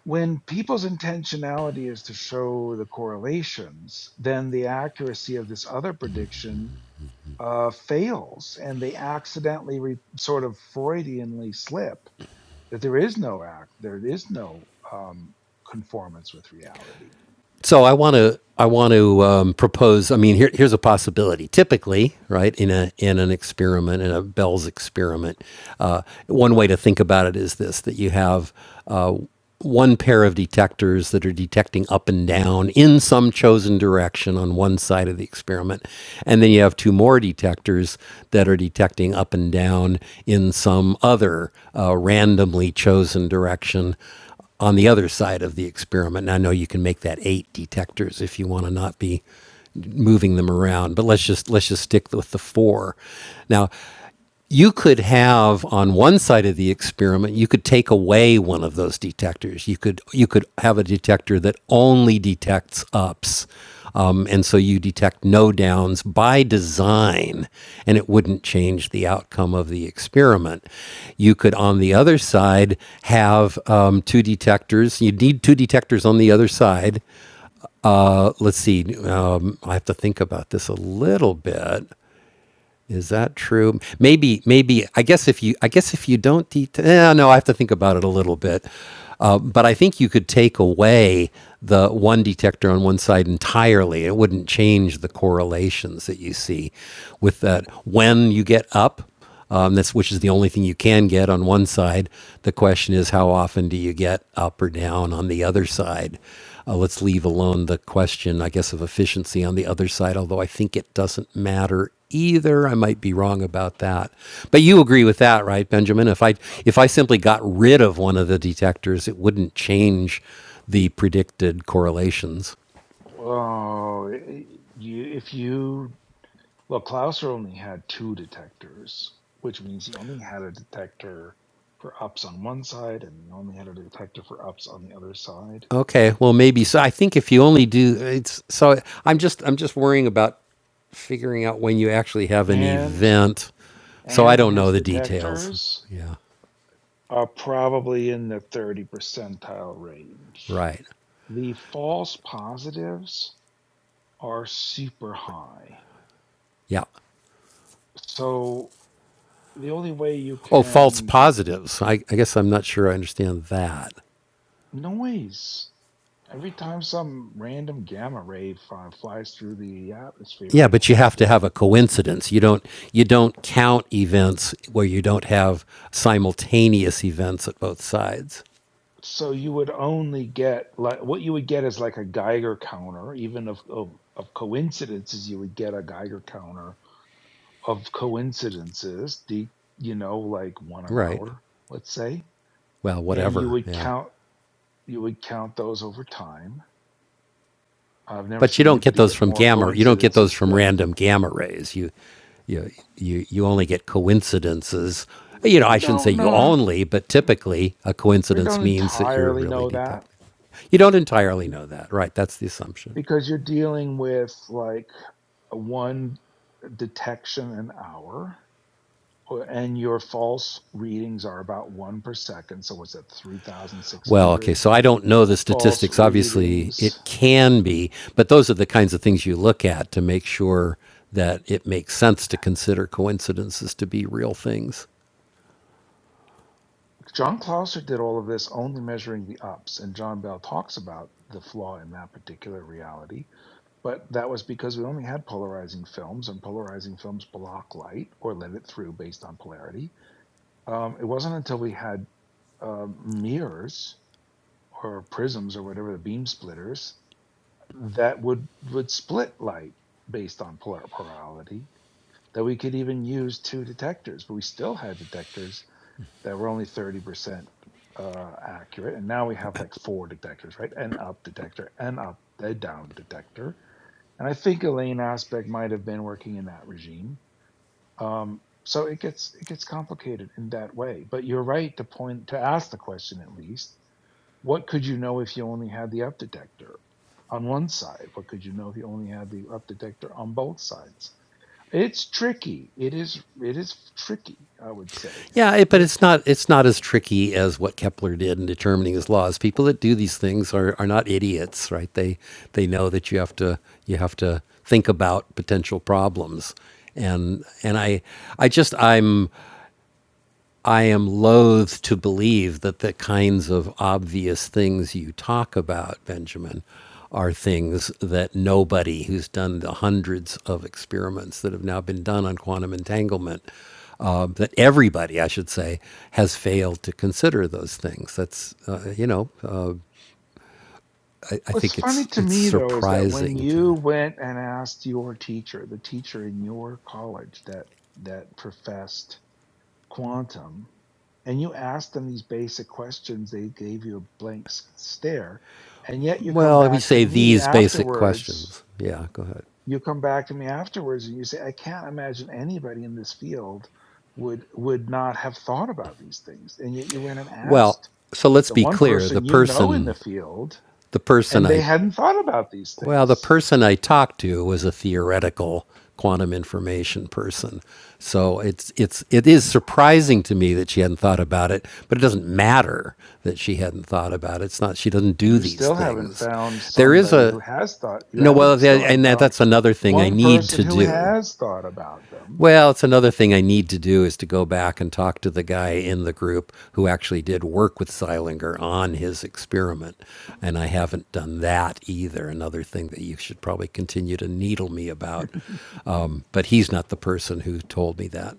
Speaker 6: when people's intentionality is to show the correlations, then the accuracy of this other prediction uh, fails and they accidentally re- sort of Freudianly slip that there is no act, there is no um, conformance with reality
Speaker 1: so I want to I want to um, propose. I mean, here, here's a possibility. Typically, right in a in an experiment in a Bell's experiment, uh, one way to think about it is this: that you have uh, one pair of detectors that are detecting up and down in some chosen direction on one side of the experiment, and then you have two more detectors that are detecting up and down in some other uh, randomly chosen direction on the other side of the experiment. And I know you can make that eight detectors if you want to not be moving them around, but let's just let's just stick with the four. Now, you could have on one side of the experiment you could take away one of those detectors you could you could have a detector that only detects ups um, and so you detect no downs by design, and it wouldn't change the outcome of the experiment. You could, on the other side, have um, two detectors. You need two detectors on the other side. Uh, let's see, um, I have to think about this a little bit. Is that true? Maybe, maybe. I guess if you, I guess if you don't detail, eh, no, I have to think about it a little bit. Uh, but I think you could take away the one detector on one side entirely. It wouldn't change the correlations that you see with that when you get up um, that's which is the only thing you can get on one side. The question is, how often do you get up or down on the other side? Uh, let's leave alone the question, I guess, of efficiency on the other side. Although I think it doesn't matter either. I might be wrong about that, but you agree with that, right, Benjamin? If I if I simply got rid of one of the detectors, it wouldn't change the predicted correlations.
Speaker 6: Oh, y- you, if you well, Klauser only had two detectors, which means he only had a detector for ups on one side, and he only had a detector for ups on the other side.
Speaker 1: Okay, well maybe so. I think if you only do it's so I'm just I'm just worrying about figuring out when you actually have an
Speaker 6: And
Speaker 1: event. So I
Speaker 6: and
Speaker 1: don't know
Speaker 6: his
Speaker 1: the details.
Speaker 6: detectors
Speaker 1: Yeah.
Speaker 6: are probably in the 30 percentile range.
Speaker 1: Right.
Speaker 6: The false positives are super high.
Speaker 1: Yeah.
Speaker 6: So the only way you
Speaker 1: Oh, false
Speaker 6: can
Speaker 1: positives. I, I guess I'm not sure I understand that.
Speaker 6: noise. Every time some random gamma ray fi- flies through the atmosphere
Speaker 1: Yeah,
Speaker 6: and
Speaker 1: but you
Speaker 6: hits
Speaker 1: have to
Speaker 6: this,
Speaker 1: have a coincidence. You don't you don't count events where you don't have simultaneous events at both sides.
Speaker 6: so you would only get like what you would get is like a Geiger counter. Even of of, of coincidences, you would get a Geiger counter of coincidences. The you know like one an
Speaker 1: Right.
Speaker 6: hour, let's say,
Speaker 1: Well,
Speaker 6: and you
Speaker 1: whatever.
Speaker 6: would
Speaker 1: Yeah.
Speaker 6: count you would count those over time. I've never
Speaker 1: but you
Speaker 6: seen
Speaker 1: don't get
Speaker 6: anybody
Speaker 1: those
Speaker 6: get
Speaker 1: from
Speaker 6: more
Speaker 1: gamma. You don't get those
Speaker 6: coincidences
Speaker 1: from
Speaker 6: than
Speaker 1: random gamma rays. You, you, you, you only get coincidences.
Speaker 6: we
Speaker 1: You know,
Speaker 6: we
Speaker 1: I shouldn't say
Speaker 6: don't
Speaker 1: you
Speaker 6: know.
Speaker 1: only, but typically a
Speaker 6: We
Speaker 1: coincidence
Speaker 6: don't
Speaker 1: means that you're
Speaker 6: entirely
Speaker 1: really
Speaker 6: know that
Speaker 1: detecting. You don't entirely know that, right? That's the assumption.
Speaker 6: because you're dealing with like one detection an hour and your false readings are about one per second so what's that
Speaker 1: Well, okay,
Speaker 6: 3600
Speaker 1: so I don't know the
Speaker 6: false
Speaker 1: statistics. Obviously,
Speaker 6: readings
Speaker 1: it can be, but those are the kinds of things you look at to make sure that it makes sense to consider coincidences to be real things.
Speaker 6: john clauser did all of this only measuring the ups and john bell talks about the flaw in that particular reality but that was because we only had polarizing films and polarizing films block light or let it through based on polarity um, it wasn't until we had um mirrors or prisms or whatever the beam splitters that would would split light based on polar polarity that we could even use two detectors but we still had detectors that were only 30% uh, accurate and now we have like four detectors right an up detector an up a down detector and i think elaine aspect might have been working in that regime um, so it gets it gets complicated in that way but you're right to point to ask the question at least what could you know if you only had the up detector on one side? What could you know if you only had the up detector on both sides? It's tricky. It is. It is tricky. I would say.
Speaker 1: Yeah, it, but it's not it's not as tricky as what Kepler did in determining his laws. People that do these things are, are not idiots, right? They they know that you have to you have to think about potential problems. And and I I just I'm I am loath to believe that the kinds of obvious things you talk about, Benjamin, are things that nobody who's done the hundreds of experiments that have now been done on quantum entanglement, uh, that everybody, I should say, has failed to consider those things. That's, uh, you know, uh, I, I
Speaker 6: What's
Speaker 1: think
Speaker 6: funny
Speaker 1: it's
Speaker 6: to
Speaker 1: it's
Speaker 6: me though is that when
Speaker 1: surprising to.
Speaker 6: you went and asked your teacher, the teacher in your college that that professed quantum, and you asked them these basic questions, they gave you a blank s- stare, and yet you come
Speaker 1: Well, we
Speaker 6: back to
Speaker 1: say
Speaker 6: me
Speaker 1: these basic
Speaker 6: afterwards
Speaker 1: questions. Yeah, go ahead.
Speaker 6: you come back to me afterwards and you say, I can't imagine anybody in this field would would not have thought about these things. And yet you went and
Speaker 1: Well,
Speaker 6: asked
Speaker 1: so let's
Speaker 6: the
Speaker 1: be
Speaker 6: one
Speaker 1: clear. The
Speaker 6: person you know in the
Speaker 1: person,
Speaker 6: field,
Speaker 1: the person
Speaker 6: and they
Speaker 1: I
Speaker 6: hadn't thought about these
Speaker 1: Well, the
Speaker 6: things.
Speaker 1: person I talked to was a theoretical quantum information person. So it's it's it is surprising to me that she hadn't thought about it, but it doesn't matter that she hadn't thought about it. It's not she doesn't do
Speaker 6: You
Speaker 1: these
Speaker 6: still haven't
Speaker 1: things.
Speaker 6: found
Speaker 1: There is
Speaker 6: somebody who
Speaker 1: a
Speaker 6: has thought you
Speaker 1: no well,
Speaker 6: haven't still haven't
Speaker 1: and
Speaker 6: found
Speaker 1: that's another thing I
Speaker 6: one
Speaker 1: need
Speaker 6: person
Speaker 1: to
Speaker 6: who
Speaker 1: do
Speaker 6: has thought about them.
Speaker 1: well, it's another thing I need to do is to go back and talk to the guy in the group who actually did work with Seilinger on his experiment. And I haven't done that either. Another thing that you should probably continue to needle me about. Um, but he's not the person who told me that.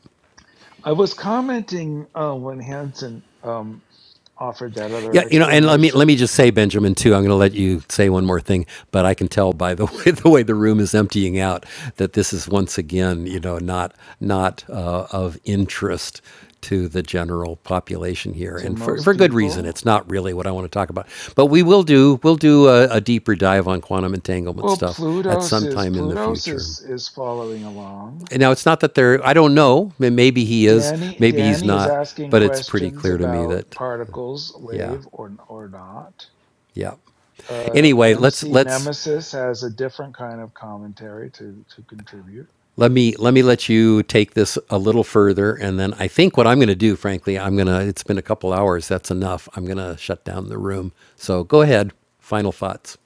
Speaker 6: I was commenting uh, when Hansen um, offered that
Speaker 1: Yeah,
Speaker 6: other
Speaker 1: you know, and let me let me
Speaker 6: explanation
Speaker 1: just say, Benjamin, too. I'm going to let you say one more thing, but I can tell by the way the way the room is emptying out that this is once again, you know, not not uh, of interest to the general population here,
Speaker 6: to
Speaker 1: and for
Speaker 6: most
Speaker 1: for good reason.
Speaker 6: people
Speaker 1: It's not really what I want to talk about, but we will do we'll do a, a deeper dive on quantum entanglement
Speaker 6: Well,
Speaker 1: stuff at
Speaker 6: Plutos
Speaker 1: some
Speaker 6: is
Speaker 1: time in the
Speaker 6: Plutos
Speaker 1: future.
Speaker 6: is is following along.
Speaker 1: And now it's not that they're I don't know. Maybe he is,
Speaker 6: Danny
Speaker 1: maybe he's
Speaker 6: Danny is
Speaker 1: not,
Speaker 6: asking
Speaker 1: but it's pretty
Speaker 6: questions
Speaker 1: clear to me
Speaker 6: about
Speaker 1: that
Speaker 6: particles,
Speaker 1: yeah.
Speaker 6: wave or or not.
Speaker 1: Yeah.
Speaker 6: Uh,
Speaker 1: Anyway, let's
Speaker 6: MC
Speaker 1: let's
Speaker 6: Nemesis has a different kind of commentary to to contribute.
Speaker 1: let me let me let you take this a little further, and then I think what I'm going to do, frankly, I'm gonna. It's been a couple hours. That's enough. I'm gonna shut down the room. So go ahead. Final thoughts.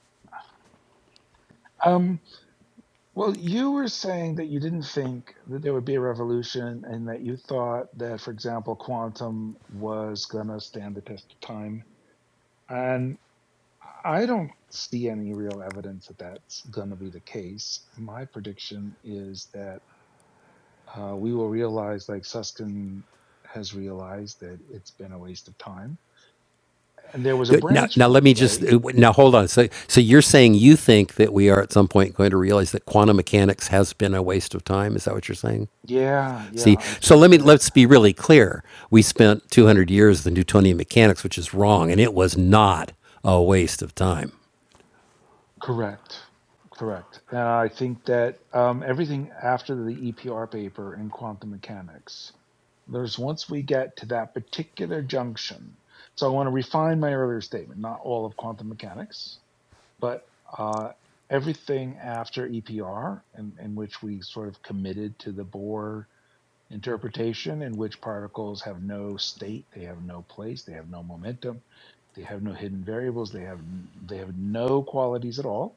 Speaker 6: Um, well, you were saying that you didn't think that there would be a revolution, and that you thought that, for example, quantum was gonna stand the test of time. And I don't see any real evidence that that's going to be the case. My prediction is that uh, we will realize, like Susskind has realized, that it's been a waste of time. And there was a
Speaker 1: Now,
Speaker 6: branch
Speaker 1: now let
Speaker 6: point,
Speaker 1: me just
Speaker 6: right?
Speaker 1: now hold on. So, so you're saying you think that we are at some point going to realize that quantum mechanics has been a waste of time? Is that what you're saying?
Speaker 6: Yeah, yeah,
Speaker 1: See,
Speaker 6: I
Speaker 1: so
Speaker 6: think
Speaker 1: let me
Speaker 6: that
Speaker 1: let's be really clear. We spent 200 years in Newtonian mechanics, which is wrong, and it was not a waste of time.
Speaker 6: correct, correct. And I think that um, everything after the EPR paper in quantum mechanics, there's once we get to that particular junction. So I want to refine my earlier statement, not all of quantum mechanics but uh, everything after EPR, in, in which we sort of committed to the Bohr interpretation, in which particles have no state, they have no place, they have no momentum, they have no hidden variables, they have they have no qualities at all,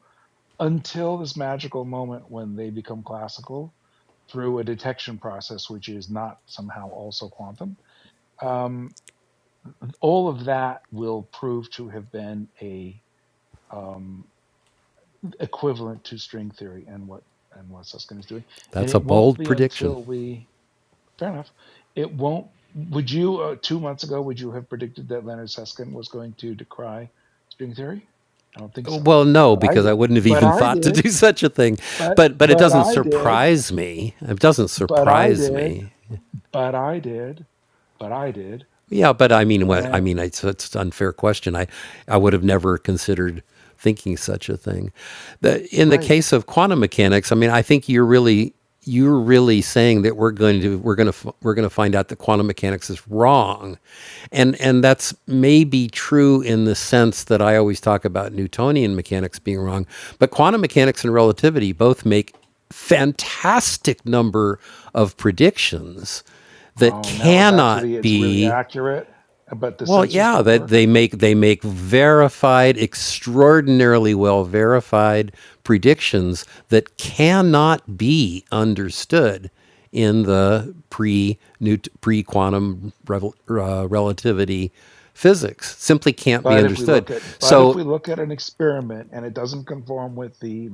Speaker 6: until this magical moment when they become classical through a detection process, which is not somehow also quantum. Um, all of that will prove to have been a um, equivalent to string theory and what and what Susskind is doing. And
Speaker 1: That's a
Speaker 6: it won't
Speaker 1: bold
Speaker 6: be
Speaker 1: prediction.
Speaker 6: until we fair enough. It won't. Would you uh, two months ago would you have predicted that Leonard Susskind was going to decry string theory? I don't think so.
Speaker 1: Well, no,
Speaker 6: But I
Speaker 1: because I
Speaker 6: did.
Speaker 1: wouldn't have
Speaker 6: But
Speaker 1: even
Speaker 6: I
Speaker 1: thought to
Speaker 6: did.
Speaker 1: do such a thing.
Speaker 6: But
Speaker 1: But but it
Speaker 6: but
Speaker 1: doesn't
Speaker 6: I did.
Speaker 1: surprise me. It doesn't
Speaker 6: But I
Speaker 1: surprise
Speaker 6: did.
Speaker 1: me
Speaker 6: But I did. But I did.
Speaker 1: Yeah, but I mean, what- I
Speaker 6: And
Speaker 1: mean, it's, it's an unfair question. I, I would have never considered thinking such a thing. The, in the
Speaker 6: right.
Speaker 1: case of quantum mechanics, I mean, I think you're really you're really saying that we're going to we're going to we're going to find out that quantum mechanics is wrong, and and that's maybe true in the sense that I always talk about Newtonian mechanics being wrong, but quantum mechanics and relativity both make fantastic number of predictions that
Speaker 6: Oh, now we're back to
Speaker 1: cannot
Speaker 6: the it's really
Speaker 1: be
Speaker 6: accurate, but the
Speaker 1: well,
Speaker 6: sensors
Speaker 1: yeah,
Speaker 6: don't
Speaker 1: that
Speaker 6: work.
Speaker 1: they make they make verified, extraordinarily well verified predictions that cannot be understood in the pre new pre quantum revel, uh, relativity physics. Simply can't be
Speaker 6: But if we
Speaker 1: understood.
Speaker 6: look at but if
Speaker 1: So,
Speaker 6: we look at an experiment and it doesn't conform with the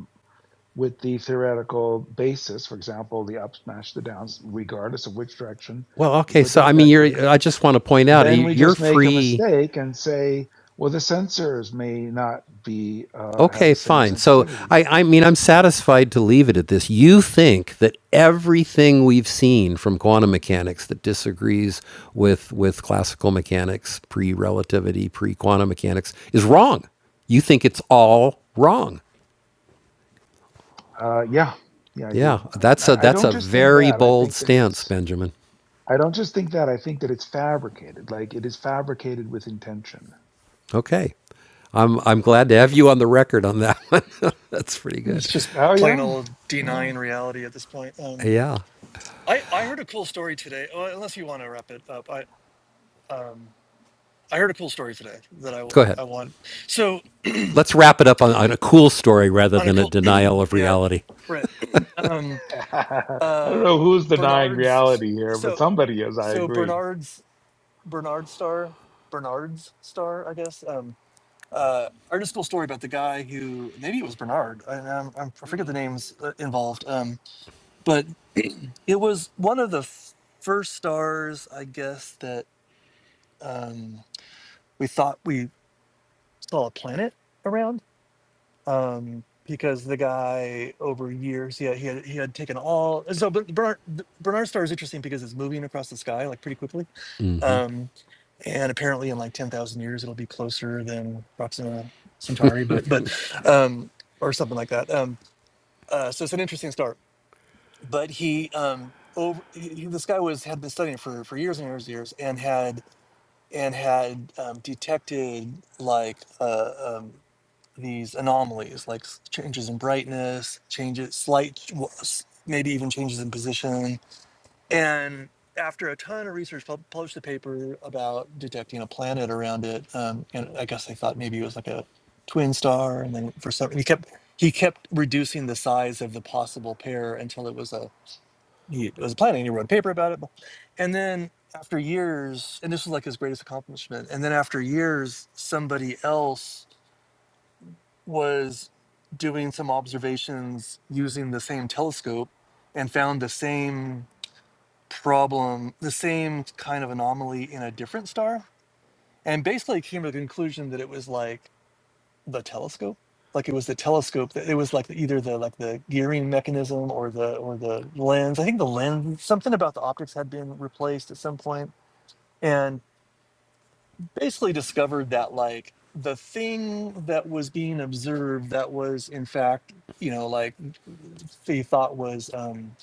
Speaker 6: with the theoretical basis, for example, the up smash the downs, regardless of which direction
Speaker 1: well,
Speaker 6: you
Speaker 1: okay.
Speaker 6: put
Speaker 1: So,
Speaker 6: the
Speaker 1: I mean, you're.
Speaker 6: detector,
Speaker 1: I just want to point out uh,
Speaker 6: then we
Speaker 1: you're
Speaker 6: just make a
Speaker 1: free
Speaker 6: mistake and say, well, the sensors may not be uh, have
Speaker 1: Okay,
Speaker 6: the same
Speaker 1: fine. So
Speaker 6: sensitivity.
Speaker 1: I, I mean, I'm satisfied to leave it at this. You think that everything we've seen from quantum mechanics that disagrees with with classical mechanics, pre relativity, pre quantum mechanics, is wrong. You think it's all wrong.
Speaker 6: Uh, yeah, yeah, I do.
Speaker 1: Yeah,
Speaker 6: I,
Speaker 1: that's a
Speaker 6: I I
Speaker 1: that's
Speaker 6: don't
Speaker 1: a
Speaker 6: just think
Speaker 1: very
Speaker 6: that. I
Speaker 1: bold
Speaker 6: think that
Speaker 1: stance,
Speaker 6: it's.
Speaker 1: Benjamin.
Speaker 6: I don't just think that. I think that it's fabricated. Like it is fabricated with intention.
Speaker 1: Okay. I'm I'm glad to have you on the record on that one. that's pretty
Speaker 8: It's
Speaker 1: good.
Speaker 8: just
Speaker 6: Oh
Speaker 8: plain
Speaker 6: yeah,
Speaker 8: old
Speaker 6: yeah.
Speaker 8: denying reality at this point. Um,
Speaker 1: Yeah.
Speaker 8: I I heard a cool story today. Well, unless you want to wrap it up, I um I heard a cool story today that I
Speaker 1: Go ahead.
Speaker 8: I want. So
Speaker 1: let's wrap it up on, on a cool story rather
Speaker 8: on a
Speaker 1: than a
Speaker 8: cool
Speaker 1: denial of
Speaker 8: yeah,
Speaker 1: reality.
Speaker 8: Brett. Um,
Speaker 6: I don't
Speaker 8: uh,
Speaker 6: know who's denying
Speaker 8: Bernard's.
Speaker 6: reality here, but
Speaker 8: So
Speaker 6: somebody is. I
Speaker 8: so
Speaker 6: agree.
Speaker 8: Bernard's Bernard Star Bernard's Star, I guess. Um. Uh, I heard a cool story about the guy who maybe it was Bernard. I, I'm, I'm- I forget the names uh, involved. but it was one of the f- first stars, I guess, that um, we thought we saw a planet around um, because the guy over years, yeah, he had, he had taken all. So Ber- Bernard, the Bernard star is interesting because it's moving across the sky like pretty quickly, um, and apparently in like ten thousand years it'll be closer than Proxima Centauri, but but um, or something like that. Um, uh, so it's an interesting star but he um over he, he- this guy was had been studying for for years and years and years and had and had um, detected like uh, um, these anomalies like s- changes in brightness changes slight ch- w- s- maybe even changes in position and after a ton of research pub- published a paper about detecting a planet around it um, and i guess they thought maybe it was like a twin star and then for some he kept he kept reducing the size of the possible pair until it was a he was planning. He wrote a paper about it, and then after years, and this was like his greatest accomplishment. And then after years, somebody else was doing some observations using the same telescope and found the same problem, the same kind of anomaly in a different star, and basically came to the conclusion that it was like the telescope like it was the telescope that it was like either the like the gearing mechanism or the or the lens i think the lens something about the optics had been replaced at some point and basically discovered that like the thing that was being observed that was in fact you know like he thought was um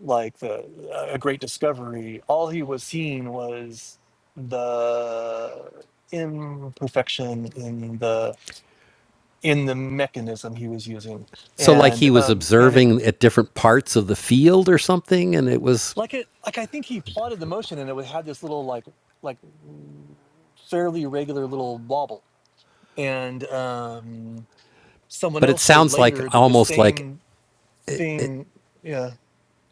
Speaker 8: like the a great discovery all he was seeing was the imperfection in the in the mechanism he was using
Speaker 1: So, like he
Speaker 8: and
Speaker 1: was
Speaker 8: um and it
Speaker 1: observing at different parts of the field or something, and it was,
Speaker 8: like it like i think he
Speaker 1: a
Speaker 8: plotted the
Speaker 1: different. part.
Speaker 8: motion and it would had this little like like fairly regular little wobble and um someone
Speaker 1: but it
Speaker 8: else showed
Speaker 1: sounds like
Speaker 8: later that the
Speaker 1: almost like,
Speaker 8: same thing yeah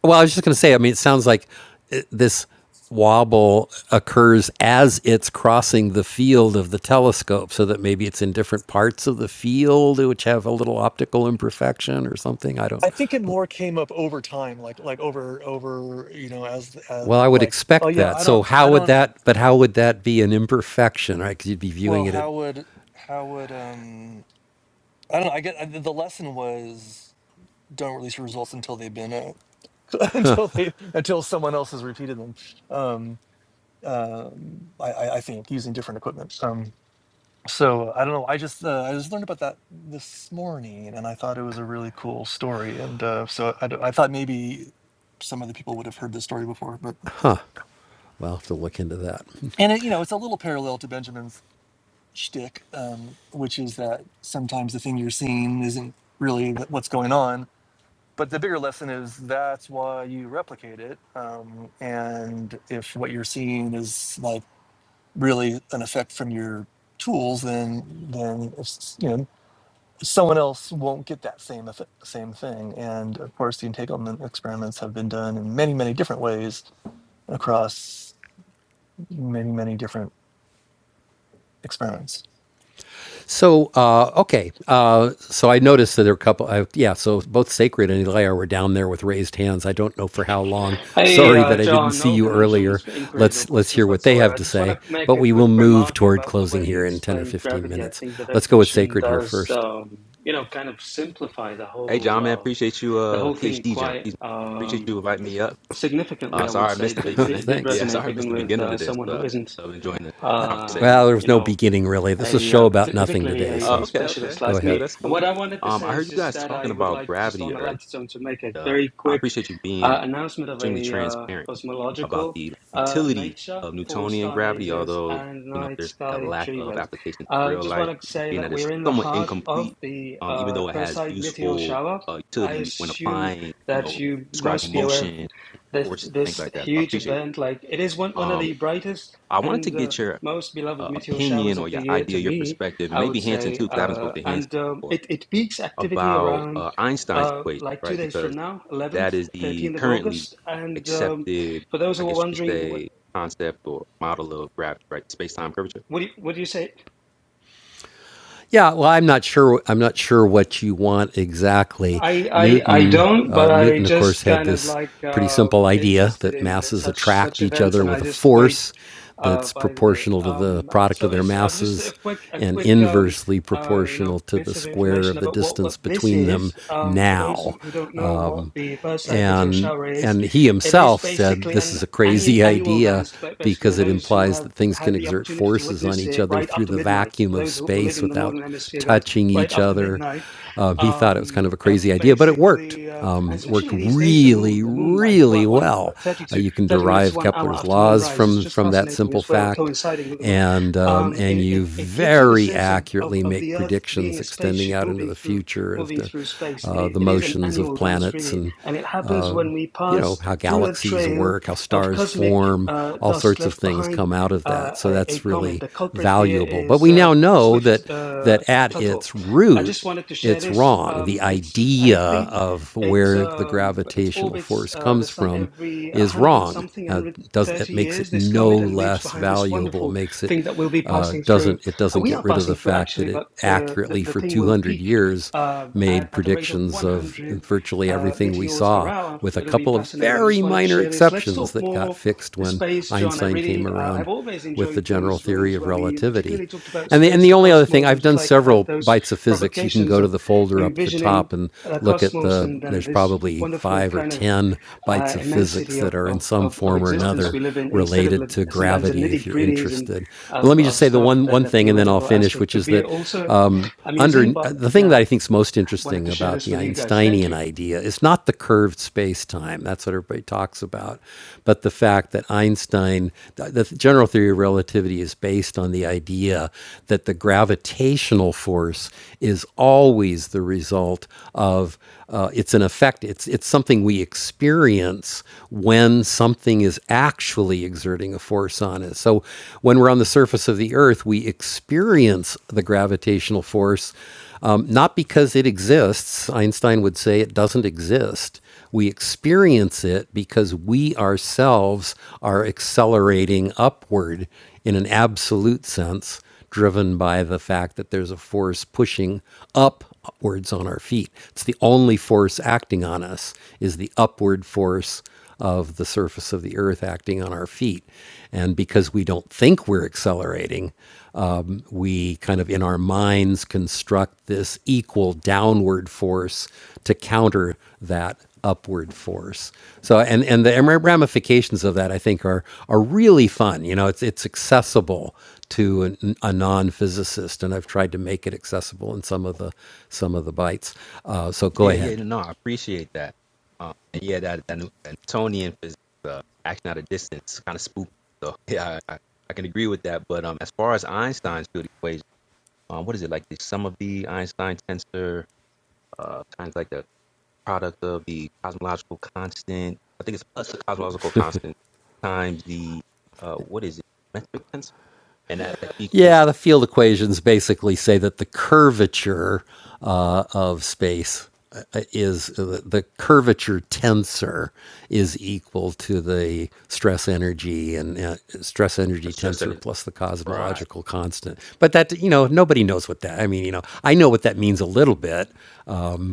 Speaker 1: well, I was just going to say, I mean, it sounds like uh, this wobble occurs as it's crossing the field of the telescope, so that maybe it's in different parts of the field which have a little optical imperfection or something. I don't,
Speaker 8: i think it
Speaker 1: I
Speaker 8: more came up over time like like over over you know as, as
Speaker 1: Well, I would
Speaker 8: like oh
Speaker 1: expect
Speaker 8: yeah
Speaker 1: that.
Speaker 8: i
Speaker 1: So
Speaker 8: don't i
Speaker 1: how would
Speaker 8: don't
Speaker 1: that? But how would that be an imperfection, right? Because you'd be viewing
Speaker 8: well
Speaker 1: it at.
Speaker 8: how would how would um i don't know i get I, the lesson was don't release your results until they've been uh, until they until someone else has repeated them. Um, um, I, I, I think using different equipment. Um, so I don't know. I just uh, I just learned about that this morning, and I thought it was a really cool story. And uh, so I, d- I thought maybe some other people would have heard this story before, but
Speaker 1: Well, I'll have to look into that.
Speaker 8: and it, you know it's a little parallel to Benjamin's shtick, um, which is that sometimes the thing you're seeing isn't really wh- what's going on but the bigger lesson is that's why you replicate it um, and if what you're seeing is like really an effect from your tools then then it's, you know someone else won't get that same effect, same thing and of course the entanglement experiments have been done in many many different ways across many many different experiments
Speaker 1: So uh, okay, uh, so I noticed that there are a couple. I, yeah, so both Sacred and Elia were down there with raised hands. I don't know for how long.
Speaker 12: Hi
Speaker 1: Sorry
Speaker 12: uh,
Speaker 1: that I didn't
Speaker 12: John,
Speaker 1: see
Speaker 12: no
Speaker 1: you earlier.
Speaker 12: conundrums, inquiries, or
Speaker 1: Let's let's hear
Speaker 12: questions
Speaker 1: what they
Speaker 12: whatsoever.
Speaker 1: have
Speaker 12: I
Speaker 1: to
Speaker 12: just want to
Speaker 1: say.
Speaker 12: make
Speaker 1: But
Speaker 12: a
Speaker 1: we
Speaker 12: quick
Speaker 1: will move
Speaker 12: remark
Speaker 1: toward
Speaker 12: about the
Speaker 1: closing
Speaker 12: way you
Speaker 1: here in ten or
Speaker 12: explained
Speaker 1: fifteen
Speaker 12: gravity. I
Speaker 1: minutes.
Speaker 12: think the
Speaker 1: Let's go with
Speaker 12: definition
Speaker 1: Sacred here
Speaker 12: does,
Speaker 1: first.
Speaker 12: um, you know, kind of simplify the
Speaker 13: Hey,
Speaker 12: whole
Speaker 13: John, man,
Speaker 12: uh,
Speaker 13: appreciate you,
Speaker 12: the
Speaker 13: uh,
Speaker 12: whole thing
Speaker 13: PhD John.
Speaker 12: quite
Speaker 13: Excuse me. Appreciate
Speaker 12: um,
Speaker 13: you inviting me up.
Speaker 12: significantly.
Speaker 13: Uh,
Speaker 12: I would
Speaker 13: sorry I
Speaker 12: say
Speaker 13: missed
Speaker 12: it
Speaker 13: the
Speaker 1: Oh,
Speaker 12: did,
Speaker 13: beginning.
Speaker 12: did
Speaker 1: Thanks.
Speaker 13: Yeah,
Speaker 12: resonate
Speaker 13: sorry I missed
Speaker 12: even
Speaker 13: the
Speaker 12: with
Speaker 13: beginning
Speaker 12: uh,
Speaker 13: of this.
Speaker 12: someone
Speaker 13: Uh,
Speaker 12: who isn't,
Speaker 13: I'm enjoying the conversation.
Speaker 1: Well,
Speaker 12: um,
Speaker 1: there was
Speaker 12: you
Speaker 1: no
Speaker 12: know,
Speaker 1: beginning really. This is a
Speaker 12: a
Speaker 1: show
Speaker 12: uh,
Speaker 1: about
Speaker 12: parti-
Speaker 1: nothing
Speaker 12: particularly
Speaker 1: today.
Speaker 12: a,
Speaker 13: Uh,
Speaker 12: a
Speaker 1: So
Speaker 13: okay, okay,
Speaker 12: specialist
Speaker 1: go
Speaker 13: that's
Speaker 12: like
Speaker 13: cool,
Speaker 1: ahead.
Speaker 12: me.
Speaker 13: that's
Speaker 12: And
Speaker 13: cool.
Speaker 12: what I wanted to
Speaker 13: Um, I
Speaker 12: say
Speaker 13: heard
Speaker 12: is
Speaker 13: you
Speaker 12: just
Speaker 13: guys
Speaker 12: that I
Speaker 13: talking
Speaker 12: would
Speaker 13: about
Speaker 12: like just
Speaker 13: gravity
Speaker 12: on a
Speaker 13: earlier.
Speaker 12: lighter tone to make a
Speaker 13: Uh,
Speaker 12: very
Speaker 13: I
Speaker 12: quick
Speaker 13: appreciate you being
Speaker 12: uh, announcement of
Speaker 13: extremely
Speaker 12: a uh,
Speaker 13: transparent about
Speaker 12: cosmological
Speaker 13: the
Speaker 12: uh,
Speaker 13: utility
Speaker 12: nature
Speaker 13: of
Speaker 12: for
Speaker 13: Newtonian gravity,
Speaker 12: stargazers
Speaker 13: although
Speaker 12: and
Speaker 13: you know
Speaker 12: night
Speaker 13: there's like a
Speaker 12: sky
Speaker 13: lack of
Speaker 12: dreamers.
Speaker 13: application to
Speaker 12: Uh,
Speaker 13: real
Speaker 12: just
Speaker 13: life,
Speaker 12: want to say
Speaker 13: being
Speaker 12: that
Speaker 13: that it's
Speaker 12: we're in the
Speaker 13: somewhat
Speaker 12: heart of
Speaker 13: incomplete.
Speaker 12: the
Speaker 13: Um, even
Speaker 12: uh,
Speaker 13: though it has
Speaker 12: Perseid meteor
Speaker 13: useful
Speaker 12: shower.
Speaker 13: uh,
Speaker 12: I
Speaker 13: utility when
Speaker 12: assume
Speaker 13: applying, you
Speaker 12: that
Speaker 13: know,
Speaker 12: you must
Speaker 13: describing
Speaker 12: be aware of
Speaker 13: motion
Speaker 12: this
Speaker 13: forces, things
Speaker 12: this
Speaker 13: like that. So I
Speaker 12: huge
Speaker 13: appreciate
Speaker 12: event. Like it is one
Speaker 13: it.
Speaker 12: one of
Speaker 13: Um,
Speaker 12: the brightest
Speaker 13: I wanted to
Speaker 12: and uh,
Speaker 13: get your
Speaker 12: most beloved
Speaker 13: uh,
Speaker 12: meteor
Speaker 13: opinion
Speaker 12: showers
Speaker 13: or
Speaker 12: of the
Speaker 13: your
Speaker 12: year to
Speaker 13: idea, your
Speaker 12: me,
Speaker 13: perspective, and
Speaker 12: I
Speaker 13: maybe
Speaker 12: would
Speaker 13: Hanson too,
Speaker 12: say.
Speaker 13: because I haven't
Speaker 12: Uh,
Speaker 13: spoken to Hanson
Speaker 12: and um,
Speaker 13: before,
Speaker 12: it, it peaks activity
Speaker 13: about
Speaker 12: around
Speaker 13: uh, Einstein's
Speaker 12: uh,
Speaker 13: equation,
Speaker 12: like two
Speaker 13: right?
Speaker 12: days
Speaker 13: Because
Speaker 12: from now,
Speaker 13: that
Speaker 12: 11th,
Speaker 13: is the
Speaker 12: 13th of
Speaker 13: currently
Speaker 12: August. And um,
Speaker 13: accepted,
Speaker 12: for those
Speaker 13: I
Speaker 12: who are
Speaker 13: guess you could
Speaker 12: wondering, what,
Speaker 13: say, concept or model of gravity, right? Space time curvature.
Speaker 12: what, do you, what do you say?
Speaker 1: Yeah, well, I'm not sure. I'm not sure what you want exactly.
Speaker 12: I, I I
Speaker 1: Newton,
Speaker 12: don't,
Speaker 1: uh,
Speaker 12: but I
Speaker 1: Newton, of course,
Speaker 12: just
Speaker 1: had
Speaker 12: kind of
Speaker 1: this
Speaker 12: like
Speaker 1: pretty
Speaker 12: uh,
Speaker 1: simple idea
Speaker 12: interested
Speaker 1: that
Speaker 12: in
Speaker 1: masses
Speaker 12: such such
Speaker 1: attract each
Speaker 12: events,
Speaker 1: other
Speaker 12: and
Speaker 1: with
Speaker 12: I
Speaker 1: a
Speaker 12: just wait
Speaker 1: force
Speaker 12: uh,
Speaker 1: that's
Speaker 12: by the day.
Speaker 1: proportional to the
Speaker 12: Um,
Speaker 1: product of
Speaker 12: so
Speaker 1: their
Speaker 12: it's uh, just
Speaker 1: masses
Speaker 12: a quick a
Speaker 1: and
Speaker 12: quick um,
Speaker 1: inversely
Speaker 12: uh, you
Speaker 1: proportional
Speaker 12: know
Speaker 1: to the
Speaker 12: bits of
Speaker 1: square of
Speaker 12: information
Speaker 1: the
Speaker 12: about what
Speaker 1: distance
Speaker 12: what this
Speaker 1: between them
Speaker 12: is. Um, for
Speaker 13: Right.
Speaker 12: those who,
Speaker 1: now.
Speaker 12: who don't know what
Speaker 1: Um,
Speaker 12: the Perseid meteor
Speaker 1: and
Speaker 12: shower is,
Speaker 1: and he
Speaker 12: it is
Speaker 1: himself said
Speaker 12: basically
Speaker 1: this
Speaker 12: an
Speaker 1: is a
Speaker 12: annu-
Speaker 1: crazy
Speaker 12: annual
Speaker 1: idea
Speaker 12: dance. But basically, for
Speaker 1: because it
Speaker 12: those who
Speaker 1: implies
Speaker 12: have
Speaker 1: that things can
Speaker 12: had the
Speaker 1: exert
Speaker 12: opportunity to
Speaker 1: forces on
Speaker 12: witness
Speaker 1: each
Speaker 12: it
Speaker 1: other
Speaker 12: right
Speaker 1: through
Speaker 12: after
Speaker 1: the
Speaker 12: midnight,
Speaker 1: vacuum
Speaker 12: for
Speaker 1: of
Speaker 12: those who, who live
Speaker 1: space
Speaker 12: in the
Speaker 1: without
Speaker 12: northern hemisphere, guys,
Speaker 1: touching
Speaker 12: right
Speaker 1: each
Speaker 12: after
Speaker 1: other.
Speaker 12: midnight
Speaker 1: Um, he thought it was kind
Speaker 12: um
Speaker 1: of a
Speaker 12: uh,
Speaker 1: crazy idea, but it worked.
Speaker 12: basically uh, and
Speaker 1: Um, it worked
Speaker 12: especially these days the moon
Speaker 1: really,
Speaker 12: the moon like
Speaker 1: really
Speaker 12: what one
Speaker 1: well.
Speaker 12: thirty
Speaker 1: Uh,
Speaker 12: to
Speaker 1: you can
Speaker 12: 30 minutes to
Speaker 1: derive
Speaker 12: one hour
Speaker 1: Kepler's
Speaker 12: after moon
Speaker 1: laws
Speaker 12: rise it's
Speaker 1: from
Speaker 12: just
Speaker 1: from that
Speaker 12: fascinating
Speaker 1: simple
Speaker 12: as well
Speaker 1: fact,
Speaker 12: coinciding with the moon
Speaker 1: and um,
Speaker 12: um
Speaker 1: and
Speaker 12: it,
Speaker 1: you
Speaker 12: it, it gives you the
Speaker 1: very
Speaker 12: sense of, of
Speaker 1: accurately
Speaker 12: of
Speaker 1: make
Speaker 12: the earth being
Speaker 1: predictions
Speaker 12: a
Speaker 1: extending
Speaker 12: spaceship
Speaker 1: out into
Speaker 12: moving
Speaker 1: the
Speaker 12: through
Speaker 1: future of
Speaker 12: moving
Speaker 1: the
Speaker 12: through space it,
Speaker 1: uh,
Speaker 12: i-
Speaker 1: the
Speaker 12: it is an
Speaker 1: motions of
Speaker 12: annual dance
Speaker 1: planets
Speaker 12: really
Speaker 1: and
Speaker 12: and it happens when we
Speaker 1: you know,
Speaker 12: pass
Speaker 1: how
Speaker 12: through the
Speaker 1: galaxies
Speaker 12: trail
Speaker 1: work, how
Speaker 12: of
Speaker 1: stars
Speaker 12: cosmic
Speaker 1: form,
Speaker 12: uh,
Speaker 1: all
Speaker 12: dust
Speaker 1: sorts of
Speaker 12: left
Speaker 1: things
Speaker 12: behind
Speaker 1: come out of
Speaker 12: uh,
Speaker 1: that. So
Speaker 12: a, a
Speaker 1: that's
Speaker 12: comet.
Speaker 1: really
Speaker 12: The culprit here
Speaker 1: valuable. But
Speaker 12: is
Speaker 1: we
Speaker 12: uh,
Speaker 1: now know
Speaker 12: Swift
Speaker 1: that
Speaker 12: uh,
Speaker 1: that at
Speaker 12: Total.
Speaker 1: its
Speaker 12: I
Speaker 1: root,
Speaker 12: just wanted to share
Speaker 1: it's
Speaker 12: this.
Speaker 1: wrong. The
Speaker 12: Um, it's I
Speaker 1: idea
Speaker 12: think
Speaker 1: of
Speaker 12: it
Speaker 1: where the
Speaker 12: um, it
Speaker 1: gravitational
Speaker 12: orbits
Speaker 1: force
Speaker 12: uh, the
Speaker 1: comes
Speaker 12: sun
Speaker 1: from
Speaker 12: every one
Speaker 1: is
Speaker 12: hundred
Speaker 1: wrong.
Speaker 12: something, one
Speaker 1: Uh,
Speaker 12: hundred
Speaker 1: does it
Speaker 12: thirty
Speaker 1: makes it
Speaker 12: years. This
Speaker 1: no
Speaker 12: comet and leaves
Speaker 1: less
Speaker 12: behind this
Speaker 1: valuable?
Speaker 12: wonderful
Speaker 1: Makes it
Speaker 12: thing that we'll be
Speaker 1: uh,
Speaker 12: passing through.
Speaker 1: doesn't it
Speaker 12: Uh,
Speaker 1: doesn't
Speaker 12: We
Speaker 1: get
Speaker 12: are
Speaker 1: rid of the
Speaker 12: passing through
Speaker 1: fact that
Speaker 12: actually,
Speaker 1: it
Speaker 12: but uh, the,
Speaker 1: accurately
Speaker 12: the
Speaker 1: for
Speaker 12: thing will
Speaker 1: 200
Speaker 12: peak
Speaker 1: years
Speaker 12: uh,
Speaker 1: made
Speaker 12: at, at a rate of
Speaker 1: predictions
Speaker 12: one
Speaker 1: of
Speaker 12: hundred
Speaker 1: virtually
Speaker 12: uh,
Speaker 1: everything we
Speaker 12: meteors per
Speaker 1: saw,
Speaker 12: hour.
Speaker 1: with a
Speaker 12: It'll be
Speaker 1: couple of
Speaker 12: fascinating.
Speaker 1: very
Speaker 12: Just wanted to
Speaker 1: minor
Speaker 12: share this. Let's
Speaker 1: exceptions
Speaker 12: talk
Speaker 1: that got
Speaker 12: more
Speaker 1: fixed when
Speaker 12: space, John. I
Speaker 1: Einstein came
Speaker 12: really, uh, I've
Speaker 1: around
Speaker 12: always
Speaker 1: with the
Speaker 12: enjoyed
Speaker 1: general
Speaker 12: those
Speaker 1: theory
Speaker 12: rooms
Speaker 1: of
Speaker 12: where we
Speaker 1: relativity.
Speaker 12: particularly talked about
Speaker 1: And the, and
Speaker 12: space,
Speaker 1: the
Speaker 12: the
Speaker 1: only other thing,
Speaker 12: cosmos, and
Speaker 1: I've
Speaker 12: just
Speaker 1: done
Speaker 12: like had
Speaker 1: several
Speaker 12: those
Speaker 1: bites of physics. You can go
Speaker 12: provocations
Speaker 1: to
Speaker 12: of
Speaker 1: the folder up at the
Speaker 12: envisioning
Speaker 1: top and
Speaker 12: the
Speaker 1: look at
Speaker 12: cosmos
Speaker 1: the,
Speaker 12: and then
Speaker 1: there's
Speaker 12: this
Speaker 1: probably
Speaker 12: wonderful
Speaker 1: five or
Speaker 12: kind of
Speaker 1: 10
Speaker 12: uh,
Speaker 1: bites of
Speaker 12: immensity
Speaker 1: physics
Speaker 12: of,
Speaker 1: that are in
Speaker 12: of,
Speaker 1: some
Speaker 12: of, of
Speaker 1: form or
Speaker 13: Oh,
Speaker 12: existence
Speaker 1: another
Speaker 12: we live in instead of
Speaker 1: related
Speaker 12: like,
Speaker 1: to
Speaker 12: sometimes the
Speaker 1: gravity if
Speaker 12: nitty
Speaker 1: you're
Speaker 12: gritties and
Speaker 1: interested. But
Speaker 12: of,
Speaker 1: let me just
Speaker 12: of
Speaker 1: say the
Speaker 12: stuff
Speaker 1: one,
Speaker 12: that
Speaker 1: one
Speaker 12: the
Speaker 1: thing and then I'll
Speaker 12: theoretical
Speaker 1: finish,
Speaker 12: aspect
Speaker 1: which
Speaker 12: could
Speaker 1: is
Speaker 12: be
Speaker 1: that
Speaker 12: also
Speaker 1: um, under
Speaker 12: amusing. But
Speaker 1: the thing
Speaker 12: yeah,
Speaker 1: that I think is most
Speaker 12: wanted
Speaker 1: interesting
Speaker 12: to share
Speaker 1: about
Speaker 12: this
Speaker 1: the
Speaker 12: with you guys. Thank
Speaker 1: Einsteinian
Speaker 12: you.
Speaker 1: idea is not the curved space time. That's what everybody talks about, but the fact that Einstein, the, general theory of relativity, is based on the idea that the gravitational force is always the result of uh, it's an effect. It's it's something we experience when something is actually exerting a force on us. So when we're on the surface of the Earth, we experience the gravitational force, um, not because it exists. Einstein would say it doesn't exist. We experience it because we ourselves are accelerating upward in an absolute sense driven by the fact that there's a force pushing upwards on our feet. It's the only force acting on us is the upward force of the surface of the earth acting on our feet. And because we don't think we're accelerating, um, we kind of in our minds construct this equal downward force to counter that upward force. So and and the ramifications of that I think are are really fun. You know, it's it's accessible to an, a non-physicist, and I've tried to make it accessible in some of the some of the bites. Uh, so go
Speaker 13: yeah, yeah.
Speaker 1: ahead.
Speaker 13: No, I appreciate that. Um, and yeah, that, that Newtonian physics, uh, action at a distance, kind of spooky. So yeah, I I can agree with that. But um, as far as Einstein's field equation, um, what is it like the sum of the Einstein tensor, uh, times like the product of the cosmological constant. I think it's plus the cosmological constant times the uh, what is it metric tensor, and that like, equates
Speaker 1: Yeah, the field equations basically say that the curvature uh, of space uh, is uh, the curvature tensor is equal to the stress energy and uh, stress
Speaker 13: the
Speaker 1: energy
Speaker 13: stress
Speaker 1: tensor
Speaker 13: under
Speaker 1: plus the
Speaker 13: right.
Speaker 1: cosmological constant. But that you know nobody knows what that. I mean, you know, I know what that means a little bit.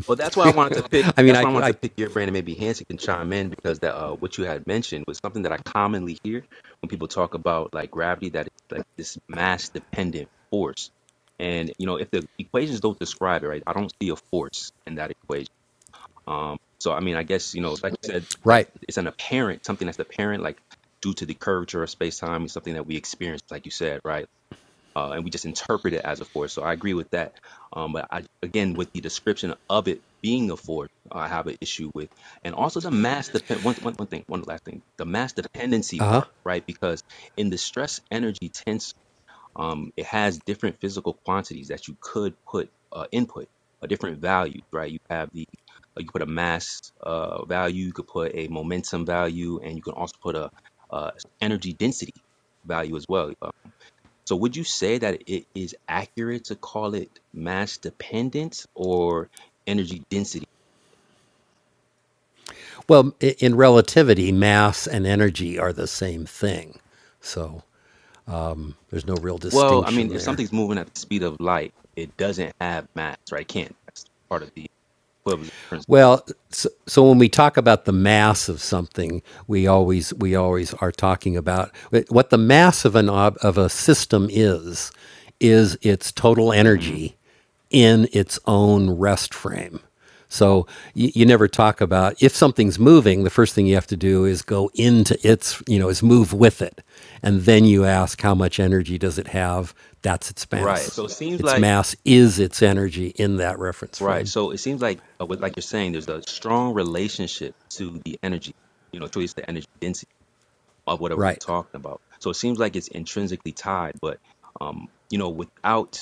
Speaker 13: Well, that's why I wanted to pick.
Speaker 1: I mean,
Speaker 13: That's
Speaker 1: I,
Speaker 13: why I wanted
Speaker 1: I
Speaker 13: to pick your brain, and maybe Hanson can chime in because that uh, what you had mentioned was something that I commonly hear when people talk about like gravity, that it's like this mass dependent force. And you know, if the equations don't describe it, right, I don't see a force in that equation Um, so I mean, I guess you know, like you said, that
Speaker 1: right.
Speaker 13: it's an apparent something that's apparent, like due to the curvature of space time, is something that we experience, like you said, right? Uh, and we just interpret it as a force. So I agree with that. Um, but I, again, with the description of it being a force, I have an issue with, and also the mass depend. One, one, one thing, one last thing, the mass dependency
Speaker 1: Uh huh.
Speaker 13: part, right? Because in the stress energy tensor um, it has different physical quantities that you could put uh, input a different value right you have the uh, you put a mass uh, value you could put a momentum value and you can also put a uh, energy density value as well Uh, so would you say that it is accurate to call it mass dependent or energy density
Speaker 1: Well, in relativity, mass and energy are the same thing, so there's no real
Speaker 13: well i mean
Speaker 1: distinction
Speaker 13: if
Speaker 1: there.
Speaker 13: something's moving at the speed of light it doesn't have mass right it can't that's part of the equivalence principle
Speaker 1: Well, so, so when we talk about the mass of something, we always we always are talking about uh, what the mass of an ob, of a system is is its total
Speaker 13: hmm
Speaker 1: energy in its own rest frame. So you, you never talk about if something's moving, the first thing you have to do is go into its, you know, is move with it. And then you ask how much energy does it have? That's its
Speaker 13: right
Speaker 1: mass.
Speaker 13: so it seems
Speaker 1: Its
Speaker 13: like
Speaker 1: mass is its energy in that reference
Speaker 13: Right.
Speaker 1: frame.
Speaker 13: So it seems like, uh, with, like you're saying, there's a strong relationship to the energy, you know, to at least the energy density of whatever we're
Speaker 1: Right.
Speaker 13: talking about. So it seems like it's intrinsically tied, but, um, you know, without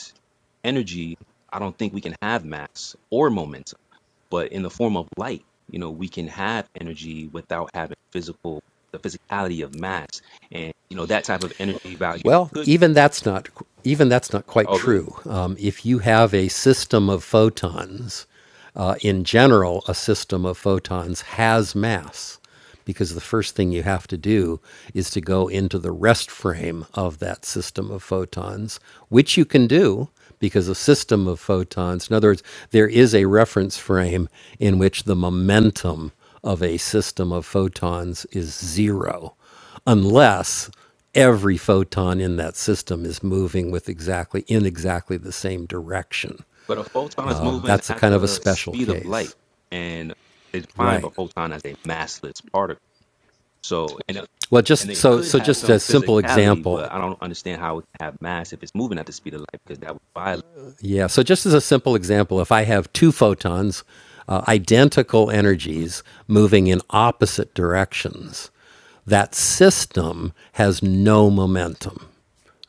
Speaker 13: energy, I don't think we can have mass or momentum. But in the form of light, you know, we can have energy without having physical, the physicality of mass. And, you know, that type of energy value
Speaker 1: Well,
Speaker 13: could,
Speaker 1: even that's not even that's not quite
Speaker 13: oh, really?
Speaker 1: true. Um, if you have a system of photons, uh, in general, a system of photons has mass, because the first thing you have to do is to go into the rest frame of that system of photons, which you can do because a system of photons. In other words, there is a reference frame in which the momentum of a system of photons is zero unless every photon in that system is moving with exactly in exactly the same direction.
Speaker 13: But a photon is
Speaker 1: Um,
Speaker 13: moving
Speaker 1: that's a
Speaker 13: at
Speaker 1: kind of a
Speaker 13: the
Speaker 1: special
Speaker 13: speed of light,
Speaker 1: case,
Speaker 13: and it's define a
Speaker 1: right?
Speaker 13: photon as a massless particle. So, and it,
Speaker 1: Well,
Speaker 13: and
Speaker 1: just
Speaker 13: it
Speaker 1: so
Speaker 13: could
Speaker 1: so
Speaker 13: have
Speaker 1: just
Speaker 13: some
Speaker 1: a simple
Speaker 13: physicality,
Speaker 1: example,
Speaker 13: but I don't understand how it can have mass if it's moving at the speed of light because that would violate.
Speaker 1: yeah. So just as a simple example, if I have two photons, uh, identical energies moving in opposite directions, that system has no momentum.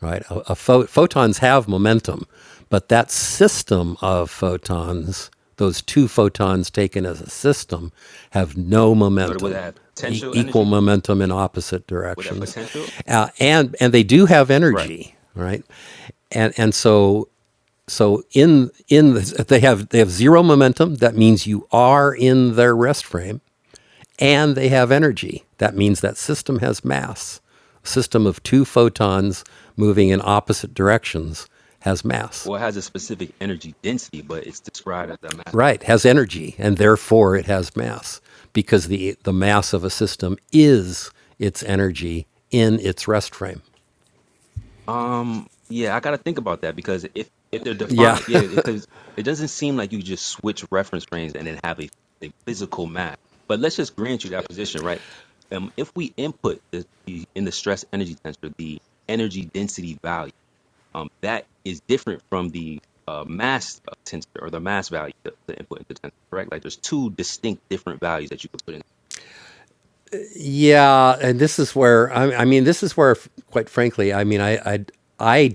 Speaker 1: right? A, a pho- photons have momentum, but that system of photons, those two photons taken as a system, have no
Speaker 13: So, it would
Speaker 1: momentum.
Speaker 13: have
Speaker 1: E-
Speaker 13: potential
Speaker 1: equal
Speaker 13: energy?
Speaker 1: momentum in opposite
Speaker 13: Would that
Speaker 1: directions,
Speaker 13: potential?
Speaker 1: uh, and and they do have
Speaker 13: Right.
Speaker 1: energy, right? And and so so in in the, they have they have zero momentum. That means you are in their rest frame and they have energy. That means that system has mass. A system of two photons moving in opposite directions has mass.
Speaker 13: Well, it has a specific energy density, but it's described as a mass.
Speaker 1: Right, has energy, and therefore it has mass because the, the mass of a system is its energy in its rest frame.
Speaker 13: Um, yeah, I gotta think about that because if if they're
Speaker 1: Yeah.
Speaker 13: defined, yeah, because it doesn't seem like you just switch reference frames and then have a, a physical map. But let's just grant you that position, right? Um, if we input the, the in the stress energy tensor the energy density value, um, that is different from the uh, mass of tensor or the mass value the, the input into tensor, correct? Like there's two distinct different values that you can put
Speaker 1: Yeah, and this is where I, I mean, this is where, quite frankly, I mean, I I I I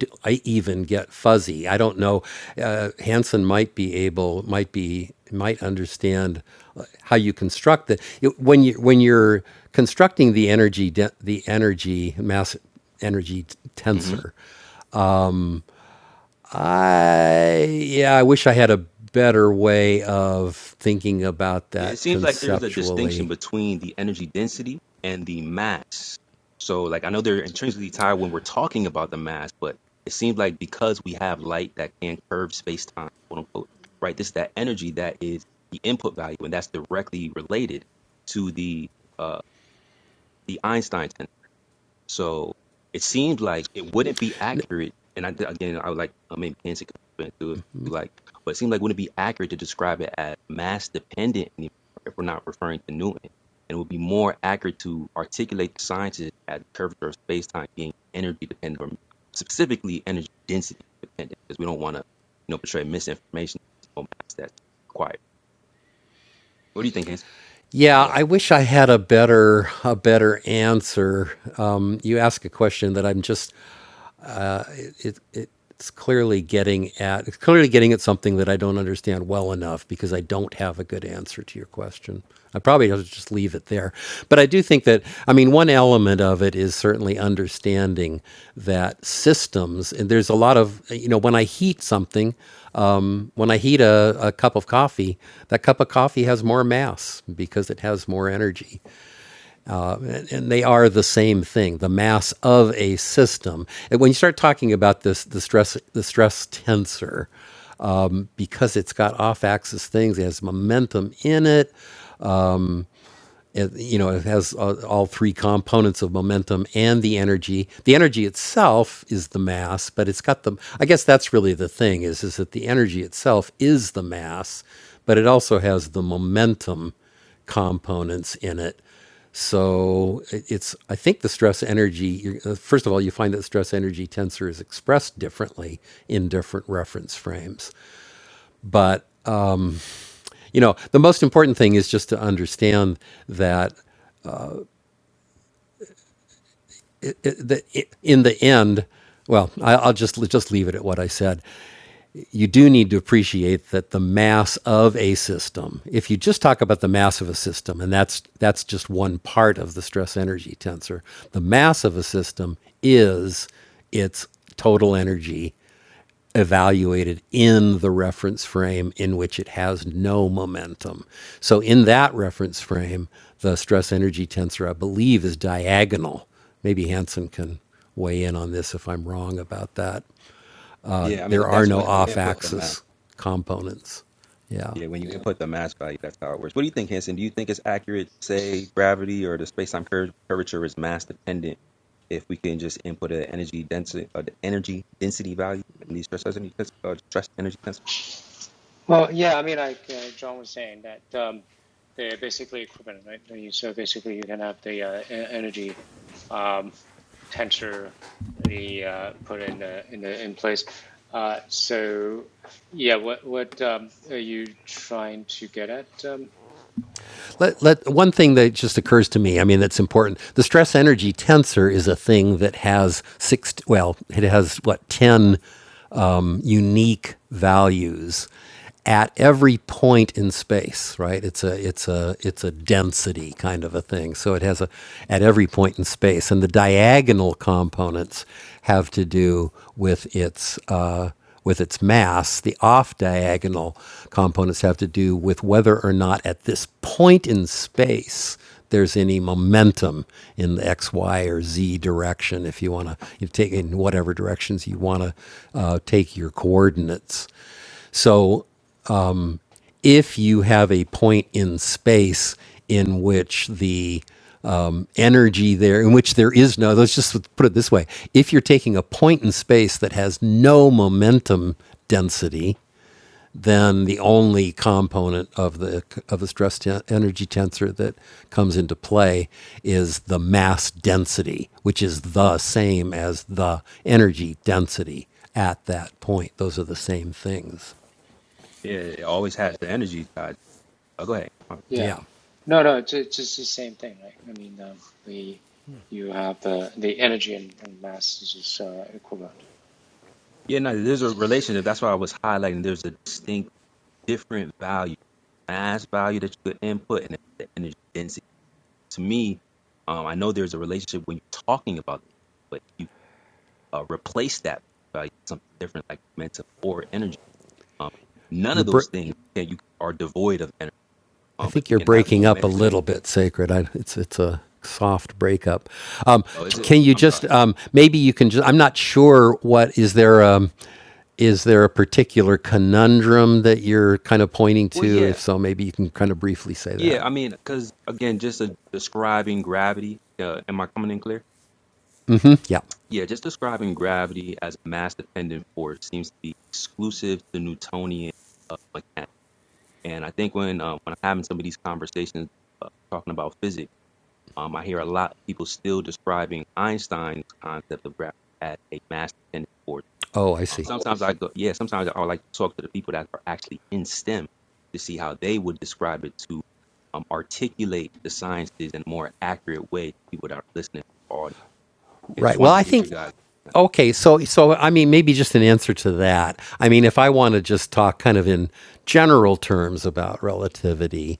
Speaker 1: even get fuzzy. I don't know. Uh, Hansen might be able, might be, might understand uh, how you construct the it- when you when you're constructing the energy de- the energy mass energy t-
Speaker 13: in. Mm-hmm.
Speaker 1: tensor. I yeah, I wish I had a better way of thinking about
Speaker 13: Yeah, It
Speaker 1: that
Speaker 13: seems like there's a distinction
Speaker 1: conceptually.
Speaker 13: between the energy density and the mass. So, like, I know they're intrinsically tied when we're talking about the mass, but it seems like because we have light that can curve space time, quote unquote, right? This is that energy that is the input value, and that's directly related to the uh, the Einstein tension. So it seems like it wouldn't be accurate. And I, again, I would like, I mean, Pence can come into it if you like, but it seems like it wouldn't be accurate to describe it as mass dependent anymore if we're not referring to Newton. And it would be more accurate to articulate the sciences as the curvature of space time being energy dependent, or specifically energy density dependent, because we don't want to, you know, portray misinformation. on mass That's required. What do you think, Hans?
Speaker 1: Yeah,
Speaker 13: Go ahead.
Speaker 1: I wish I had a better a better answer. Um, you ask a question that I'm just it, it it it's clearly getting at it's clearly getting at something that I don't understand well enough because I don't have a good answer to your question. I probably ought to just leave it there. But I do think that I mean one element of it is certainly understanding that systems and there's a lot of you know when I heat something um, when I heat a, a cup of coffee, that cup of coffee has more mass because it has more energy and they are the same thing the mass of a system and when you start talking about this the stress the stress tensor because it's got off axis things it has momentum in it you know, it has uh, all three components of momentum and the energy. The energy itself is the mass, but it's got the. I guess that's really the thing is is that the energy itself is the mass, but it also has the momentum components in it. So it- it's, I think the stress energy, you're- uh, first of all, you find that stress energy tensor is expressed differently in different reference frames. But, you know, the most important thing is just to understand that that in the end, well, I'll just just leave it at what I said. You do need to appreciate that the mass of a system. If you just talk about the mass of a system, and that's that's just one part of the stress energy tensor. The mass of a system is its total energy evaluated in the reference frame in which it has no momentum. So in that reference frame, the stress energy tensor, I believe, is diagonal. Maybe Hansen can weigh in on this if I'm wrong about that. Uh,
Speaker 13: Yeah, I mean,
Speaker 1: There are
Speaker 13: that's
Speaker 1: no
Speaker 13: when you
Speaker 1: off
Speaker 13: input the math.
Speaker 1: axis components. Yeah.
Speaker 13: Yeah, when you input the mass value, that's how it works. What do you think, Henson? Do you think it's accurate to say gravity or the space-time cur- curvature is mass dependent if we can just input an energy density, uh, the energy density value in these stress energy test, uh, stress energy tensors?
Speaker 11: Well, yeah, I mean, like uh, John was saying that um, they're basically equivalent, right? I mean, So basically, you can have the uh, e- energy. Um, tensor the uh, put in the in the in place. Uh, so yeah, what what um, are you trying to get at? Um,
Speaker 1: Let, let one thing that just occurs to me. I mean, that's important. The stress energy tensor is a thing that has six. Well, it has what ten um, unique values at every point in space, right? It's a it's a it's a density kind of a thing. So it has a at every point in space, and the diagonal components have to do with its uh, with its mass. The off diagonal components have to do with whether or not at this point in space there's any momentum in the X, Y, or Z direction. If you want to you take in whatever directions you want to uh, take your coordinates. So if you have a point in space in which the um, energy there, in which there is no, let's just put it this way if you're taking a point in space that has no momentum density, then the only component of the of a stress ten- energy tensor that comes into play is the mass density, which is the same as the energy density at that point. Those are the same things.
Speaker 13: Yeah, it always has the energy side. Oh, go ahead.
Speaker 11: yeah,
Speaker 1: Yeah,
Speaker 11: no, no, it's, it's just the same thing, right? I mean, um, the you have the the energy and, and mass is just uh, equivalent.
Speaker 13: Yeah, no, there's a relationship. That's why I was highlighting. There's a distinct, different value, mass value that you could input, and the energy density. To me, um, I know there's a relationship when you're talking about, but you. uh, replace that by something different like momentum or energy. Um, none
Speaker 1: your
Speaker 13: of
Speaker 1: br-
Speaker 13: those things can you are devoid of energy,
Speaker 1: I
Speaker 13: um, but
Speaker 1: think
Speaker 13: you
Speaker 1: you're
Speaker 13: can have
Speaker 1: breaking up a
Speaker 13: momentum.
Speaker 1: little bit, Sacred. I, it's it's a soft breakup. Um,
Speaker 13: Oh,
Speaker 1: t-
Speaker 13: is it?
Speaker 1: can you
Speaker 13: I'm
Speaker 1: just
Speaker 13: sorry.
Speaker 1: um, maybe you can just? I'm not sure what is there. Um, is there a particular conundrum that you're kind of pointing
Speaker 13: Well,
Speaker 1: to?
Speaker 13: yeah,
Speaker 1: If so, maybe you can kind of briefly say that.
Speaker 13: yeah. I mean, because again, just uh describing gravity. Uh, am I coming in clear?
Speaker 1: Mhm. Yeah.
Speaker 13: Yeah, just describing gravity as a mass-dependent force seems to be exclusive to Newtonian uh, mechanics. And I think when uh, when I'm having some of these conversations uh, talking about physics Um, I hear a lot of people still describing Einstein's concept of gravity as a mass dependent force.
Speaker 1: Oh, I
Speaker 13: Um,
Speaker 1: see.
Speaker 13: sometimes I go, yeah, sometimes I like to talk to the people that are actually in STEM to see how they would describe it to um, articulate the sciences in a more accurate way to people that are listening. Or, yeah,
Speaker 1: Right.
Speaker 13: just
Speaker 1: Well,
Speaker 13: want to
Speaker 1: I
Speaker 13: get you
Speaker 1: think
Speaker 13: guys.
Speaker 1: okay. So so I mean, maybe just an answer to that. I mean, if I want to just talk kind of in general terms about relativity,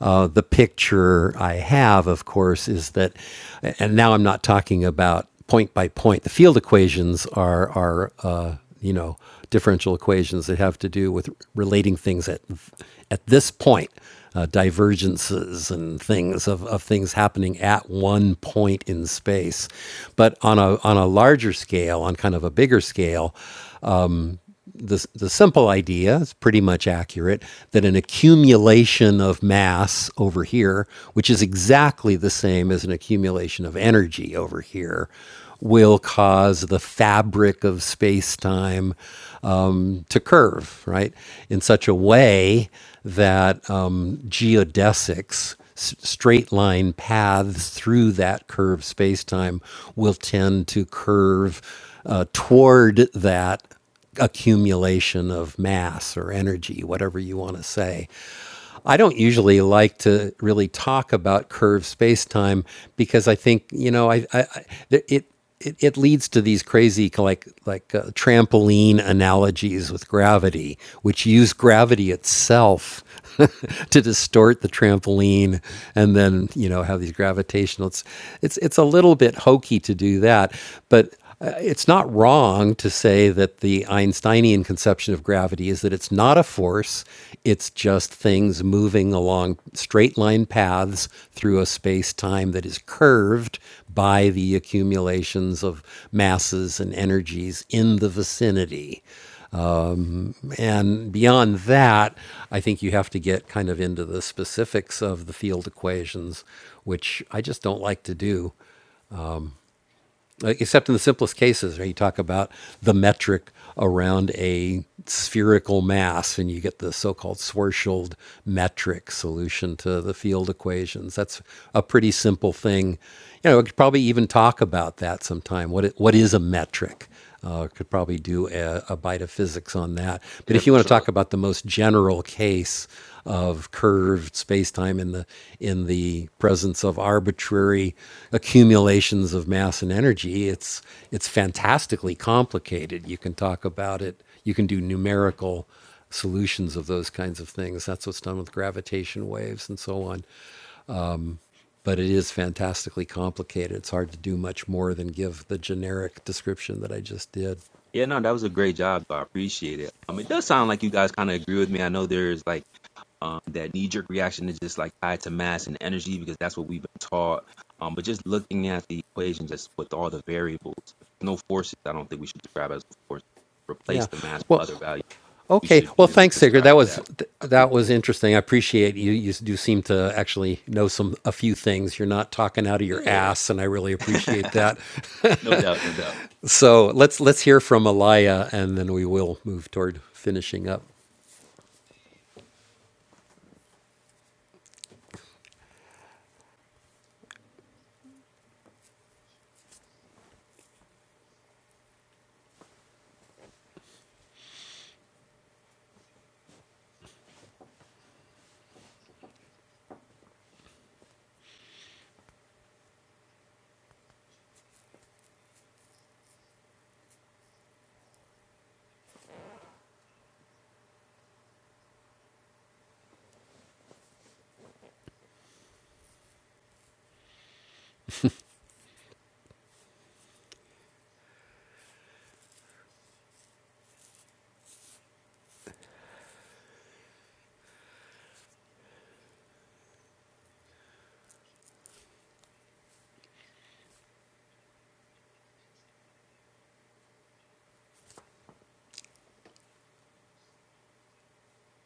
Speaker 1: uh, the picture I have, of course, is that, and now I'm not talking about point by point. The field equations are are uh, you know, differential equations that have to do with relating things at at this point, uh, divergences and things of, of things happening at one point in space. But on a on a larger scale, on kind of a bigger scale, the, the simple idea is pretty much accurate that an accumulation of mass over here, which is exactly the same as an accumulation of energy over here, will cause the fabric of space time um, to curve, right? In such a way that um, geodesics, s- straight line paths through that curved space time, will tend to curve uh, toward that accumulation of mass or energy, whatever you want to say. I don't usually like to really talk about curved space-time because I think you know I, I, I it. It, it leads to these crazy like like uh, trampoline analogies with gravity, which use gravity itself to distort the trampoline, and then you know have these gravitational. It's it's it's a little bit hokey to do that, but uh, it's not wrong to say that the Einsteinian conception of gravity is that it's not a force, it's just things moving along straight line paths through a space time that is curved by the accumulations of masses and energies in the vicinity. And beyond that, I think you have to get kind of into the specifics of the field equations, which I just don't like to do. except in the simplest cases where you talk about the metric around a spherical mass and you get the so-called Schwarzschild metric solution to the field equations. That's a pretty simple thing. You know, we could probably even talk about that sometime. What it, what is a metric? Uh, could probably do a, a bite of physics on that. But
Speaker 13: Yeah,
Speaker 1: if you
Speaker 13: for
Speaker 1: want to
Speaker 13: sure.
Speaker 1: talk about the most general case of curved spacetime in the in the presence of arbitrary accumulations of mass and energy, it's it's fantastically complicated. You can talk about it. You can do numerical solutions of those kinds of things. That's what's done with gravitation waves and so on. But it is fantastically complicated. It's hard to do much more than give the generic description that I just did.
Speaker 13: Yeah, no, that was a great job. though. I appreciate it. Um, it does sound like you guys kind of agree with me. I know there's like um, that knee jerk reaction is just like tied to mass and energy because that's what we've been taught. Um, but just looking at the equations, just with all the variables, no forces, I don't think we should describe as force.
Speaker 1: Yeah.
Speaker 13: Replace the mass
Speaker 1: Well,
Speaker 13: with other values. We
Speaker 1: okay.
Speaker 13: should
Speaker 1: Well,
Speaker 13: be able to
Speaker 1: thanks, Sigrid.
Speaker 13: describe
Speaker 1: That was
Speaker 13: that.
Speaker 1: th-
Speaker 13: I
Speaker 1: that was interesting. I appreciate you. You do seem to actually know some a few things. You're not talking out of your
Speaker 13: appreciate it.
Speaker 1: ass, and I really appreciate
Speaker 13: Yeah.
Speaker 1: that.
Speaker 13: no doubt, no doubt.
Speaker 1: So let's let's hear from Alaya, and then we will move toward finishing up.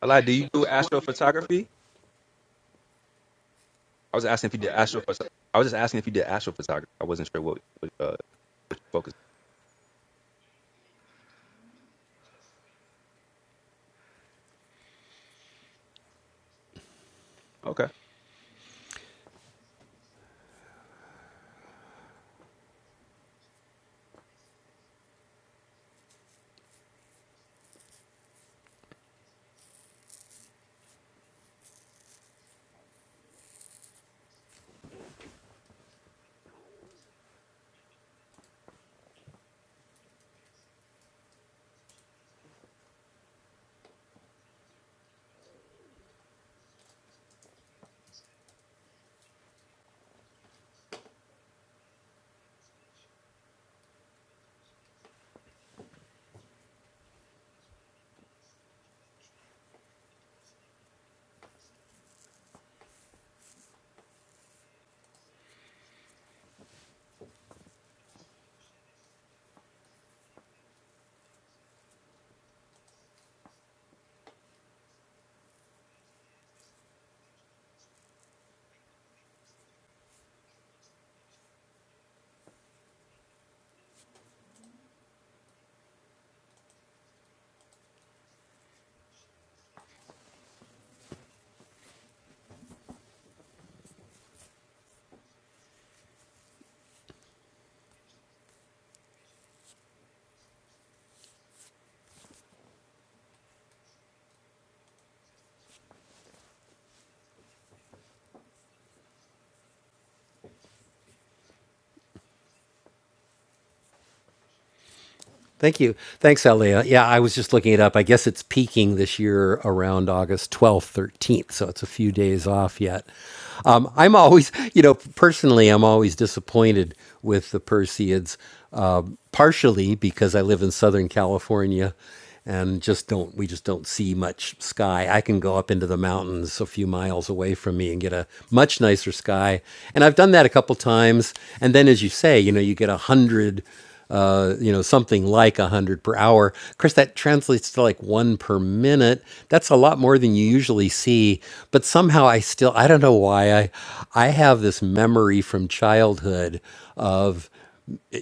Speaker 13: Allah, do you do astrophotography? I was asking if you did astrophotography. I was just asking if you did astrophotography. I wasn't sure what, what uh, what you focused Okay.
Speaker 1: Thank you. Thanks, Alia. Yeah, I was just looking it up. I guess it's peaking this year around August 12th, 13th. So it's a few days off yet. Um, I'm always, you know, personally, I'm always disappointed with the Perseids, uh, partially because I live in Southern California and just don't we just don't see much sky. I can go up into the mountains a few miles away from me and get a much nicer sky. And I've done that a couple times. And then, as you say, you know, you get a hundred, uh, you know, something like a hundred per hour. Of course, that translates to like one per minute. That's a lot more than you usually see. But somehow, I still I don't know why I I have this memory from childhood of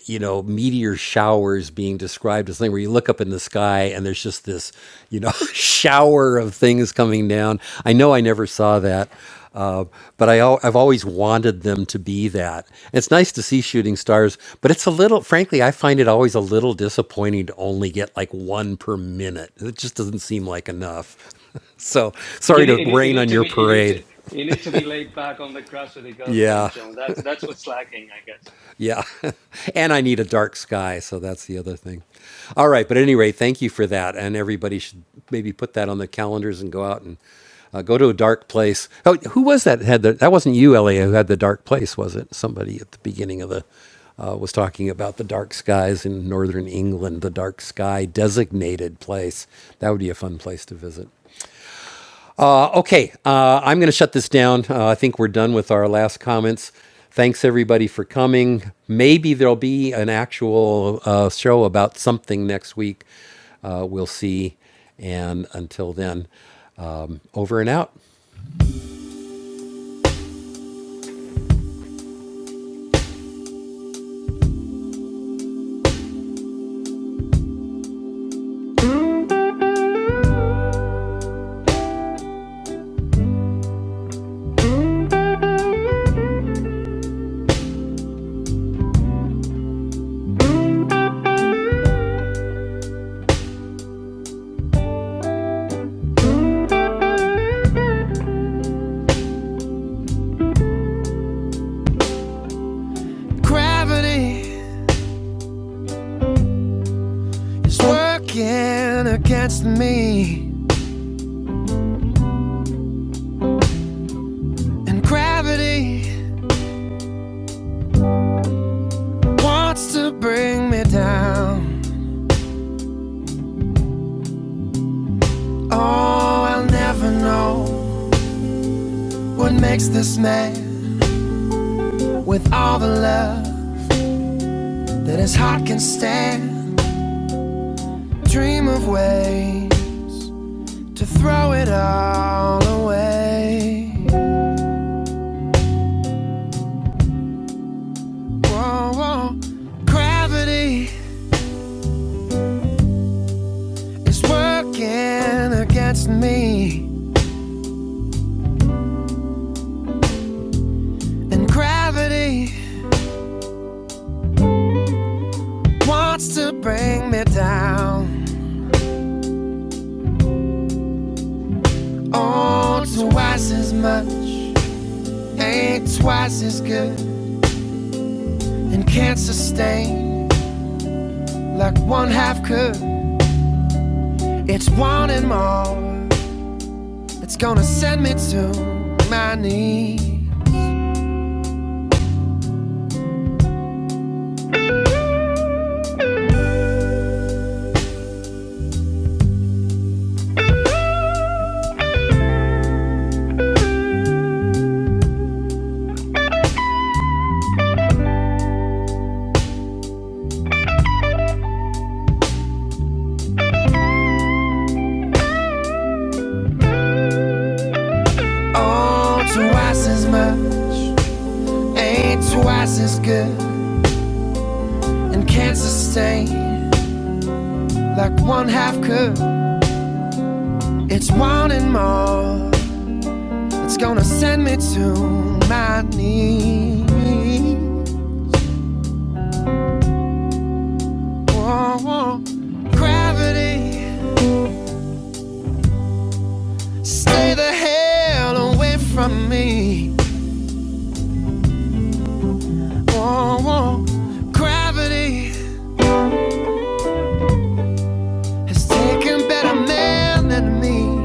Speaker 1: you know meteor showers being described as thing where you look up in the sky and there's just this you know shower of things coming down i know i never saw that uh, but I, al- i've always wanted them to be that And it's nice to see shooting stars but it's a little frankly i find it always a little disappointing to only get like one per minute it just doesn't seem like enough so
Speaker 12: You
Speaker 1: sorry to
Speaker 12: need, you need, you
Speaker 1: rain
Speaker 12: need
Speaker 1: on
Speaker 12: to
Speaker 1: your
Speaker 12: be you need
Speaker 1: parade
Speaker 12: to you need to be laid back on the grass with the girlfriend,
Speaker 1: yeah
Speaker 12: John. That's that's what's lacking, I guess.
Speaker 1: Yeah. and I need a dark sky, so that's the other thing. All right, but anyway, thank you for that. And everybody should maybe put that on their calendars and go out and uh, go to a dark place. Oh, who was that? Had the, that wasn't you, Elliot, who had the dark place, was it? Somebody at the beginning of the uh, was talking about the dark skies in northern England, the dark sky designated place. That would be a fun place to visit. Uh, okay, uh, I'm going to shut this down. Uh, I think we're done with our last comments. Thanks everybody for coming. Maybe there'll be an actual uh, show about something next week. Uh, we'll see. And until then, um, over and out. Gravity is working against me, and gravity wants to bring me down. Oh, I'll never know what makes this man with all the love that his heart can stand. Dream of way to throw it all away. Whoa, whoa. Gravity is working against me, and gravity wants to bring me down. Oh, twice as much ain't twice as good, and can't sustain like one half could. It's wanting more. It's gonna send me to my knees. Oh, twice as much ain't twice as good and can't sustain like one half could. It's wanting more. It's gonna send me to my knees. Whoa, whoa. Gravity, stay the hell away from me. Whoa, whoa. Gravity has taken better men than me.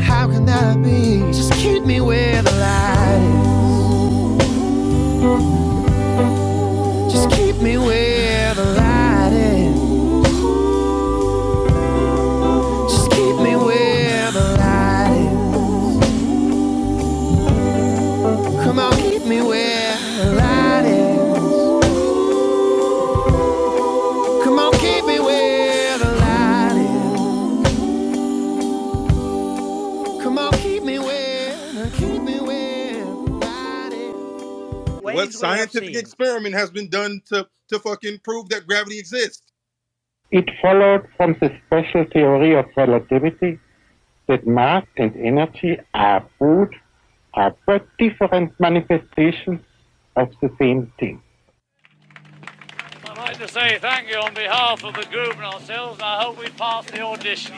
Speaker 1: How can that be? Just keep me where the light is. Just keep me where the light is. Just keep me where the light is. Come on, keep me where the light is. Come on, keep me where the light is. Come on, keep me where, keep me where the light is. It followed from the special theory of relativity that mass and energy are both are but different manifestations of the same thing. I'd like to say thank you on behalf of the group and ourselves, and I hope we pass the audition.